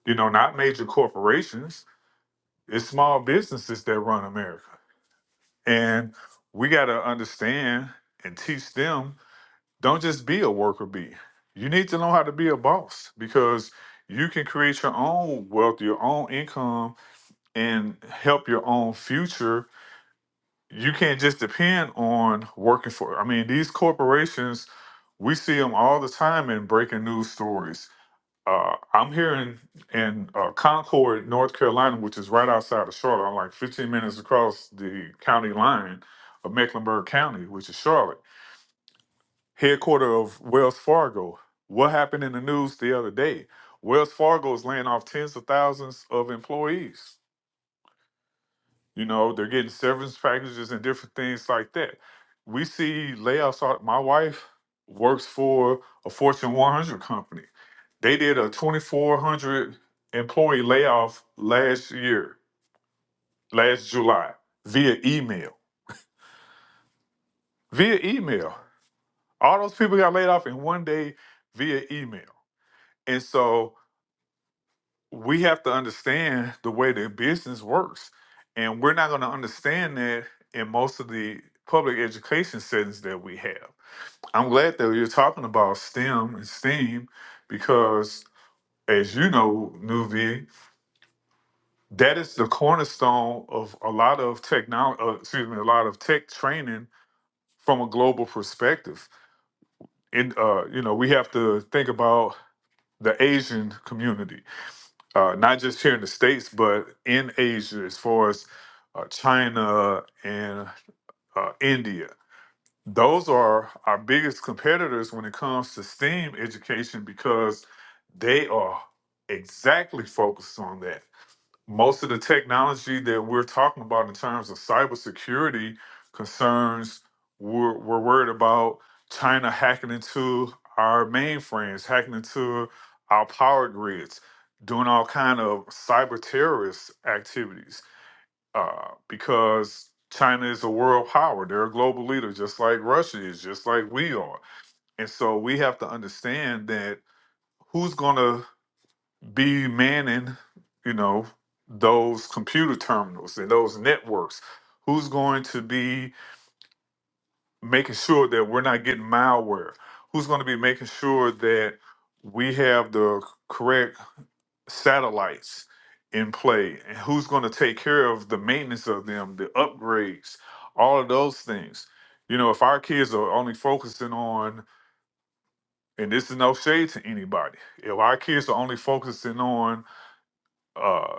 you know, not major corporations. It's small businesses that run America. And we got to understand and teach them don't just be a worker bee. You need to know how to be a boss because you can create your own wealth, your own income, and help your own future. You can't just depend on working for. I mean, these corporations, we see them all the time in breaking news stories. Uh, I'm here in in uh, Concord, North Carolina, which is right outside of Charlotte. I'm like 15 minutes across the county line of Mecklenburg County, which is Charlotte headquarter of Wells Fargo. What happened in the news the other day? Wells Fargo is laying off tens of thousands of employees. You know, they're getting severance packages and different things like that. We see layoffs. all- My wife works for a Fortune 100 company. They did a 2,400 employee layoff last year, last July, via email. Via email. All those people got laid off in one day via email. And so we have to understand the way the business works. And we're not going to understand that in most of the public education settings that we have. I'm glad that you're talking about STEM and STEAM because, as you know, Nuvi, that is the cornerstone of a lot of technology, uh, excuse me, a lot of tech training from a global perspective. And, uh, you know, we have to think about the Asian community uh, not just here in the states, but in Asia, as far as uh, China and uh, India. Those are our biggest competitors when it comes to STEAM education because they are exactly focused on that most of the technology that we're talking about in terms of cybersecurity concerns, we're, we're worried about China hacking into our mainframes, hacking into our power grids, doing all kind of cyber terrorist activities uh, because China is a world power. They're a global leader, just like Russia is, just like we are. And so we have to understand that who's going to be manning, you know, those computer terminals and those networks? Who's going to be making sure that we're not getting malware? Who's going to be making sure that we have the correct satellites in play? And who's going to take care of the maintenance of them, the upgrades, all of those things? You know, if our kids are only focusing on, and this is no shade to anybody, if our kids are only focusing on uh,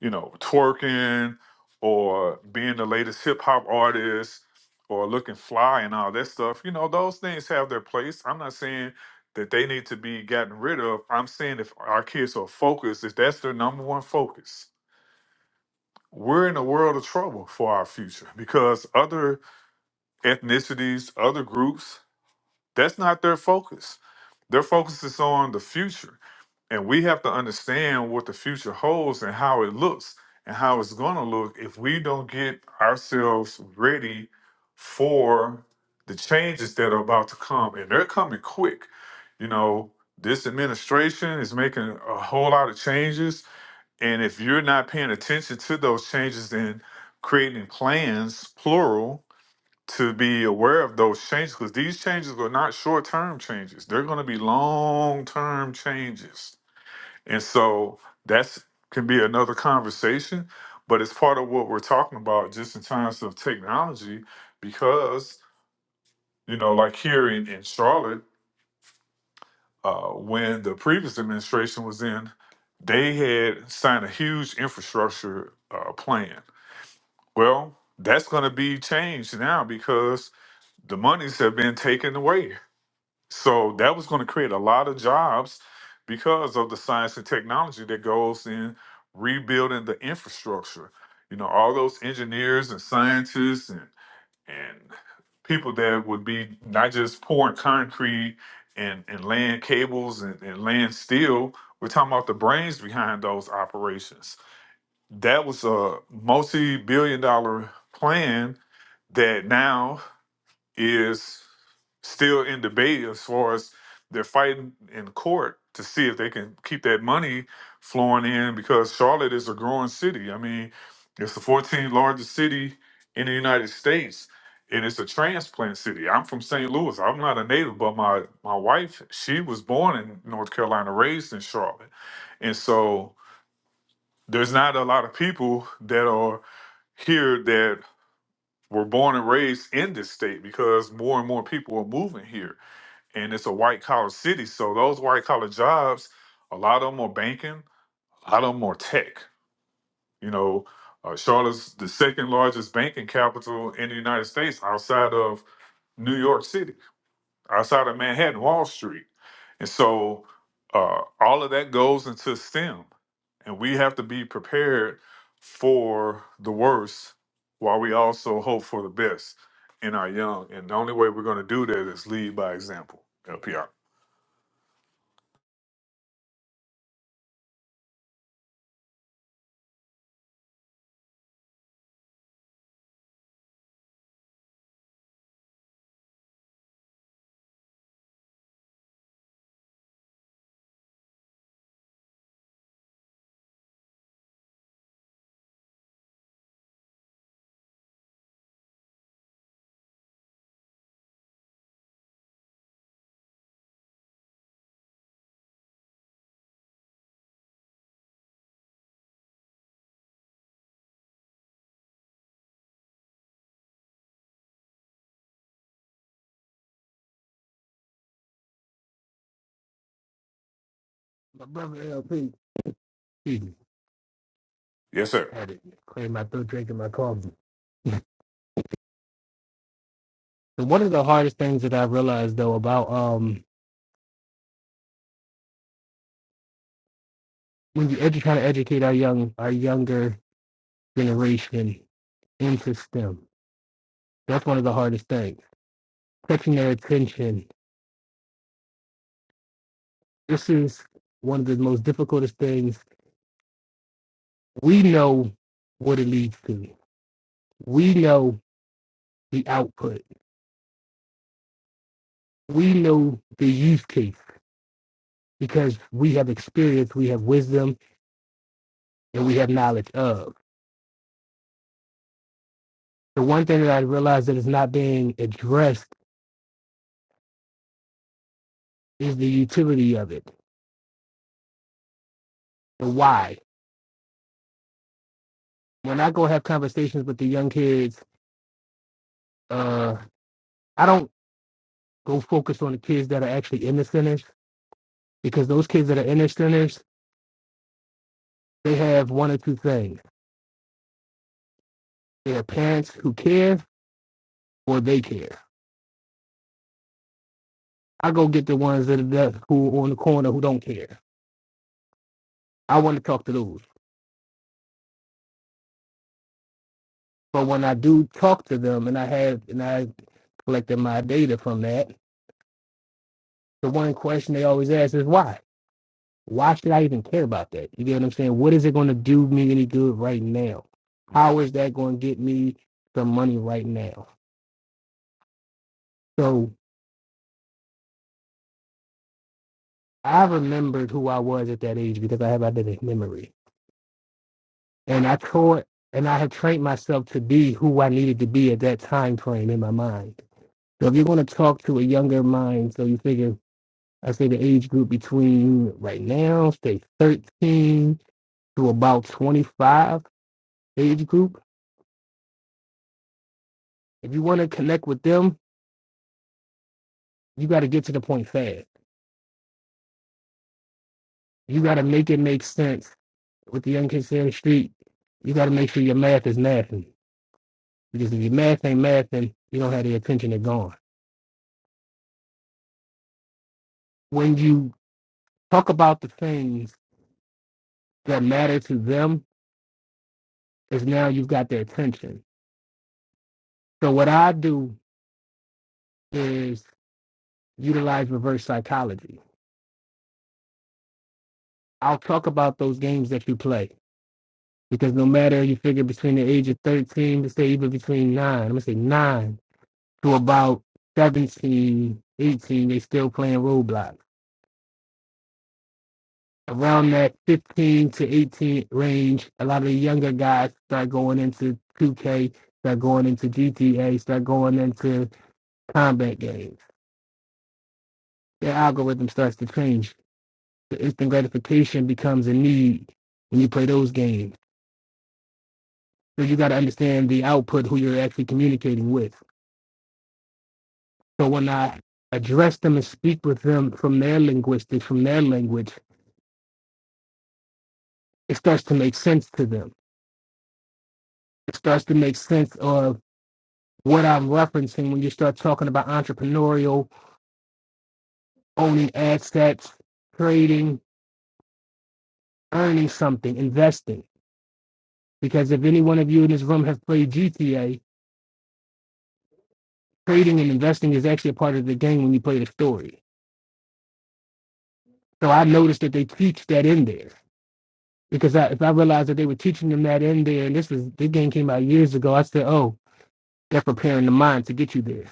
you know, twerking or being the latest hip hop artist or looking fly and all that stuff, you know, those things have their place. I'm not saying that they need to be gotten rid of. I'm saying if our kids are focused, if that's their number one focus, we're in a world of trouble for our future because other ethnicities, other groups, that's not their focus. Their focus is on the future and we have to understand what the future holds and how it looks and how it's going to look if we don't get ourselves ready for the changes that are about to come. And they're coming quick. You know, this administration is making a whole lot of changes. And if you're not paying attention to those changes and creating plans, plural, to be aware of those changes, because these changes are not short term changes, they're going to be long term changes and so that's can be another conversation, but it's part of what we're talking about just in terms of technology, because you know, like here in, in Charlotte, uh, when the previous administration was in, they had signed a huge infrastructure uh, plan. Well, that's going to be changed now because the monies have been taken away So that was going to create a lot of jobs because of the science and technology that goes in rebuilding the infrastructure. You know, all those engineers and scientists and and people that would be not just pouring concrete and, and laying cables and, and laying steel. We're talking about the brains behind those operations. That was a multi-billion dollar plan that now is still in debate as far as they're fighting in court to see if they can keep that money flowing in because Charlotte is a growing city. I mean, it's the 14th largest city in the United States and it's a transplant city. I'm from St. Louis. I'm not a native, but my my wife, she was born in North Carolina, raised in Charlotte. And so there's not a lot of people that are here that were born and raised in this state because more and more people are moving here and it's a white collar city so those white collar jobs a lot of them are banking a lot of them are tech you know uh, charlotte's the second largest banking capital in the united states outside of new york city outside of Manhattan, Wall Street. And so uh, all of that goes into STEM. And we have to be prepared for the worst while we also hope for the best in our young. And the only way we're going to do that is lead by example, LPR. My brother LP he Yes, sir. had it clear my throat drinking my coffee. So one of the hardest things that I realized though about um when you edu- trying to educate our young our younger generation into STEM, that's one of the hardest things. Catching their attention. This is one of the most difficult things. We know what it leads to. We know the output. We know the use case because we have experience, we have wisdom, and we have knowledge of. the one thing that I realized that is not being addressed is the utility of it, the why. When I go have conversations with the young kids, uh, I don't go focus on the kids that are actually in the centers because those kids that are in the centers, they have one or two things: they have parents who care or they care. I go get the ones that are who are on the corner who don't care. I want to talk to those. But when I do talk to them, and I have and I collected my data from that, the one question they always ask is why Why should I even care about that? You get what I'm saying? What is it going to do me any good right now? How is that going to get me some money right now? So I remembered who I was at that age because I have identity memory. And I taught and I have trained myself to be who I needed to be at that time frame in my mind. So if you're going to talk to a younger mind, so you figure, I say the age group between right now, say 13 to about 25 age group, if you want to connect with them, you got to get to the point fast. You got to make it make sense with the young kids here on the street. You got to make sure your math is mathing because if your math ain't mathing, you don't have the attention to gone. When you talk about the things that matter to them, is now you've got their attention. So what I do is utilize reverse psychology. I'll talk about those games that you play because no matter you figure between the age of 13 to say even between nine, I'm gonna say nine to about 17, 18, they still playing Roblox. Around that 15 to 18 range, a lot of the younger guys start going into 2K, start going into GTA, start going into combat games. Their algorithm starts to change. The instant gratification becomes a need when you play those games. So you got to understand the output, who you're actually communicating with. So when I address them and speak with them from their linguistics, from their language, it starts to make sense to them it starts to make sense of what I'm referencing when you start talking about entrepreneurial, owning assets, trading, earning something, investing. Because if any one of you in this room have played GTA, trading and investing is actually a part of the game when you play the story. So I noticed that they teach that in there. Because I, if I realized that they were teaching them that in there, and this was the game came out years ago, I said, "Oh, they're preparing the mind to get you there."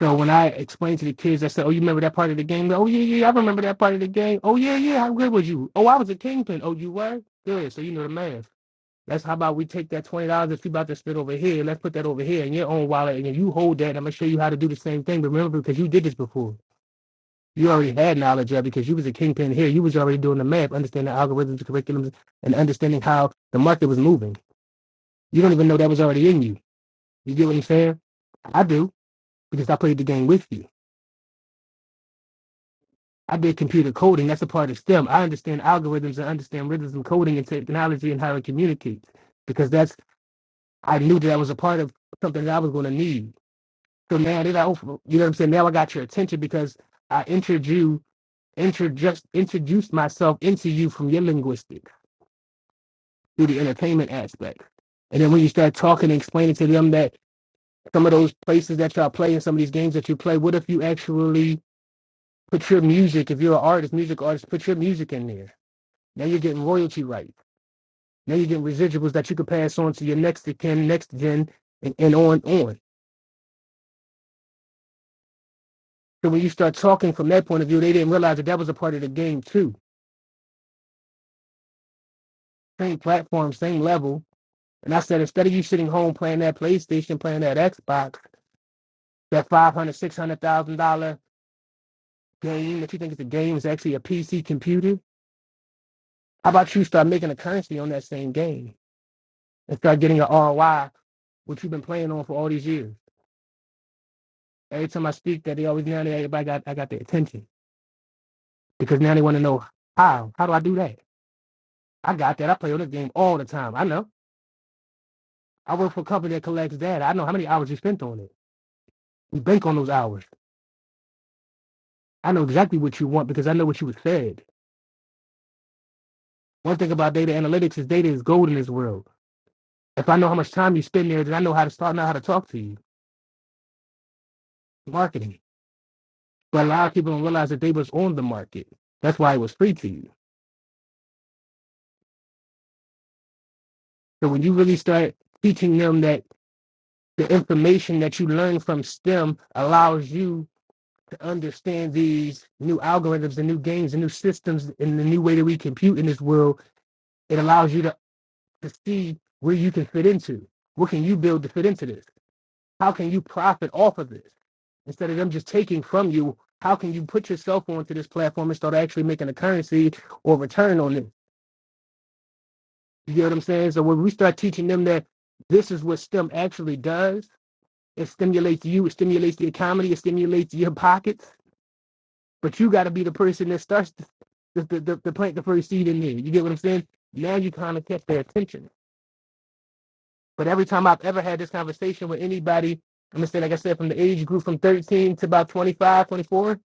So when I explained to the kids, I said, "Oh, you remember that part of the game? Oh yeah, yeah, I remember that part of the game. Oh yeah, yeah. How good was you? Oh, I was a kingpin. Oh, you were good. So you know the math. That's how about we take that twenty dollars that you about to spend over here. Let's put that over here in your own wallet, and then you hold that. And I'm gonna show you how to do the same thing. But remember, because you did this before, you already had knowledge of it because you was a kingpin here. You was already doing the math, understanding algorithms, curriculums, and understanding how the market was moving. You don't even know that was already in you. You get what I'm saying? I do because I played the game with you. I did computer coding. That's a part of STEM. I understand algorithms. I understand rhythms and coding and technology and how it communicates because that's I knew that I was a part of something that I was going to need. So now that I, you know what I'm saying. Now I got your attention because I introduced you, introduced introduced myself into you from your linguistic through the entertainment aspect. And then when you start talking and explaining to them that some of those places that y'all play and some of these games that you play, what if you actually put your music, if you're an artist, music artist, put your music in there? Now you're getting royalty rights. Now you're getting residuals that you could pass on to your next of kin, next gen, and, and on on. So when you start talking from that point of view, they didn't realize that that was a part of the game too. Same platform, same level. And I said, instead of you sitting home playing that PlayStation, playing that Xbox, that five hundred, thousand dollars, six hundred thousand dollar game that you think is a game is actually a PC computer. How about you start making a currency on that same game and start getting an ROI, which you've been playing on for all these years? Every time I speak, that they always now that everybody got I got their attention. because now they want to know how. How do I do that? I got that. I play on this game all the time. I know. I work for a company that collects data. I know how many hours you spent on it. We bank on those hours. I know exactly what you want because I know what you was fed. One thing about data analytics is data is gold in this world. If I know how much time you spend there, then I know how to start know how to talk to you. Marketing. But a lot of people don't realize that data was on the market. That's why it was free to you. So when you really start teaching them that the information that you learn from STEM allows you understand these new algorithms and new games and new systems and the new way that we compute in this world, it allows you to, to see where you can fit into. What can you build to fit into this? How can you profit off of this? Instead of them just taking from you, how can you put yourself onto this platform and start actually making a currency or return on it? You get what I'm saying? So when we start teaching them that this is what STEM actually does, it stimulates you, it stimulates the economy, it stimulates your pockets But you got to be the person that starts to, to, to, to, plant the first seed in there. You get what I'm saying? Now you kind of catch their attention. But every time I've ever had this conversation with anybody, I'm going to say, like I said, from the age group from 13 to about 25, 24,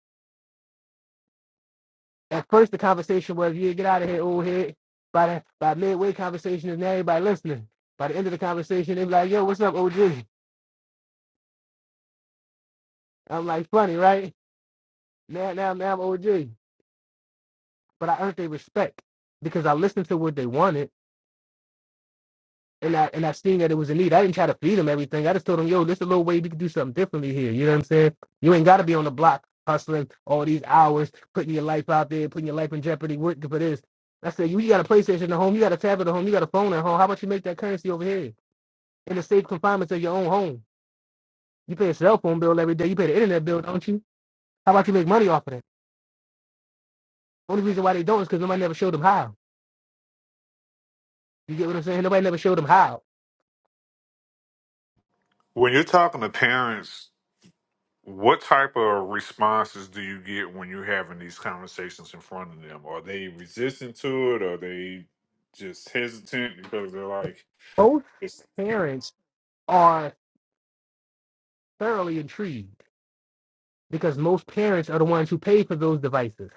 at first the conversation was, yeah, get out of here, old head. By, the, by midway conversation, is now everybody listening. By the end of the conversation, they be like, yo, what's up, OG? I'm like, funny, right? Now, now, now I'm OG. But I earned their respect because I listened to what they wanted and I and I seen that it was a need. I didn't try to feed him everything. I just told him, yo, this is a little way we could do something differently here. You know what I'm saying? You ain't gotta be on the block hustling all these hours, putting your life out there, putting your life in jeopardy, working for this. I said, you, you got a PlayStation at home, you got a tablet at home, you got a phone at home. How about you make that currency over here in the safe confinements of your own home? You pay a cell phone bill every day, you pay the internet bill, don't you? How about you make money off of that? Only reason why they don't is because nobody never showed them how. You get what I'm saying? Nobody never showed them how. When you're talking to parents, what type of responses do you get when you're having these conversations in front of them? Are they resistant to it? Are they just hesitant because they're like, Both it's, parents are thoroughly intrigued because most parents are the ones who pay for those devices.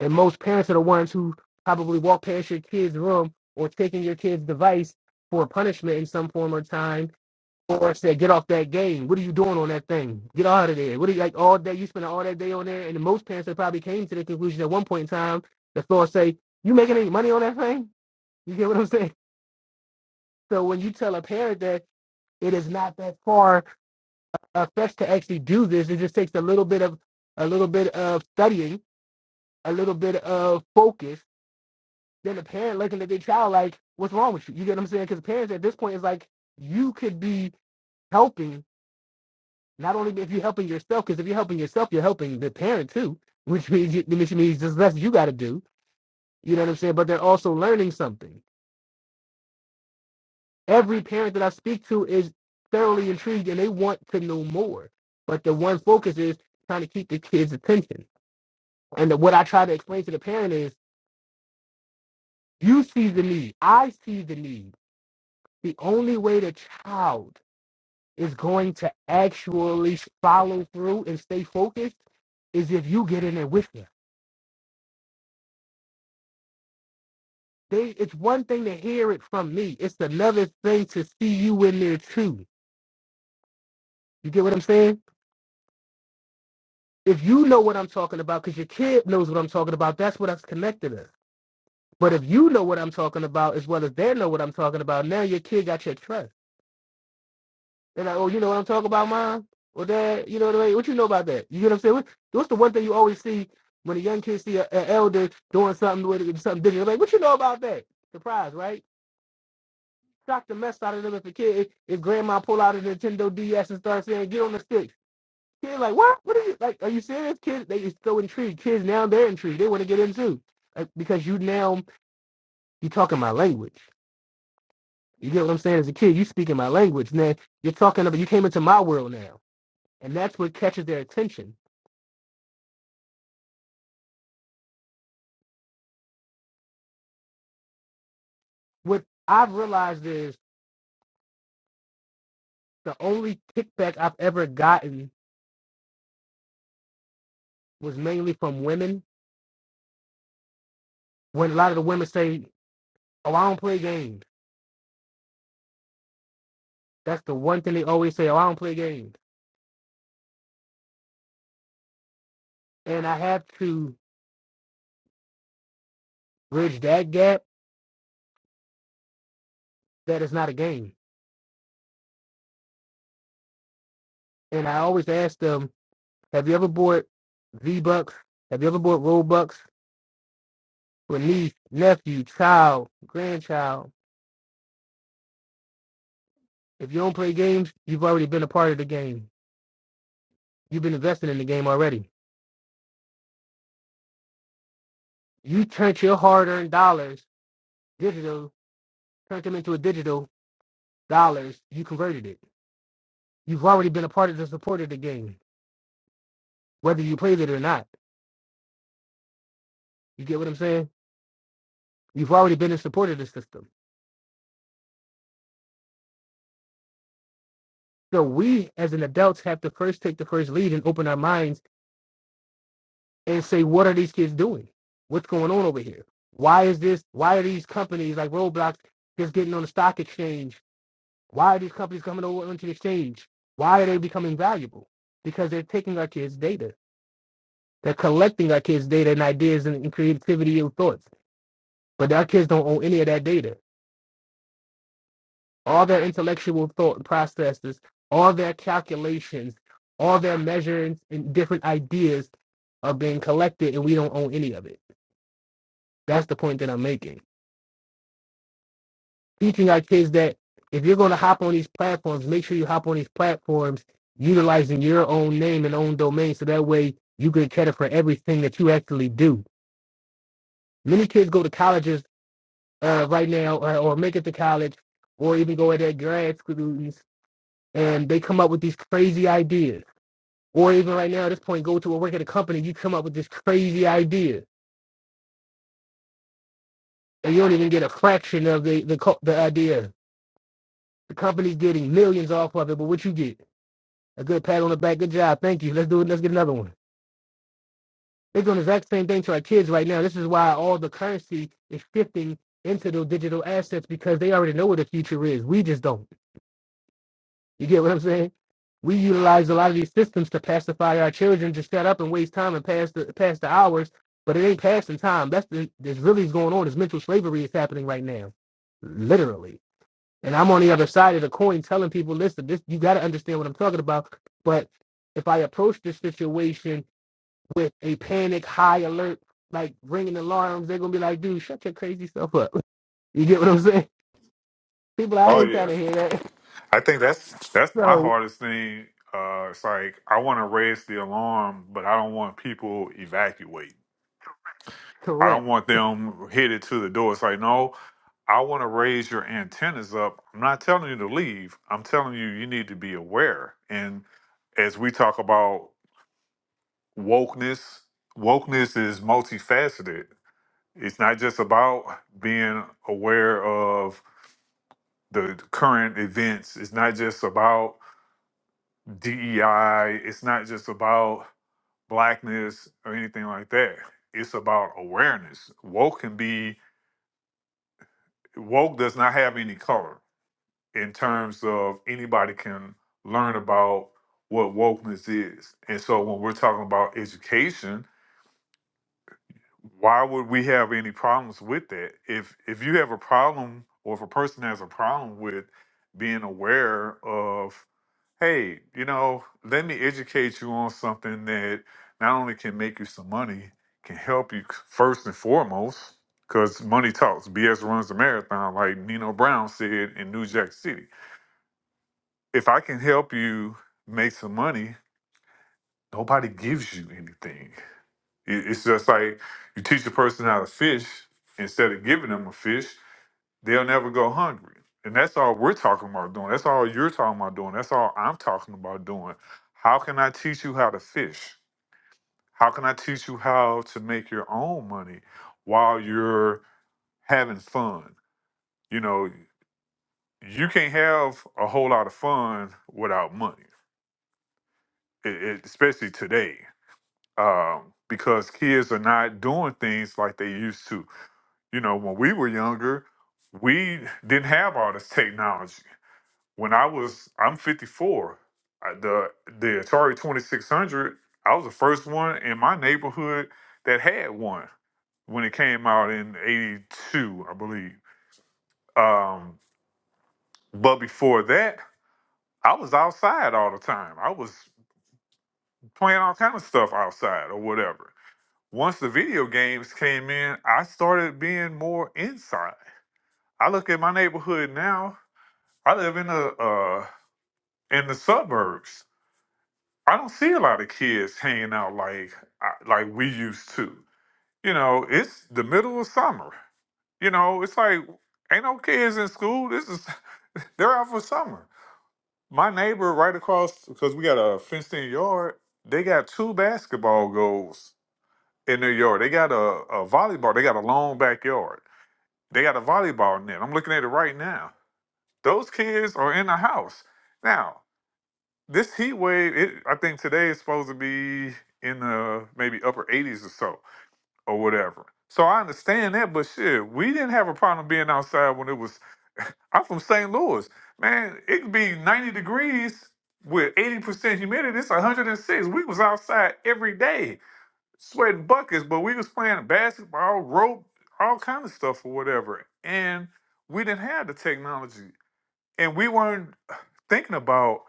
And most parents are the ones who probably walk past your kid's room or taking your kid's device for punishment in some form or time or say, get off that game. What are you doing on that thing? Get out of there. What are you like all day? You spend all that day on there. And most parents that probably came to the conclusion at one point in time, the thought say, you making any money on that thing? You get what I'm saying? So when you tell a parent that it is not that far a fetched to actually do this, it just takes a little bit of a little bit of studying a little bit of focus than a parent looking at their child like, what's wrong with you? You get what I'm saying? Because parents at this point is like, you could be helping, not only if you're helping yourself, because if you're helping yourself, you're helping the parent too, which means, you, which means there's less you got to do. You know what I'm saying? But they're also learning something. Every parent that I speak to is thoroughly intrigued and they want to know more. But the one focus is trying to keep the kid's attention. And the, what I try to explain to the parent is, you see the need. I see the need the only way the child is going to actually follow through and stay focused is if you get in there with them. They, it's one thing to hear it from me. It's another thing to see you in there too. You get what I'm saying? If you know what I'm talking about, because your kid knows what I'm talking about, that's what that's connected us. But if you know what I'm talking about as well as they know what I'm talking about, now your kid got your trust. They're like, oh, you know what I'm talking about, mom? Or dad, you know what I mean? What you know about that? You get what I'm saying? What- What's the one thing you always see when a young kid see a- an elder doing something with something different? They're Like, what you know about that? Surprise, right? Shock the mess out of them if a kid if, if grandma pull out a Nintendo DS and start saying, get on the stick. Kid like, what? What are you like? Are you serious? Kids, they is so intrigued. Kids now they're intrigued. They want to get in too. Like, because you now you talking my language. You get what I'm saying? As a kid, you speaking my language. Now you're talking about you came into my world now. and that's what catches their attention. What I've realized is the only kickback I've ever gotten was mainly from women. When a lot of the women say, "Oh, I don't play games," that's the one thing they always say. "Oh, I don't play games," and I have to bridge that gap. that it's not a game, and I always ask them, "Have you ever bought V Bucks? Have you ever bought Robux for niece, nephew, child, grandchild? If you don't play games, you've already been a part of the game. You've been invested in the game already." You turned your hard-earned dollars digital, turned them into a digital dollars. You converted it. You've already been a part of the support of the game, whether you played it or not. You get what I'm saying? You've already been a support of the system. So we, as an adults, have to first take the first lead and open our minds and say, what are these kids doing? What's going on over here? Why is this? Why are these companies like Roblox just getting on the stock exchange? Why are these companies coming over onto the exchange? Why are they becoming valuable? Because they're taking our kids' data They're collecting our kids' data and ideas and creativity and thoughts. But our kids don't own any of that data. All their intellectual thought processes, all their calculations, all their measurements and different ideas are being collected and we don't own any of it. That's the point that I'm making. Teaching our kids that if you're going to hop on these platforms, make sure you hop on these platforms utilizing your own name and own domain so that way you get credit for everything that you actually do. Many kids go to colleges uh, right now or, or make it to college or even go at their grad schools and they come up with these crazy ideas. Or even right now at this point, go to a work at a company, you come up with this crazy idea and you don't even get a fraction of the, the, co- the idea. The company's getting millions off of it, but what you get? A good pat on the back, good job, thank you, let's do it, let's get another one. They're doing the exact same thing to our kids right now. This is why all the currency is shifting into those digital assets because they already know what the future is. We just don't. You get what I'm saying? We utilize a lot of these systems to pacify our children to shut up and waste time and pass the pass the hours, but it ain't passing time. That's the that's really is going on. This mental slavery is happening right now, literally. And I'm on the other side of the coin, telling people, listen, this you got to understand what I'm talking about. But if I approach this situation with a panic, high alert, like ringing alarms, they're gonna be like, dude, shut your crazy stuff up. You get what I'm saying? People, I oh, ain't trying yeah. to hear that. I think that's that's my So hardest thing. Uh, it's like I want to raise the alarm, but I don't want people evacuate. I correct. don't want them headed to the door. It's like no, I want to raise your antennas up. I'm not telling you to leave. I'm telling you you need to be aware. And as we talk about wokeness, wokeness is multifaceted. It's not just about being aware of the current events. It's not just about DEI. It's not just about blackness or anything like that. It's about awareness. Woke can be woke does not have any color in terms of anybody can learn about what wokeness is. And so when we're talking about education, why would we have any problems with that? If if you have a problem or if a person has a problem with being aware of hey, you know, let me educate you on something that not only can make you some money, can help you first and foremost, because money talks. BS runs the marathon, like Nino Brown said in New Jack City. If I can help you make some money, nobody gives you anything. It- It's just like you teach a person how to fish instead of giving them a fish. They'll never go hungry. And that's all we're talking about doing. That's all you're talking about doing. That's all I'm talking about doing. How can I teach you how to fish? How can I teach you how to make your own money while you're having fun? You know, you can't have a whole lot of fun without money, it, it- especially today, um, because kids are not doing things like they used to. You know, when we were younger, we didn't have all this technology. When I was, I'm 54. I, the the Atari 2600, I was the first one in my neighborhood that had one when it came out in 82, I believe. Um, but before that, I was outside all the time. I was playing all kind of stuff outside or whatever. Once the video games came in, I started being more inside. I look at my neighborhood now. I live in a uh, in the suburbs. I don't see a lot of kids hanging out like I- like we used to. You know, it's the middle of summer. You know, it's like ain't no kids in school. This is they're out for summer. My neighbor right across because we got a fenced-in yard. They got two basketball goals in their yard. They got a, a volleyball. They got a long backyard. They got a volleyball net. I'm looking at it right now. Those kids are in the house now. this heat wave, it, I think today is supposed to be in the maybe upper 80s or so, or whatever. So I understand that, but shit, we didn't have a problem being outside when it was. I'm from St. Louis, man. It could be 90 degrees with 80% humidity. It's 106. We was outside every day, sweating buckets, but we was playing basketball, rope, all kind of stuff or whatever, and we didn't have the technology, and we weren't thinking about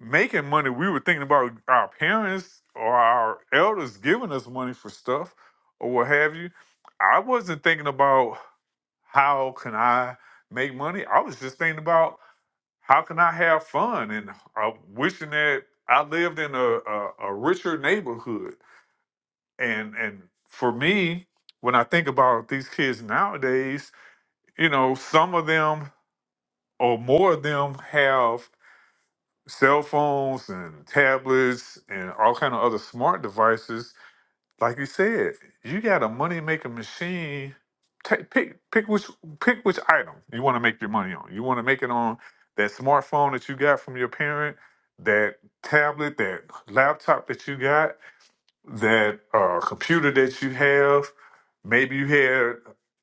making money, we were thinking about our parents or our elders giving us money for stuff or what have you. I wasn't thinking about how can I make money. I was just thinking about how can I have fun and uh, wishing that I lived in a, a, a richer neighborhood. And and for me, when I think about these kids nowadays, you know, some of them or more of them have cell phones and tablets and all kind of other smart devices. Like you said, you got a money making machine. Take, pick pick which pick which item you want to make your money on. You want to make it on that smartphone that you got from your parent, that tablet, that laptop that you got that uh, computer that you have. Maybe you had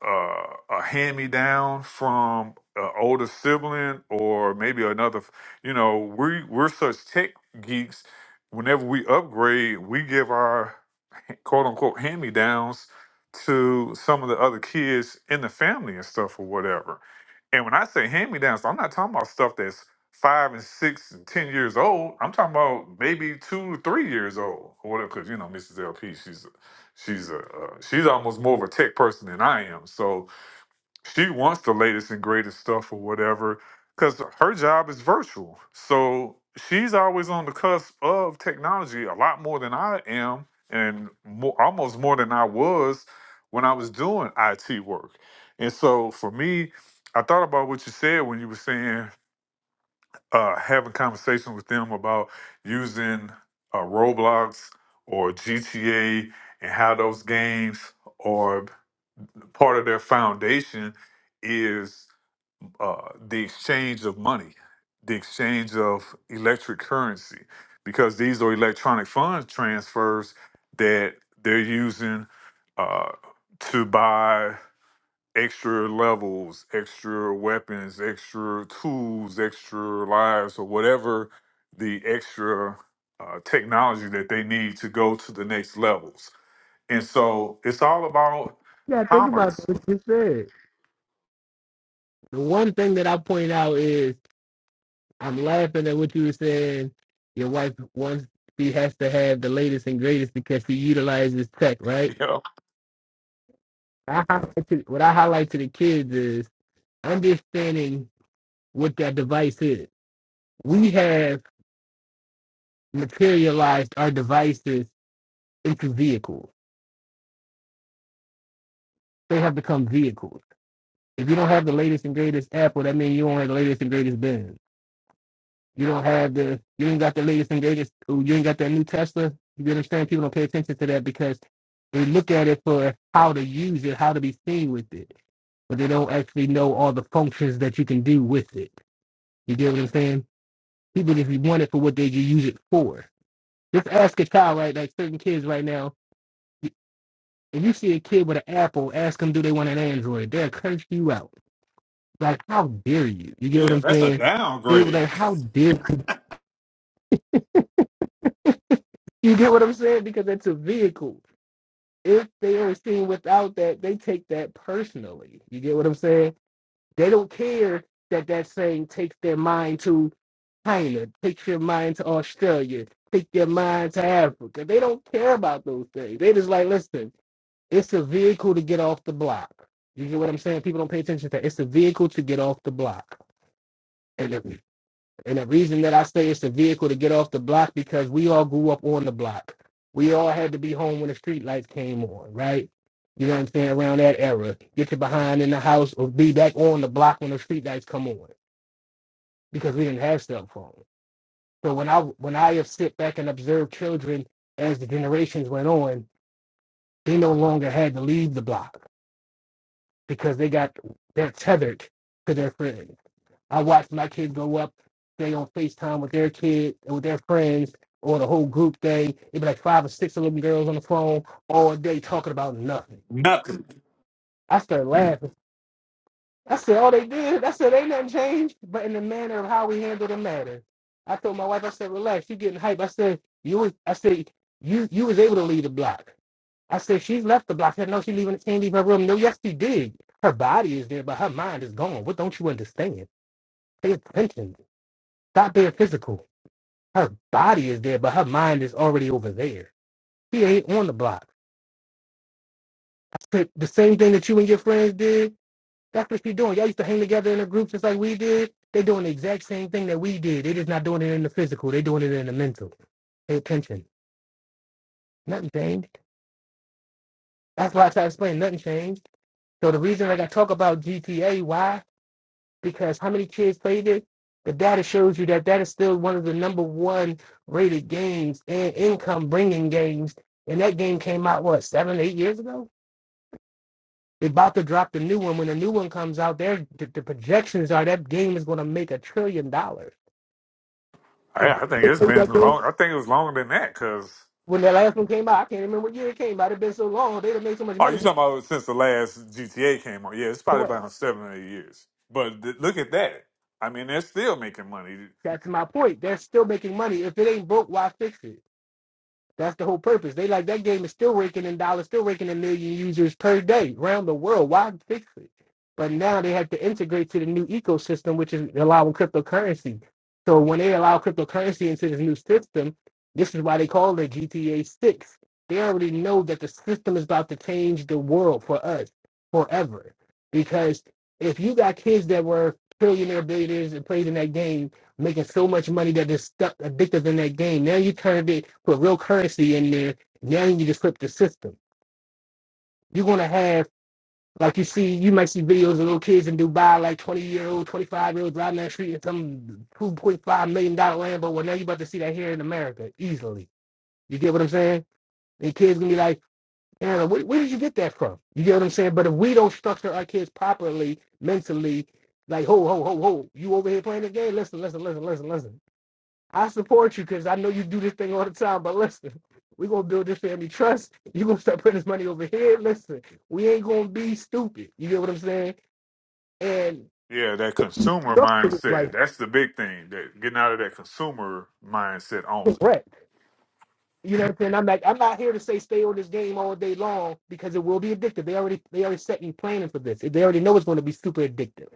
uh, a hand me down from an older sibling, or maybe another. You know, we we're such tech geeks. Whenever we upgrade, we give our quote unquote hand me downs to some of the other kids in the family and stuff or whatever. And when I say hand me downs, I'm not talking about stuff that's five and six and ten years old. I'm talking about maybe two, three years old or whatever. Because you know, Mrs. LP, she's a, she's a uh, she's almost more of a tech person than I am. So she wants the latest and greatest stuff or whatever because her job is virtual so she's always on the cusp of technology a lot more than i am and more, almost more than i was when i was doing it work and so for me i thought about what you said when you were saying uh, having conversations with them about using uh, roblox or gta and how those games are part of their foundation is uh, the exchange of money, the exchange of electric currency, because these are electronic fund transfers that they're using uh, to buy extra levels, extra weapons, extra tools, extra lives, or whatever the extra uh, technology that they need to go to the next levels. And so it's all about Yeah, think about commerce. what you said. The one thing that I point out is I'm laughing at what you were saying. Your wife wants she has to have the latest and greatest because she utilizes tech, right? You know? I highlight to, what I highlight to the kids is understanding what that device is. We have materialized our devices into vehicles. They have become vehicles. If you don't have the latest and greatest Apple, that means you don't have the latest and greatest Benz. You don't have the, you ain't got the latest and greatest, ooh, you ain't got that new Tesla. You understand? People don't pay attention to that because they look at it for how to use it, how to be seen with it, but they don't actually know all the functions that you can do with it. You get what I'm saying? People just want it for what they can use it for. Just ask a child, right? Like certain kids right now, if you see a kid with an Apple, ask them, do they want an Android? They'll curse you out. Like, how dare you? You get what Yeah, I'm that's a saying? They were like, downgrade. how dare you? You get what I'm saying? Because it's a vehicle. if they are seen without that, they take that personally. You get what I'm saying? They don't care that that saying takes their mind to China, takes your mind to Australia, take their mind to Africa. They don't care about those things. They just like, listen, it's a vehicle to get off the block. You get what I'm saying? People don't pay attention to that. It's a vehicle to get off the block. And if and the reason that I say it's a vehicle to get off the block because we all grew up on the block. We all had to be home when the street lights came on, right? You know what I'm saying? Around that era. Get your behind in the house or be back on the block when the street lights come on. Because we didn't have cell phones. So when I when I have sit back and observed children as the generations went on, they no longer had to leave the block because they got they're tethered to their friends I watch my kids grow up, they on FaceTime with their kids and with their friends or the whole group day. It'd be like five or six little girls on the phone all day talking about nothing. Nothing. I started laughing. I said, all they did, I said, ain't nothing changed, but in the manner of how we handle the matter. I told my wife, I said, relax, you getting hype. I said, you was, I said, you you was able to leave the block. I said, she's left the block. I said, no, she leaving, she can't leave her room. No, yes, she did. Her body is there, but her mind is gone. What don't you understand? Pay attention. Stop being physical. Her body is there, but her mind is already over there. She ain't on the block. But The same thing that you and your friends did, that's what she doing. Y'all used to hang together in a group just like we did. They doing the exact same thing that we did. They just not doing it in the physical. They doing it in the mental. Pay attention. Nothing changed. That's why I try to explain nothing changed. So the reason like I talk about GTA, why? Because how many kids played it? The data shows you that that is still one of the number one rated games and income bringing games. And that game came out what seven, eight years ago? They're about to drop the new one. When the new one comes out, there the, the projections are that game is going to make a trillion dollars. I, If I think it's been that long. I think it was longer than that because. When the last one came out, I can't remember what year it came out. It's been so long; they done made so much Oh, you money. talking about since the last GTA came out? Yeah, it's probably about seven or eight years. But th- look at that. I mean, they're still making money. That's my point. They're still making money. If it ain't broke, why fix it? That's the whole purpose. They like that game is still raking in dollars, still raking in million users per day around the world. Why fix it? But now they have to integrate to the new ecosystem, which is allowing cryptocurrency. So when they allow cryptocurrency into this new system, this is why they call it GTA 6. They already know that the system is about to change the world for us forever. Because if you got kids that were trillionaire billionaires and played in that game, making so much money that they're stuck addicted in that game. Now you turned it, put real currency in there. Now you just flip the system. You're gonna have like you see, you might see videos of little kids in Dubai, like 20 year old, 25 year old driving down the street in some 2.5 million dollar Lambo. Well, now you're about to see that here in America easily. You get what I'm saying? And kids gonna be like, Anna, where, where did you get that from? You get what I'm saying? But if we don't structure our kids properly, mentally, like, ho, ho, ho, ho, you over here playing the game? Listen, listen, listen, listen, listen. I support you because I know you do this thing all the time. But listen, we're gonna build this family trust. You're gonna start putting this money over here. Listen, we ain't gonna be stupid. You get what I'm saying? And Yeah, that consumer structure it mindset. right, That's the big thing. That getting out of that consumer mindset only. correct. You know what I'm saying? I'm like, I'm not here to say stay on this game all day long because it will be addictive. They already they already set you planning for this. They already know it's gonna be super addictive.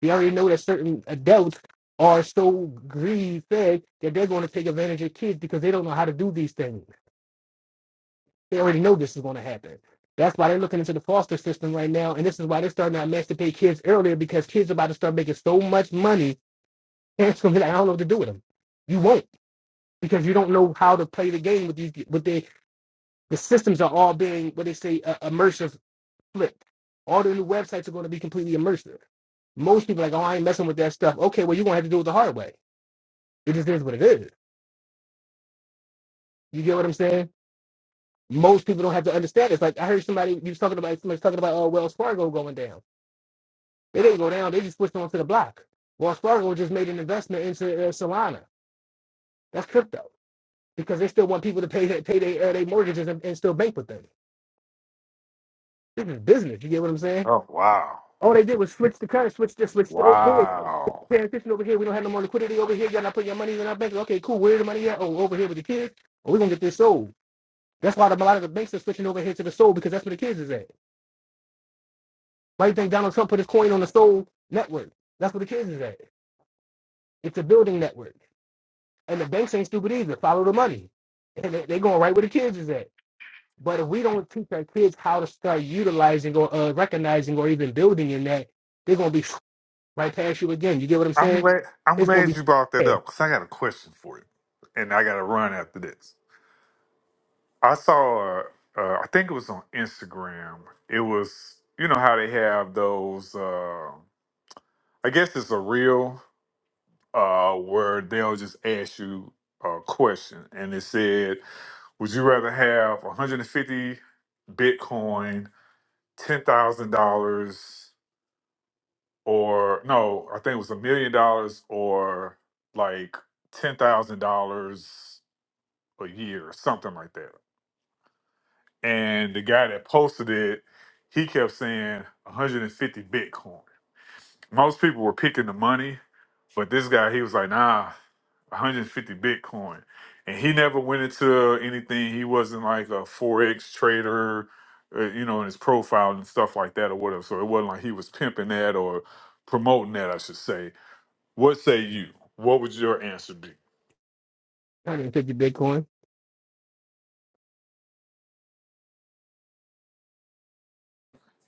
They already know that certain adults are so greed fed that they're gonna take advantage of kids because they don't know how to do these things. They already know this is going to happen. That's why they're looking into the foster system right now, and this is why they're starting to emancipate kids earlier because kids are about to start making so much money. Parents gonna be like, I don't know what to do with them. You won't because you don't know how to play the game with these. With the the systems are all being what they say uh, immersive flipped. All the new websites are going to be completely immersive. Most people are like, oh, I ain't messing with that stuff. Okay, well, you're gonna have to do it the hard way. It just is what it is. You get what I'm saying? Most people don't have to understand. It's like I heard somebody you was talking about somebody's talking about oh Wells Fargo going down. They didn't go down. They just switched on to the block. Wells Fargo just made an investment into uh, Solana. That's crypto because they still want people to pay their, pay their, uh, their mortgages and, and still bank with them. This is business. You get what I'm saying? Oh wow, All they did was switch the currency, switch this, switch the over here, wow. transition over here. We don't have no more liquidity over here. Y'all not putting your money in our bank. Okay, cool. Where's the money at? Oh, over here with the kids. Oh, we're gonna get this sold. That's why the, a lot of the banks are switching over here to the soul because that's where the kids is at. Why do you think Donald Trump put his coin on the soul network? That's where the kids is at. It's a building network. And the banks ain't stupid either. Follow the money. And they, they going right where the kids is at. But if we don't teach our kids how to start utilizing or uh, recognizing or even building in that, they're going to be right past you again. You get what I'm I'm saying? glad. I'm It's going to glad be you brought that yeah, up because I got a question for you, and I got to run after this. I saw, uh, uh, I think it was on Instagram. It was, you know, how they have those, uh, I guess it's a reel uh, where they'll just ask you a question. And it said, Would you rather have 150 Bitcoin, $10,000, or no, I think it was a million dollars or like $10,000 a year or something like that? and the guy that posted it, he kept saying 150 Bitcoin. Most people were picking the money, but this guy, he was like, nah, 150 Bitcoin. And he never went into anything. He wasn't like a Forex trader, uh, you know, in his profile and stuff like that or whatever. So it wasn't like he was pimping that or promoting that, I should say. What say you? What would your answer be? 150 Bitcoin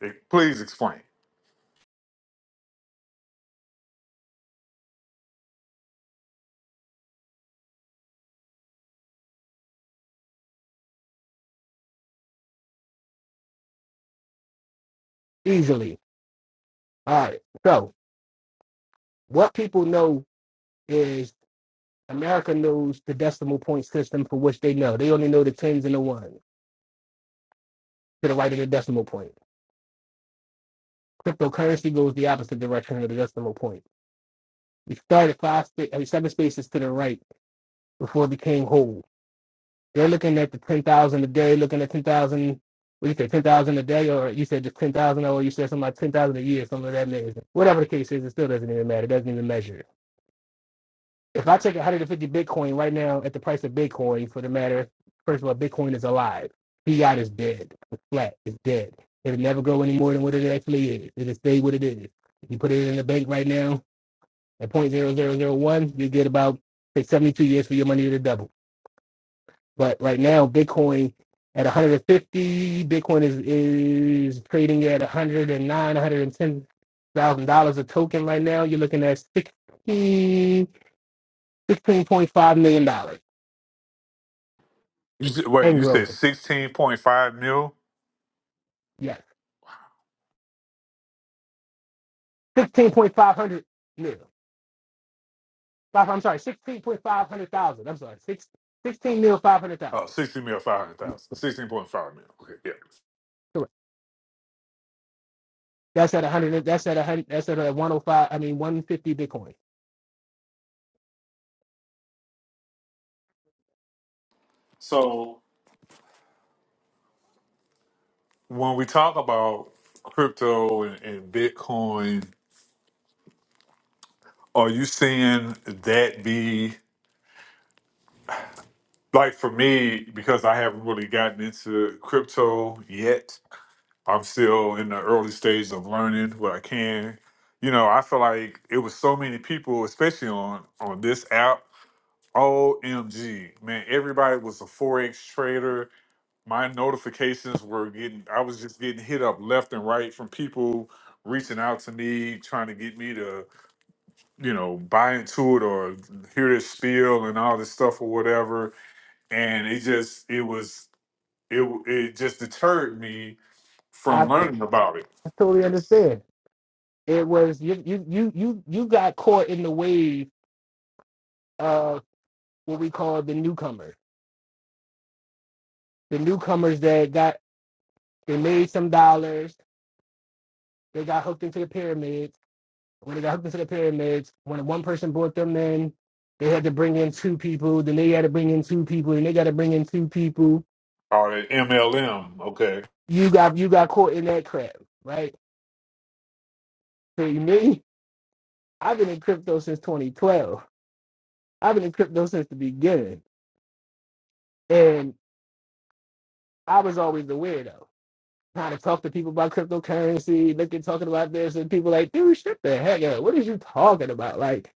Eh, Please explain. easily. All right. So what people know is America knows the decimal point system for which they know. They only know the tens and the ones to the right of the decimal point. Cryptocurrency goes the opposite direction of the decimal point. We start at five, spa- I mean, seven spaces to the right before it became whole. They're looking at the ten thousand a day, looking at ten thousand. What you say, ten thousand a day, or you said just ten thousand, or you said something like ten thousand a year, something like that nature. Whatever the case is, it still doesn't even matter. It doesn't even measure. If I take 150 Bitcoin right now at the price of Bitcoin, for the matter, first of all, Bitcoin is alive. Fiat is dead. It's flat. It's dead. It'll never go any more than what it actually is. It'll stay what it is. If you put it in the bank right now at point zero zero zero one, you get about say 72 years for your money to double. But right now, Bitcoin at 150, Bitcoin is is trading at 109, 110 thousand dollars a token right now. You're looking at 16, 16.5 million dollars You said, wait, and you said growing. 16.5 mil? Yes, 16.5 hundred mil. Five, I'm sorry, 16.5 hundred thousand. I'm sorry, six sixteen mil 500 Oh, thousand. 60 mil, 500,000. 16.5 mil. Okay, yeah. Correct. That's at 100. That's at 100. That's at a 105. I mean 150 Bitcoin. So when we talk about crypto and, and Bitcoin, are you seeing that be like for me, because I haven't really gotten into crypto yet, I'm still in the early stages of learning what I can. You know, I feel like it was so many people, especially on on this app. OMG, man, everybody was a Forex trader my notifications were getting i was just getting hit up left and right from people reaching out to me trying to get me to you know buy into it or hear this spiel and all this stuff or whatever and it just it was it w- it just deterred me from I learning about it totally understand. It was you you you you you got caught in the wave of what we call the newcomers. The newcomers that got they made some dollars, they got hooked into the pyramids. When they got hooked into the pyramids, when one person brought them in, they had to bring in two people, then they had to bring in two people, and they gotta bring in two people. or the mlm okay You got you got caught in that crap, right? So you me, I've been in crypto since twenty twelve. I've been in crypto since the beginning. And I was always the weirdo. trying to talk to people about cryptocurrency, looking talking about this, and people like, dude, shut the heck up. What are you talking about? Like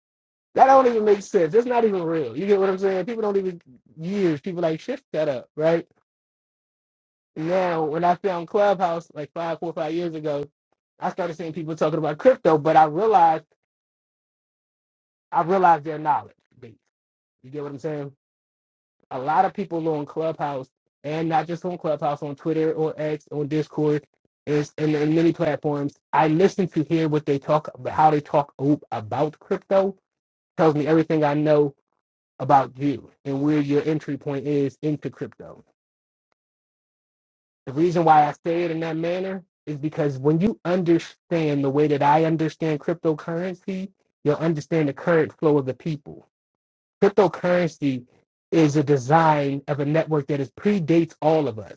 that don't even make sense. It's not even real. You get what I'm saying? People don't even use people like shit that up, right? Now when I found Clubhouse like five, four, five years ago, I started seeing people talking about crypto, but I realized I realized their knowledge. base. You get what I'm saying? a lot of people on Clubhouse and not just on Clubhouse, on Twitter, on X, on Discord, is and in many platforms. I listen to hear what they talk about, how they talk o- about crypto. Tells me everything I know about you and where your entry point is into crypto. The reason why I say it in that manner is because when you understand the way that I understand cryptocurrency, you'll understand the current flow of the people. Cryptocurrency is a design of a network that is predates all of us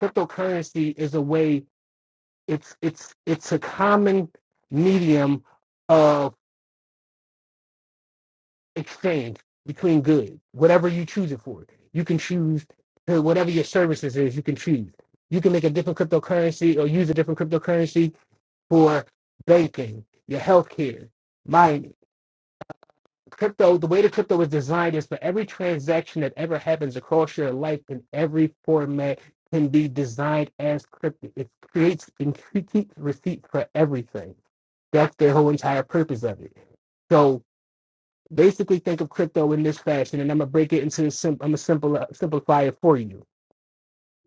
cryptocurrency is a way it's it's it's a common medium of exchange between goods whatever you choose it for you can choose to- whatever your services is you can choose you can make a different cryptocurrency or use a different cryptocurrency for banking your healthcare mining crypto, the way the crypto is designed is for every transaction that ever happens across your life in every format can be designed as crypto. It creates and keeps receipts for everything. That's their whole entire purpose of it. So basically, think of crypto in this fashion, and I'm gonna break it into the sim- I'm gonna simple, uh, simplify it for you.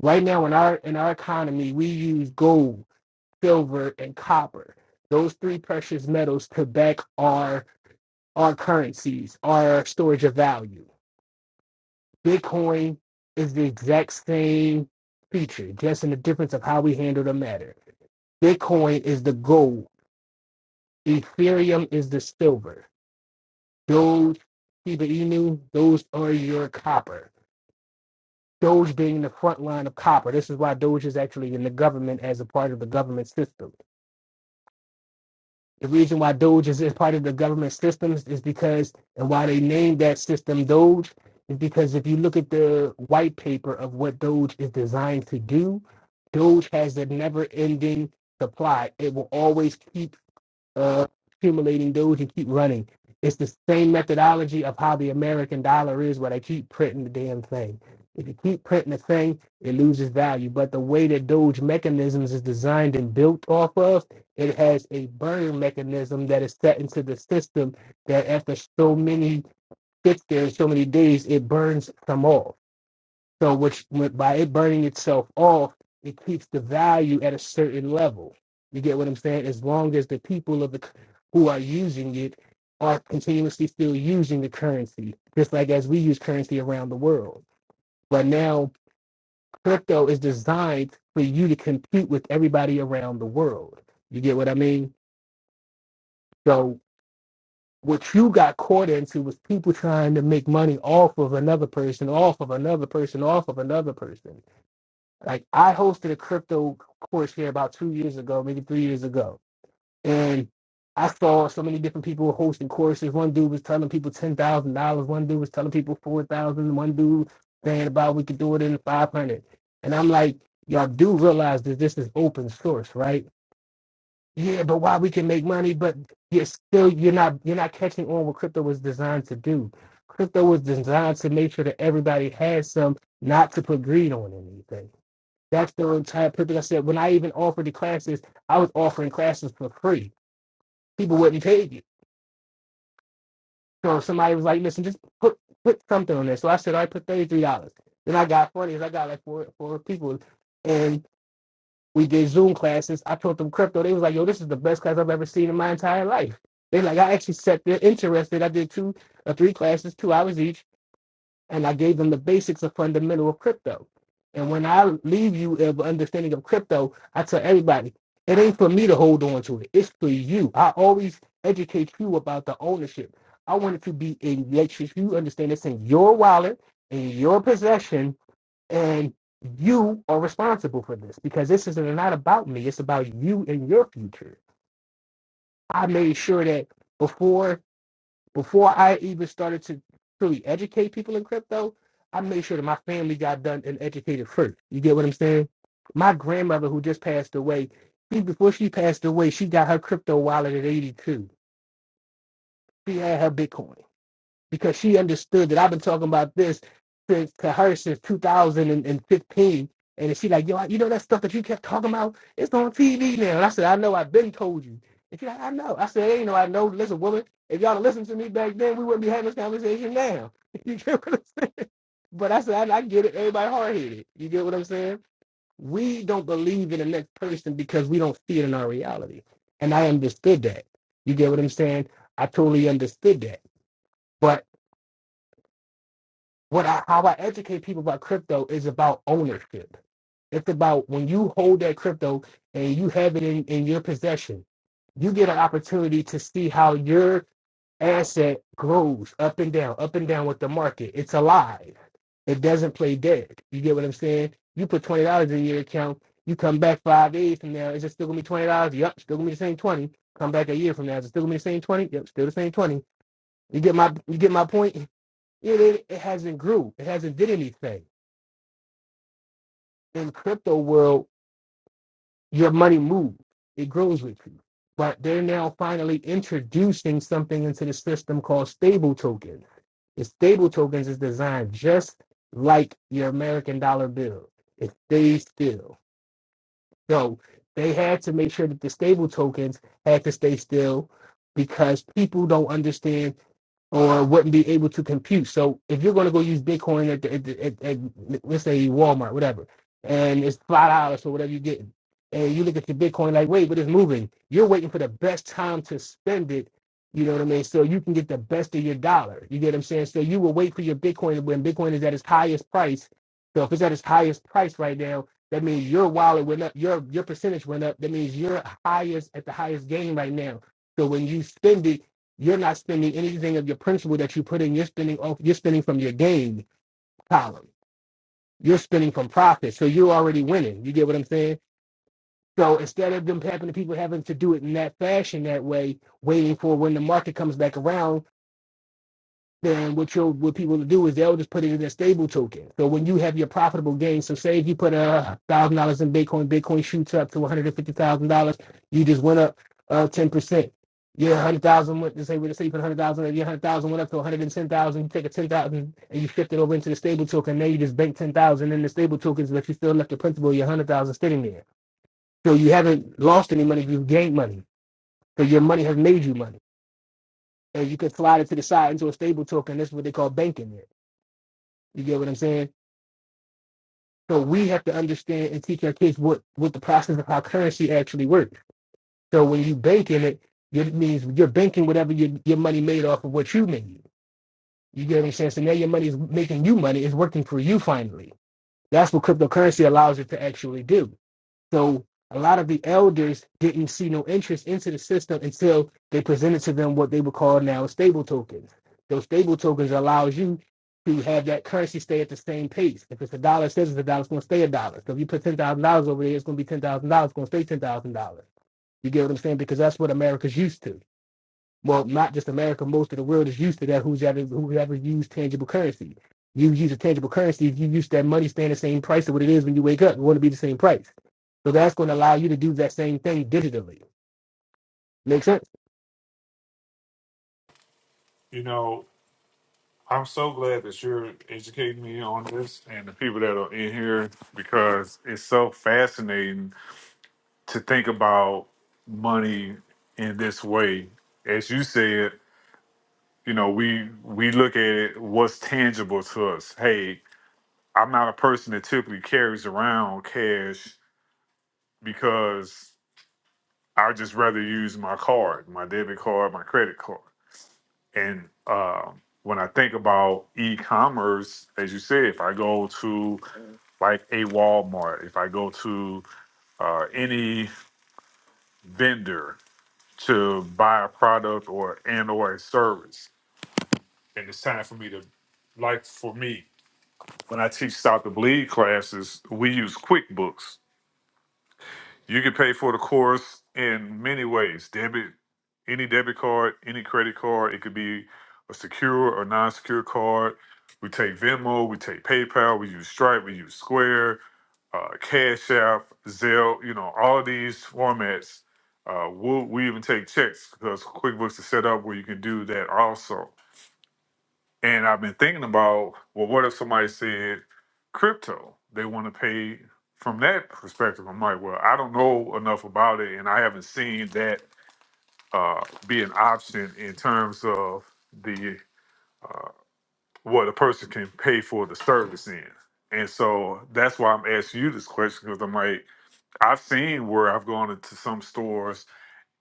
Right now, in our in our economy, we use gold, silver, and copper. Those three precious metals to back our our currencies, our storage of value Bitcoin is the exact same feature, just in the difference of how we handle the matter. Bitcoin is the gold, Ethereum is the silver, Doge, Shiba Inu, those are your copper. Doge being the front line of copper. This is why Doge is actually in the government as a part of the government system. The reason why Doge is, is part of the government systems is because, and why they named that system Doge, is because if you look at the white paper of what Doge is designed to do, Doge has a never ending supply. It will always keep uh, accumulating Doge and keep running. It's the same methodology of how the American dollar is, where they keep printing the damn thing. If you keep printing the thing, it loses value. But the way that Doge mechanisms is designed and built off of, it has a burn mechanism that is set into the system that after so many sits there, so many days, it burns some off so, which with- by it burning itself off, it keeps the value at a certain level. You get what I'm saying? As long as the people of the c- who are using it are continuously still using the currency, just like as we use currency around the world. But now crypto is designed for you to compete with everybody around the world. You get what I mean? So what you got caught into was people trying to make money off of another person, off of another person, off of another person Like I hosted a crypto course here about two years ago, maybe three years ago, and I saw so many different people hosting courses. One dude was telling people ten thousand dollars. One dude was telling people four thousand. One dude saying about we could do it in five hundred. And I'm like, y'all do realize that this is open source, right? Yeah, but why we can make money, but you're still you're not you're not catching on what crypto was designed to do. Crypto was designed to make sure that everybody has some, not to put greed on anything. That's the entire purpose. I said when I even offered the classes, I was offering classes for free. People wouldn't pay you. So somebody was like, "Listen, just put put something on there." So I said, "I put thirty three dollars." Then I got funny. is I got like four four people, and we did Zoom classes. I taught them crypto. They was like, "Yo, this is the best class I've ever seen in my entire life." They like, I actually set their interest. I did two or three classes, two hours each and I gave them the basics of fundamental of crypto. And when I leave you of understanding of crypto, I tell everybody, it ain't for me to hold on to it. It's for you. I always educate you about the ownership. I want it to be in make sure you understand it's in your wallet, in your possession, and you are responsible for this because this is not about me. It's about you and your future. I made sure that before before I even started to truly educate people in crypto, I made sure that my family got done and educated first. You get what I'm saying? My grandmother, who just passed away, she, before she passed away, she got her crypto wallet at 82. She had her Bitcoin because she understood that I've been talking about this to, to her since 2015. And she like, yo, I- you know that stuff that you kept talking about? It's on TV now. And I said, I know, I've been told you. And she like, I know. I said, ain't no, I know. Listen, woman, if y'all had listened to me back then, we wouldn't be having this conversation now. you get what I'm saying? But I said, I, I get it. Everybody hard-headed. You get what I'm saying? We don't believe in the next person because we don't see it in our reality. And I understood that. You get what I'm saying? I totally understood that. but. what I, how I educate people about crypto is about ownership. It's about when you hold that crypto and you have it in, in your possession, you get an opportunity to see how your asset grows up and down, up and down with the market. It's alive. It doesn't play dead. You get what I'm saying? You put twenty dollars in your account, you come back five days from now, is it still gonna be twenty dollars? Yep, still gonna be the same twenty. Come back a year from now, is it still gonna be the same twenty? Yep, still the same twenty. You get my you get my point? It, ain't- it hasn't grew. It hasn't did anything. In crypto world, your money moves. It grows with you. But they're now finally introducing something into the system called stable tokens. The stable tokens is designed just like your American dollar bill. It stays still. So they had to make sure that the stable tokens had to stay still because people don't understand or wouldn't be able to compute. So if you're going to go use Bitcoin at, the, at, the, at, at let's say Walmart, whatever, and it's five dollars or whatever you get, and you look at your Bitcoin like, wait, but it's moving. You're waiting for the best time to spend it. You know what I mean? So you can get the best of your dollar. You get what I'm saying? So you will wait for your Bitcoin when Bitcoin is at its highest price. So if it's at its highest price right now, that means your wallet went up, your your percentage went up. That means you're highest at the highest gain right now. So when you spend it, you're not spending anything of your principal that you put in. You're spending off- you're spending from your gain column. You're spending from profit. So you're already winning. You get what I'm saying? So instead of them having the people having to do it in that fashion, that way, waiting for when the market comes back around, then what you what people will do is they'll just put it in a stable token. So when you have your profitable gain, so say if you put a thousand dollars in Bitcoin, Bitcoin shoots up to one hundred and fifty thousand dollars, you just went up uh ten percent. Your hundred thousand went to say we say you put hundred thousand, your hundred thousand went up to one hundred and ten thousand. You take a ten thousand and you shift it over into the stable token. Now you just bank ten thousand in the stable tokens, but you still left the principal, your hundred thousand sitting there. So you haven't lost any money, you've gained money. So your money has made you money. And you could slide it to the side into a stable token. That's what they call banking. You get what I'm saying? So we have to understand and teach our kids what what the process of how currency actually works. So when you bank in it, it means you're banking whatever your, your money made off of what you made. You get what I'm saying? So now your money is making you money. It's working for you finally. That's what cryptocurrency allows it to actually do. So a lot of the elders didn't see no interest into the system until they presented to them what they would call now stable tokens. Those stable tokens allows you to have that currency stay at the same pace. If it's a dollar, it says it's a dollar, it's going to stay a dollar. So if you put ten thousand dollars over there, it's going to be ten thousand dollars, it's going to stay ten thousand dollars. You get what I'm saying? Because that's what America's used to well, not just America, most of the world is used to that. Who's ever who's ever used tangible currency? You use a tangible currency. If you use that money, staying the same price of what it is when you wake up, you want to be the same price. So that's going to allow you to do that same thing digitally. Make sense? you know i'm so glad that you're educating me on this and the people that are in here because it's so fascinating to think about money in this way. As you said, you know, we we look at it what's tangible to us. Hey, I'm not a person that typically carries around cash because I just rather use my card, my debit card, my credit card. And um, when I think about e-commerce, as you said, if I go to like a Walmart, if I go to uh, any vendor, to buy a product or and or a service. And it's time for me to like for me, when I teach Stop the Bleed classes, we use QuickBooks. You can pay for the course in many ways. Debit, any debit card, any credit card. It could be a secure or non-secure card. We take Venmo, we take PayPal, we use Stripe, we use Square, uh, Cash App, Zelle. You know, all of these formats. Uh, we'll, we even take checks because QuickBooks is set up where you can do that also. And I've been thinking about, well, what if somebody said crypto? They want to pay from that perspective. I'm like, well, I don't know enough about it, and I haven't seen that uh, be an option in terms of the uh, what a person can pay for the service in. And so that's why I'm asking you this question because I'm like, I've seen where I've gone into some stores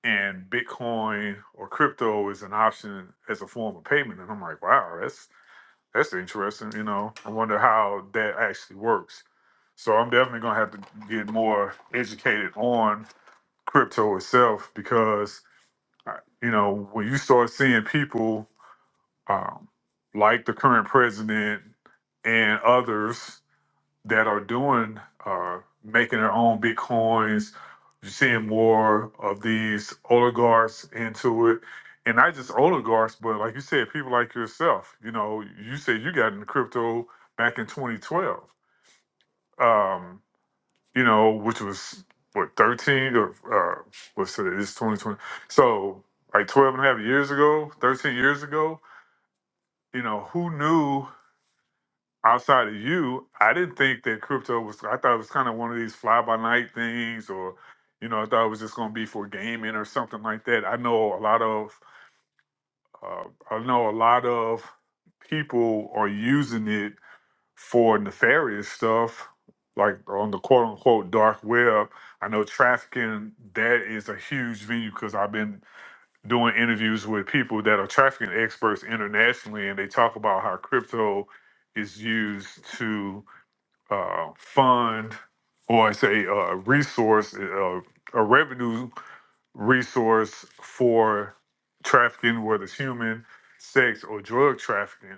and Bitcoin or crypto is an option as a form of payment, and I'm like, wow, that's that's interesting. You know, I wonder how that actually works. So I'm definitely gonna have to get more educated on crypto itself because, uh, you know, when you start seeing people um, like the current president and others that are doing uh, making their own bitcoins. You're seeing more of these oligarchs into it, and not just oligarchs, but like you said, people like yourself. You know, you said you got into crypto back in 2012. Um, you know, which was what 13 or uh, what's today? It's 2020. So like 12 and a half years ago, 13 years ago. You know, who knew? outside of you, I didn't think that crypto was. I thought it was kind of one of these fly by night things, or you know, I thought it was just going to be for gaming or something like that. I know a lot of, uh, I know a lot of people are using it for nefarious stuff, like on the quote unquote dark web. I know trafficking that is a huge venue because I've been doing interviews with people that are trafficking experts internationally, and they talk about how crypto is used to uh, fund or it's a uh, resource, uh, a revenue resource for trafficking, whether it's human, sex, or drug trafficking.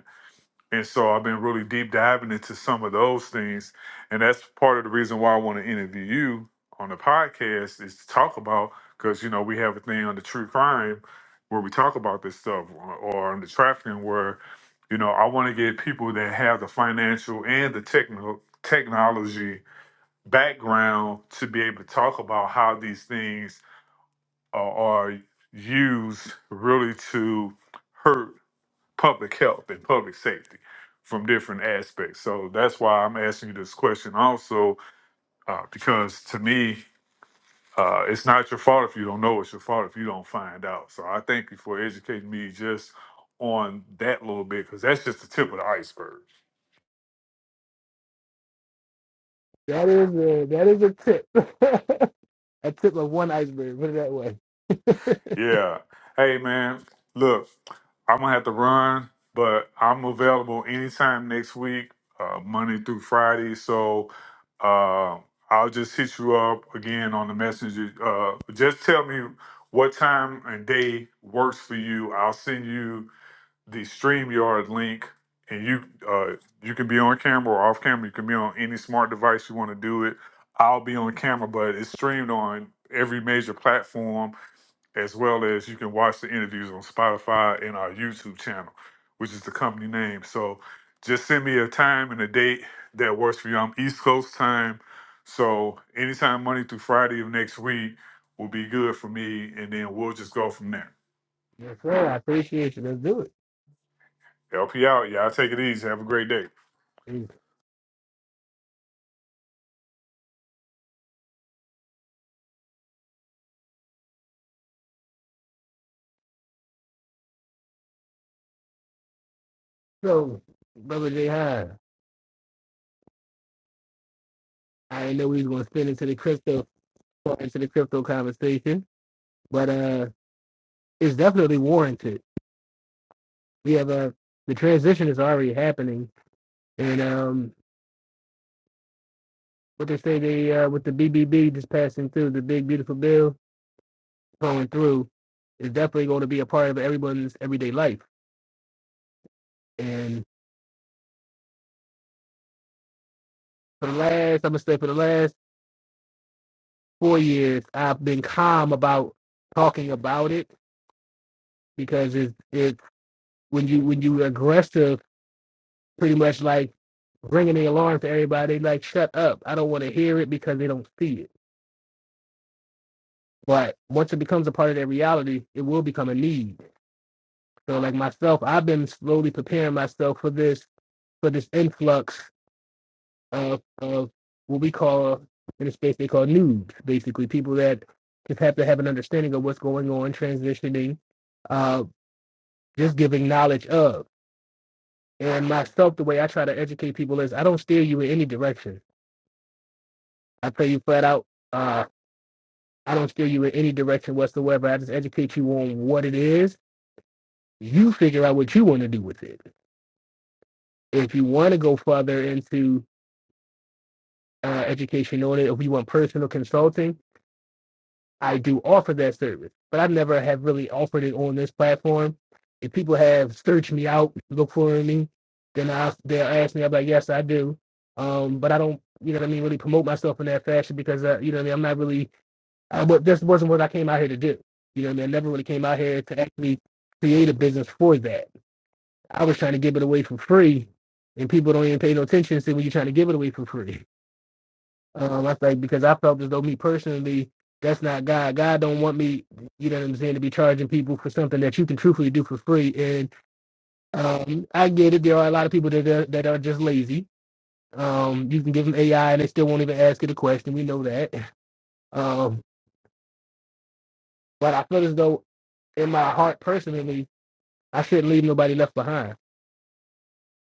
And so I've been really deep diving into some of those things. And that's part of the reason why I want to interview you on the podcast is to talk about, because, you know, we have a thing on the true crime where we talk about this stuff or or on the trafficking where, you know, I want to get people that have the financial and the technical technology background to be able to talk about how these things are, are used really to hurt public health and public safety from different aspects. So that's why I'm asking you this question also, uh, because to me, uh, it's not your fault if you don't know. It's your fault if you don't find out. So I thank you for educating me just on that little bit, because that's just the tip of the iceberg. That is a, that is a tip. a tip of one iceberg. Put it that way. Yeah. Hey, man. Look, I'm gonna have to run, but I'm available anytime next week, uh, Monday through Friday. So uh, I'll just hit you up again on the messenger. Uh, just tell me what time and day works for you. I'll send you the StreamYard link, and you uh, you can be on camera or off camera. You can be on any smart device you want to do it. I'll be on camera, but it's streamed on every major platform as well as you can watch the interviews on Spotify and our YouTube channel, which is the company name. So just send me a time and a date that works for you. I'm East Coast time. So anytime Monday through Friday of next week will be good for me. And then we'll just go from there. yes, sir. I appreciate you. Let's do Help you out. Y'all take it easy. Have a great day. it. So, brother Jay Hine, I didn't know we was going to spin into the crypto into the crypto conversation, but uh, it's definitely warranted we have a the transition is already happening, and um, what they say they uh, with the BBB just passing through the big beautiful bill going through is definitely going to be a part of everyone's everyday life. And for the last, I'm gonna say for the last four years, I've been calm about talking about it because it's it when you when you aggressive, pretty much like bringing the alarm to everybody, like shut up, I don't want to hear it because they don't see it. But once it becomes a part of their reality, it will become a need So like myself, I've been slowly preparing myself for this for this influx of of what we call in the space they call noobs, basically people that just have to have an understanding of what's going on, transitioning, uh, just giving knowledge of. And myself, the way I try to educate people is I don't steer you in any direction. I tell you flat out, uh, I don't steer you in any direction whatsoever. I just educate you on what it is. You figure out what you want to do with it. If you want to go further into uh, education on it, if you want personal consulting, I do offer that service. But I never have really offered it on this platform. If people have searched me out, look for me, then I, they'll ask me. I'm like, yes, I do. Um, but I don't, you know what I mean, really promote myself in that fashion because, uh, you know what I mean, I'm not really, I, but this wasn't what I came out here to do. You know what I mean? I never really came out here to actually create a business for that. I was trying to give it away for free, and people don't even pay no attention to when you're trying to give it away for free. Um, I think because I felt as though me personally, that's not God. God don't want me, you know what I'm saying, to be charging people for something that you can truthfully do for free. And um, I get it. There are a lot of people that are, that are just lazy. Um, you can give them AI and they still won't even ask it a question. We know that. Um, but I feel as though in my heart personally, I shouldn't leave nobody left behind.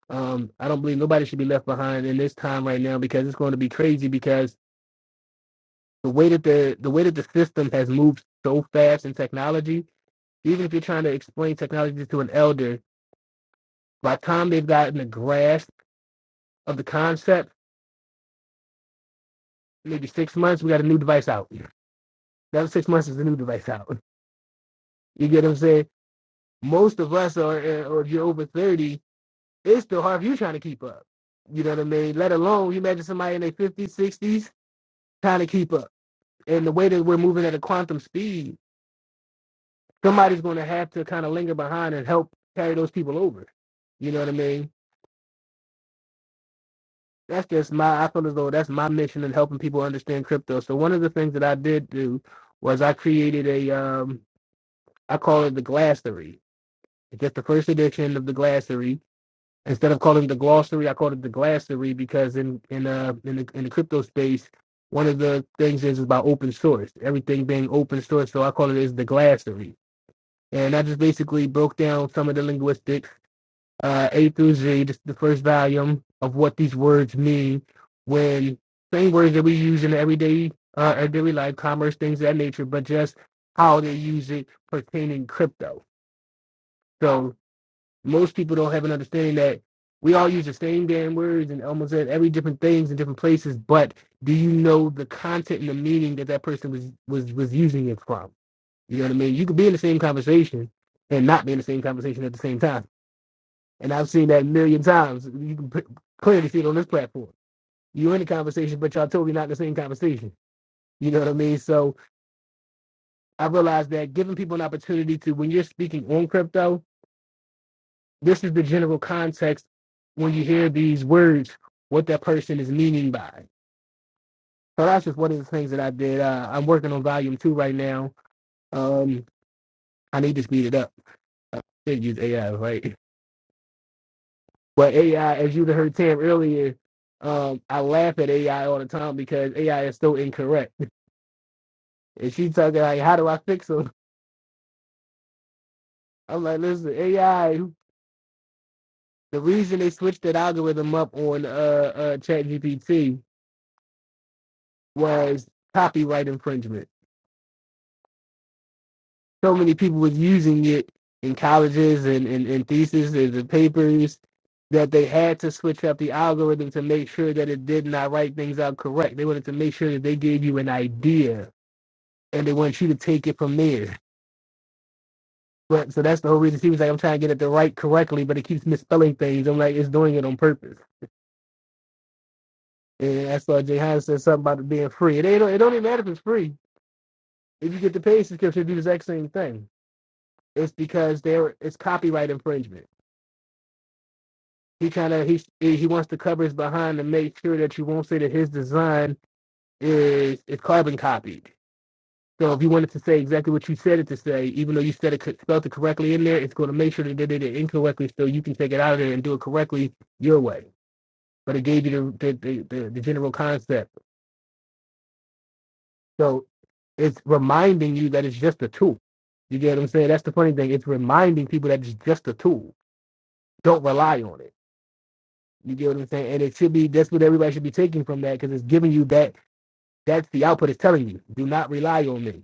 Um, I don't believe nobody should be left behind in this time right now because it's going to be crazy because the way that the the way that the system has moved so fast in technology even if you're trying to explain technology to an elder, by the time they've gotten a grasp of the concept, maybe six months, we got a new device out. That six months is a new device out. You get what I'm saying? Most of us are, uh, or if you're over 30, it's still hard for you trying to keep up. You know what I mean? Let alone, you imagine somebody in their 50s, 60s trying to keep up. And the way that we're moving at a quantum speed, somebody's going to have to kind of linger behind and help carry those people over. You know what I mean? that's just my I feel as though that's my mission in helping people understand crypto. So one of the things that I did do was I created a um I call it the glossary. It's just the first edition of the glossary. Instead of calling it the glossary, I called it the glossary because in in uh in the in the crypto space, one of the things is about open source. Everything being open source, so I call it is the glossary. And I just basically broke down some of the linguistics uh, A through Z, the, the first volume of what these words mean when same words that we use in everyday uh, our daily life, commerce, things of that nature, but just how they use it pertaining crypto. So most people don't have an understanding that we all use the same damn words and almost every different things in different places, but do you know the content and the meaning that that person was was was using it from? You know what I mean? You could be in the same conversation and not be in the same conversation at the same time. And I've seen that a million times. You can p- clearly see it on this platform. You're in a conversation, but y'all totally not in the same conversation. You know what I mean? So I realized that giving people an opportunity to, when you're speaking on crypto, this is the general context when you hear these words, what that person is meaning by. it. So that's just one of the things that I did. Uh, I'm working on volume two right now. Um, I need to speed it up. Can't use AI, right? But AI, as you heard Tam earlier, um, I laugh at AI all the time because AI is so incorrect And she talking like, how do I fix them? I'm like, listen, AI. The reason they switched that algorithm up on uh, uh ChatGPT was copyright infringement. So many people was using it in colleges and and, and theses and, and papers that they had to switch up the algorithm to make sure that it did not write things out correct. They wanted to make sure that they gave you an idea and they want you to take it from there. But so that's the whole reason she was like, I'm trying to get it to write correctly, but it keeps misspelling things. I'm like, it's doing it on purpose. And that's why Jay Hines said something about it being free. It ain't it don't even matter if it's free. If you get the paid subscription, do the exact same thing. It's because there it's copyright infringement. He kind of he he wants to cover his behind to make sure that you won't say that his design is is carbon copied. So if you wanted to say exactly what you said it to say, even though you said it co- spelled it correctly in there, it's going to make sure that they did it incorrectly, so you can take it out of there and do it correctly your way. But it gave you the the the, the, the general concept So it's reminding you that it's just a tool. You get what I'm saying? That's the funny thing. It's reminding people that it's just a tool. Don't rely on it. You get what I'm saying? And it should be that's what everybody should be taking from that because it's giving you that. That's the output. It's telling you, do not rely on me.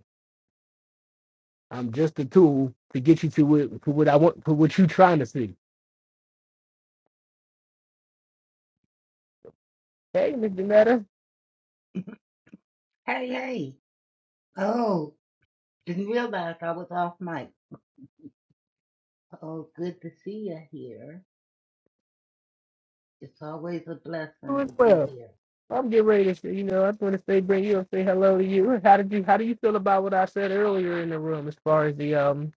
I'm just a tool to get you to what, to what I want, to what you are trying to see. Hey, Mr. Meta, Hey, hey. Oh, didn't realize I was off mic. Oh, good to see you here. It's always a blessing doing to be well. here. I'm getting ready to, you know, I just want to say, bring you and say hello to you. How did you, how do you feel about what I said earlier in the room as far as the um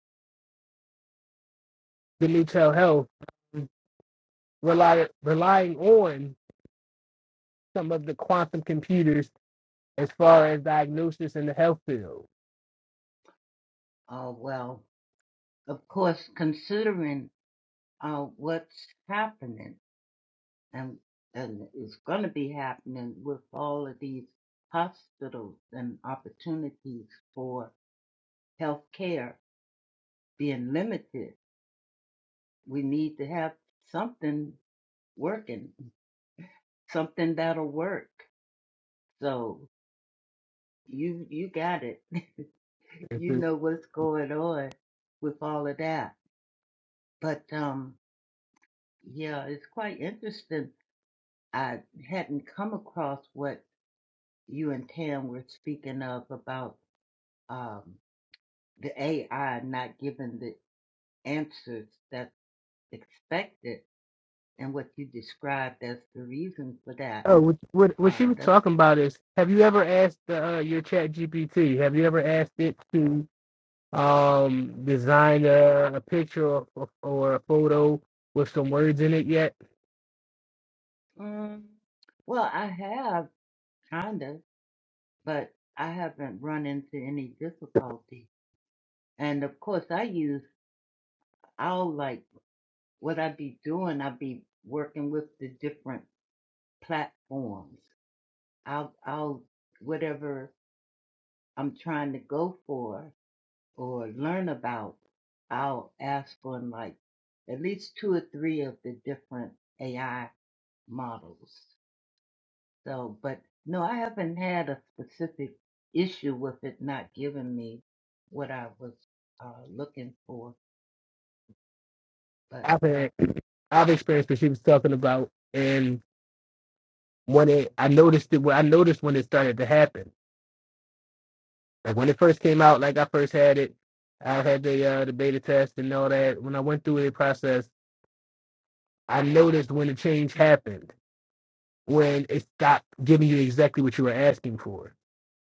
the new health? rely, relying on some of the quantum computers as far as diagnosis in the health field. Oh, well, of course, considering uh, what's happening and, and is going to be happening with all of these hospitals and opportunities for health care being limited, we need to have something working, something that'll work. So. You you got it. It's you know what's going on with all of that. But um yeah, it's quite interesting. I hadn't come across what you and Tam were speaking of about um the AI not giving the answers that's expected and what you described as the reason for that. oh, what, what, what she Uh was that's talking about is: Have you ever asked uh, your Chat GPT? Have you ever asked it to um, design a, a picture or, or a photo with some words in it yet? um well I have kinda, but I haven't run into any difficulties And of course, I use I'll like what I be doing. I be working with the different platforms. I'll, I'll whatever I'm trying to go for or learn about. I'll ask for like at least two or three of the different AI models. So, but no, I haven't had a specific issue with it not giving me what I was uh, looking for. But I've uh, had, I've experienced what she was talking about, and when it, I noticed it. I noticed when it started to happen Like when it first came out, like I first had it, I had the uh, the beta test and all that. When I went through the process, I noticed when the change happened, when it stopped giving you exactly what you were asking for.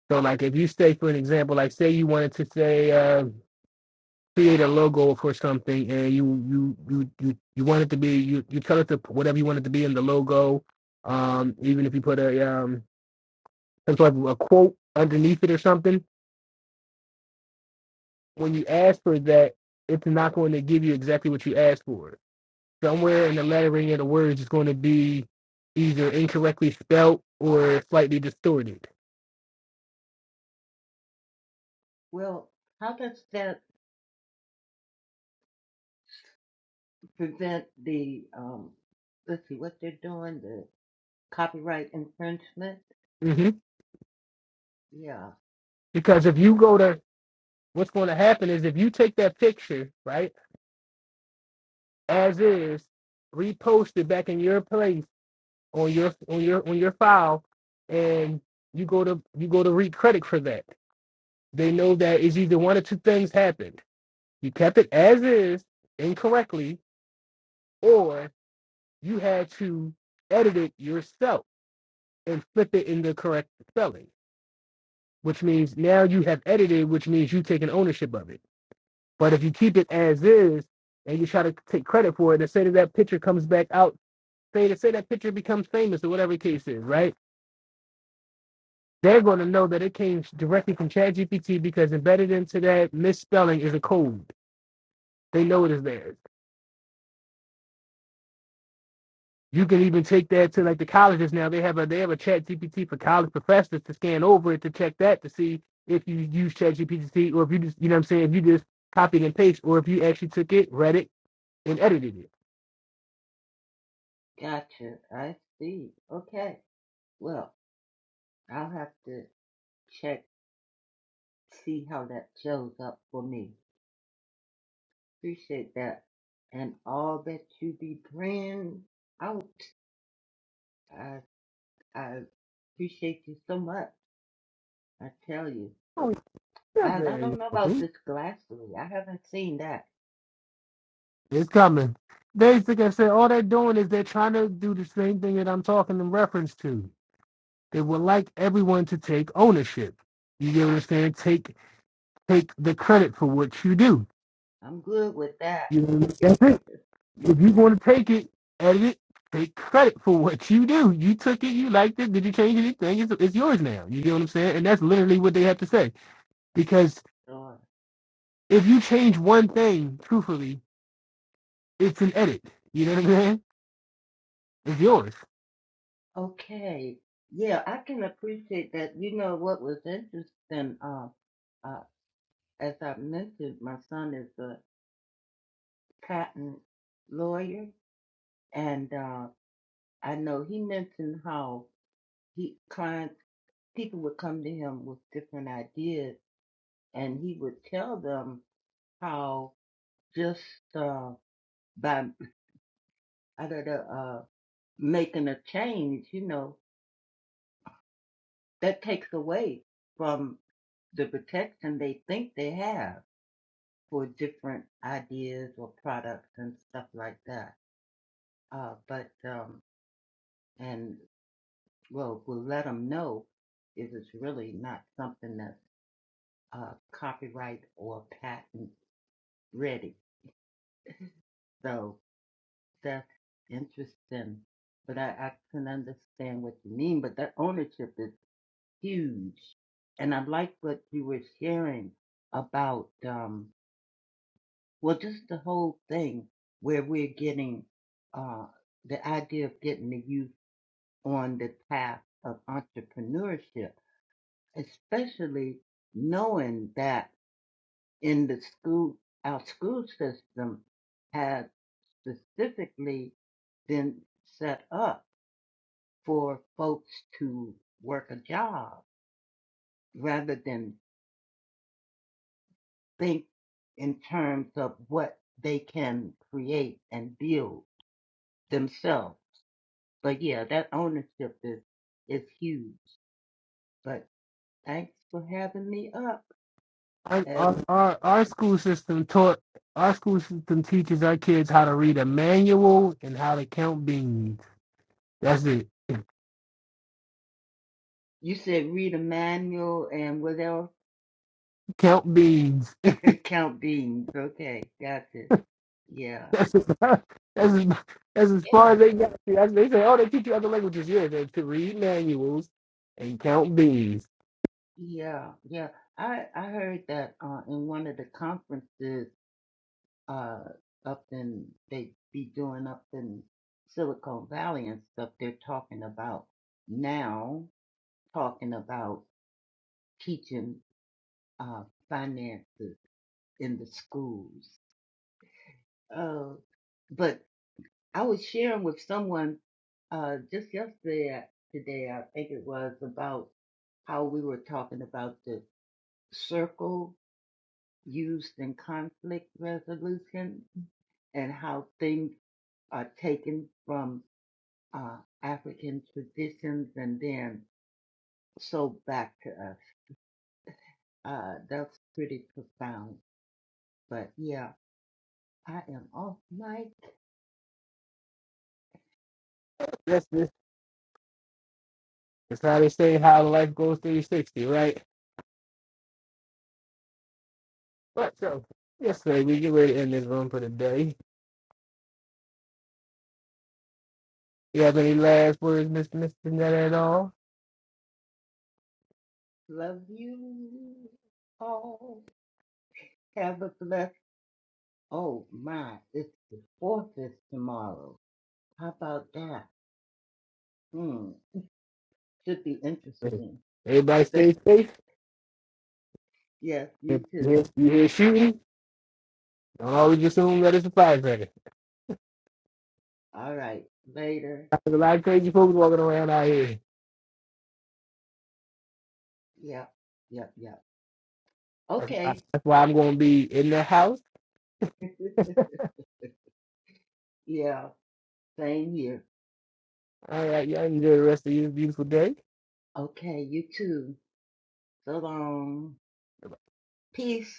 So like if you say, for an example, like say you wanted to say uh, create a logo for something, and you you you you you want it to be you you tell it to whatever you want it to be in the logo, um even if you put a um some sort of a quote underneath it or something when you ask for that, it's not going to give you exactly what you asked for. Somewhere in the lettering of the words is going to be either incorrectly spelt or slightly distorted. well, how does that? prevent the um let's see what they're doing the copyright infringement hmm yeah Because if you go to, what's going to happen is if you take that picture, right, as is, repost it back in your place on your on your on your file, and you go to you go to read credit for that. They know that is either one or two things happened. You kept it as is incorrectly, or you had to edit it yourself and flip it in the correct spelling, which means now you have edited, which means you've taken ownership of it. But if you keep it as is and you try to take credit for it, and say that that picture comes back out, say to say that picture becomes famous or whatever the case is, right? They're going to know that it came directly from ChatGPT because embedded into that misspelling is a code. They know it is theirs. You can even take that to like the colleges now. They have a they have a chat GPT for college professors to scan over it to check that to see if you use chat GPT or if you just you know what I'm saying, if you just copied and paste or if you actually took it, read it, and edited it. gotcha i see okay well i'll have to check see how that shows up for me appreciate that and all that you be bringing out i i appreciate you so much i tell you Oh, you're i, I very don't know about welcome. this glassly i haven't seen that It's coming. Basically, I said all they're doing is they're trying to do the same thing that I'm talking in reference to. They would like everyone to take ownership. You get what I'm saying? Take take the credit for what you do. i'm good with that You know what I'm saying? If you are going to take it, edit it, take credit for what you do. You took it, you liked it. Did you change anything? It's, it's yours now. You get what I'm saying? And that's literally what they have to say. Because So if you change one thing, truthfully, it's an edit. You know what I'm saying? It's yours. Okay. Yeah, I can appreciate that. You know what was interesting, uh, uh, as I mentioned, my son is a patent lawyer, and uh, I know he mentioned how he clients people would come to him with different ideas, and he would tell them how just uh, by I don't know, uh, making a change, you know, that takes away from the protection they think they have for different ideas or products and stuff like that. Uh, but um, and well, we'll let them know if it's really not something that's uh, copyright or patent ready. So that's interesting. But I, I can understand what you mean. But that ownership is huge, and I like what you were sharing about. Um, Well, just the whole thing where we're getting uh, the idea of getting the youth on the path of entrepreneurship, especially knowing that in the school, our school system has specifically been set up for folks to work a job rather than think in terms of what they can create and build themselves But yeah, that ownership is is huge. But thanks for having me up. As our, our our school system taught, our school system teaches our kids how to read a manual and how to count beans. That's it. you said, read a manual and what else? Count beans. Count beans. Okay, got it. Yeah, That's as, that's as, that's as far yeah, as they got you. That's, they say, oh, they teach you other languages. Yeah, they to read manuals and count bees. yeah, yeah. I I heard that uh, in one of the conferences uh up in they be doing up in Silicon Valley and stuff. They're talking about now talking about teaching uh finances in the schools. Uh, but I was sharing with someone uh, just yesterday, uh, today, I think it was, about how we were talking about the circle used in conflict resolution and how things are taken from uh, African traditions and then sold back to us. Uh, that's pretty profound. But yeah, I am off mic. That's this. That's how they say how life goes 360, right? But so, yes, sir, we get ready to end this room for the day. You have any last words, Mr. Mr. Net at all? Love you all. Have a blessed. Oh my, it's the fourth is tomorrow. How about that? Hmm, should be interesting. Everybody Spe- stay safe. yes, you If you too. hear, you hear shooting, don't always assume that it's a firecracker. All right, later. There's a lot of crazy folks walking around out here. Yep, yep, yep. That's, I, Okay. that's why I'm going to be in the house. yeah, same here. All right, y'all enjoy the rest of your beautiful day. Okay, you too. So long. Peace.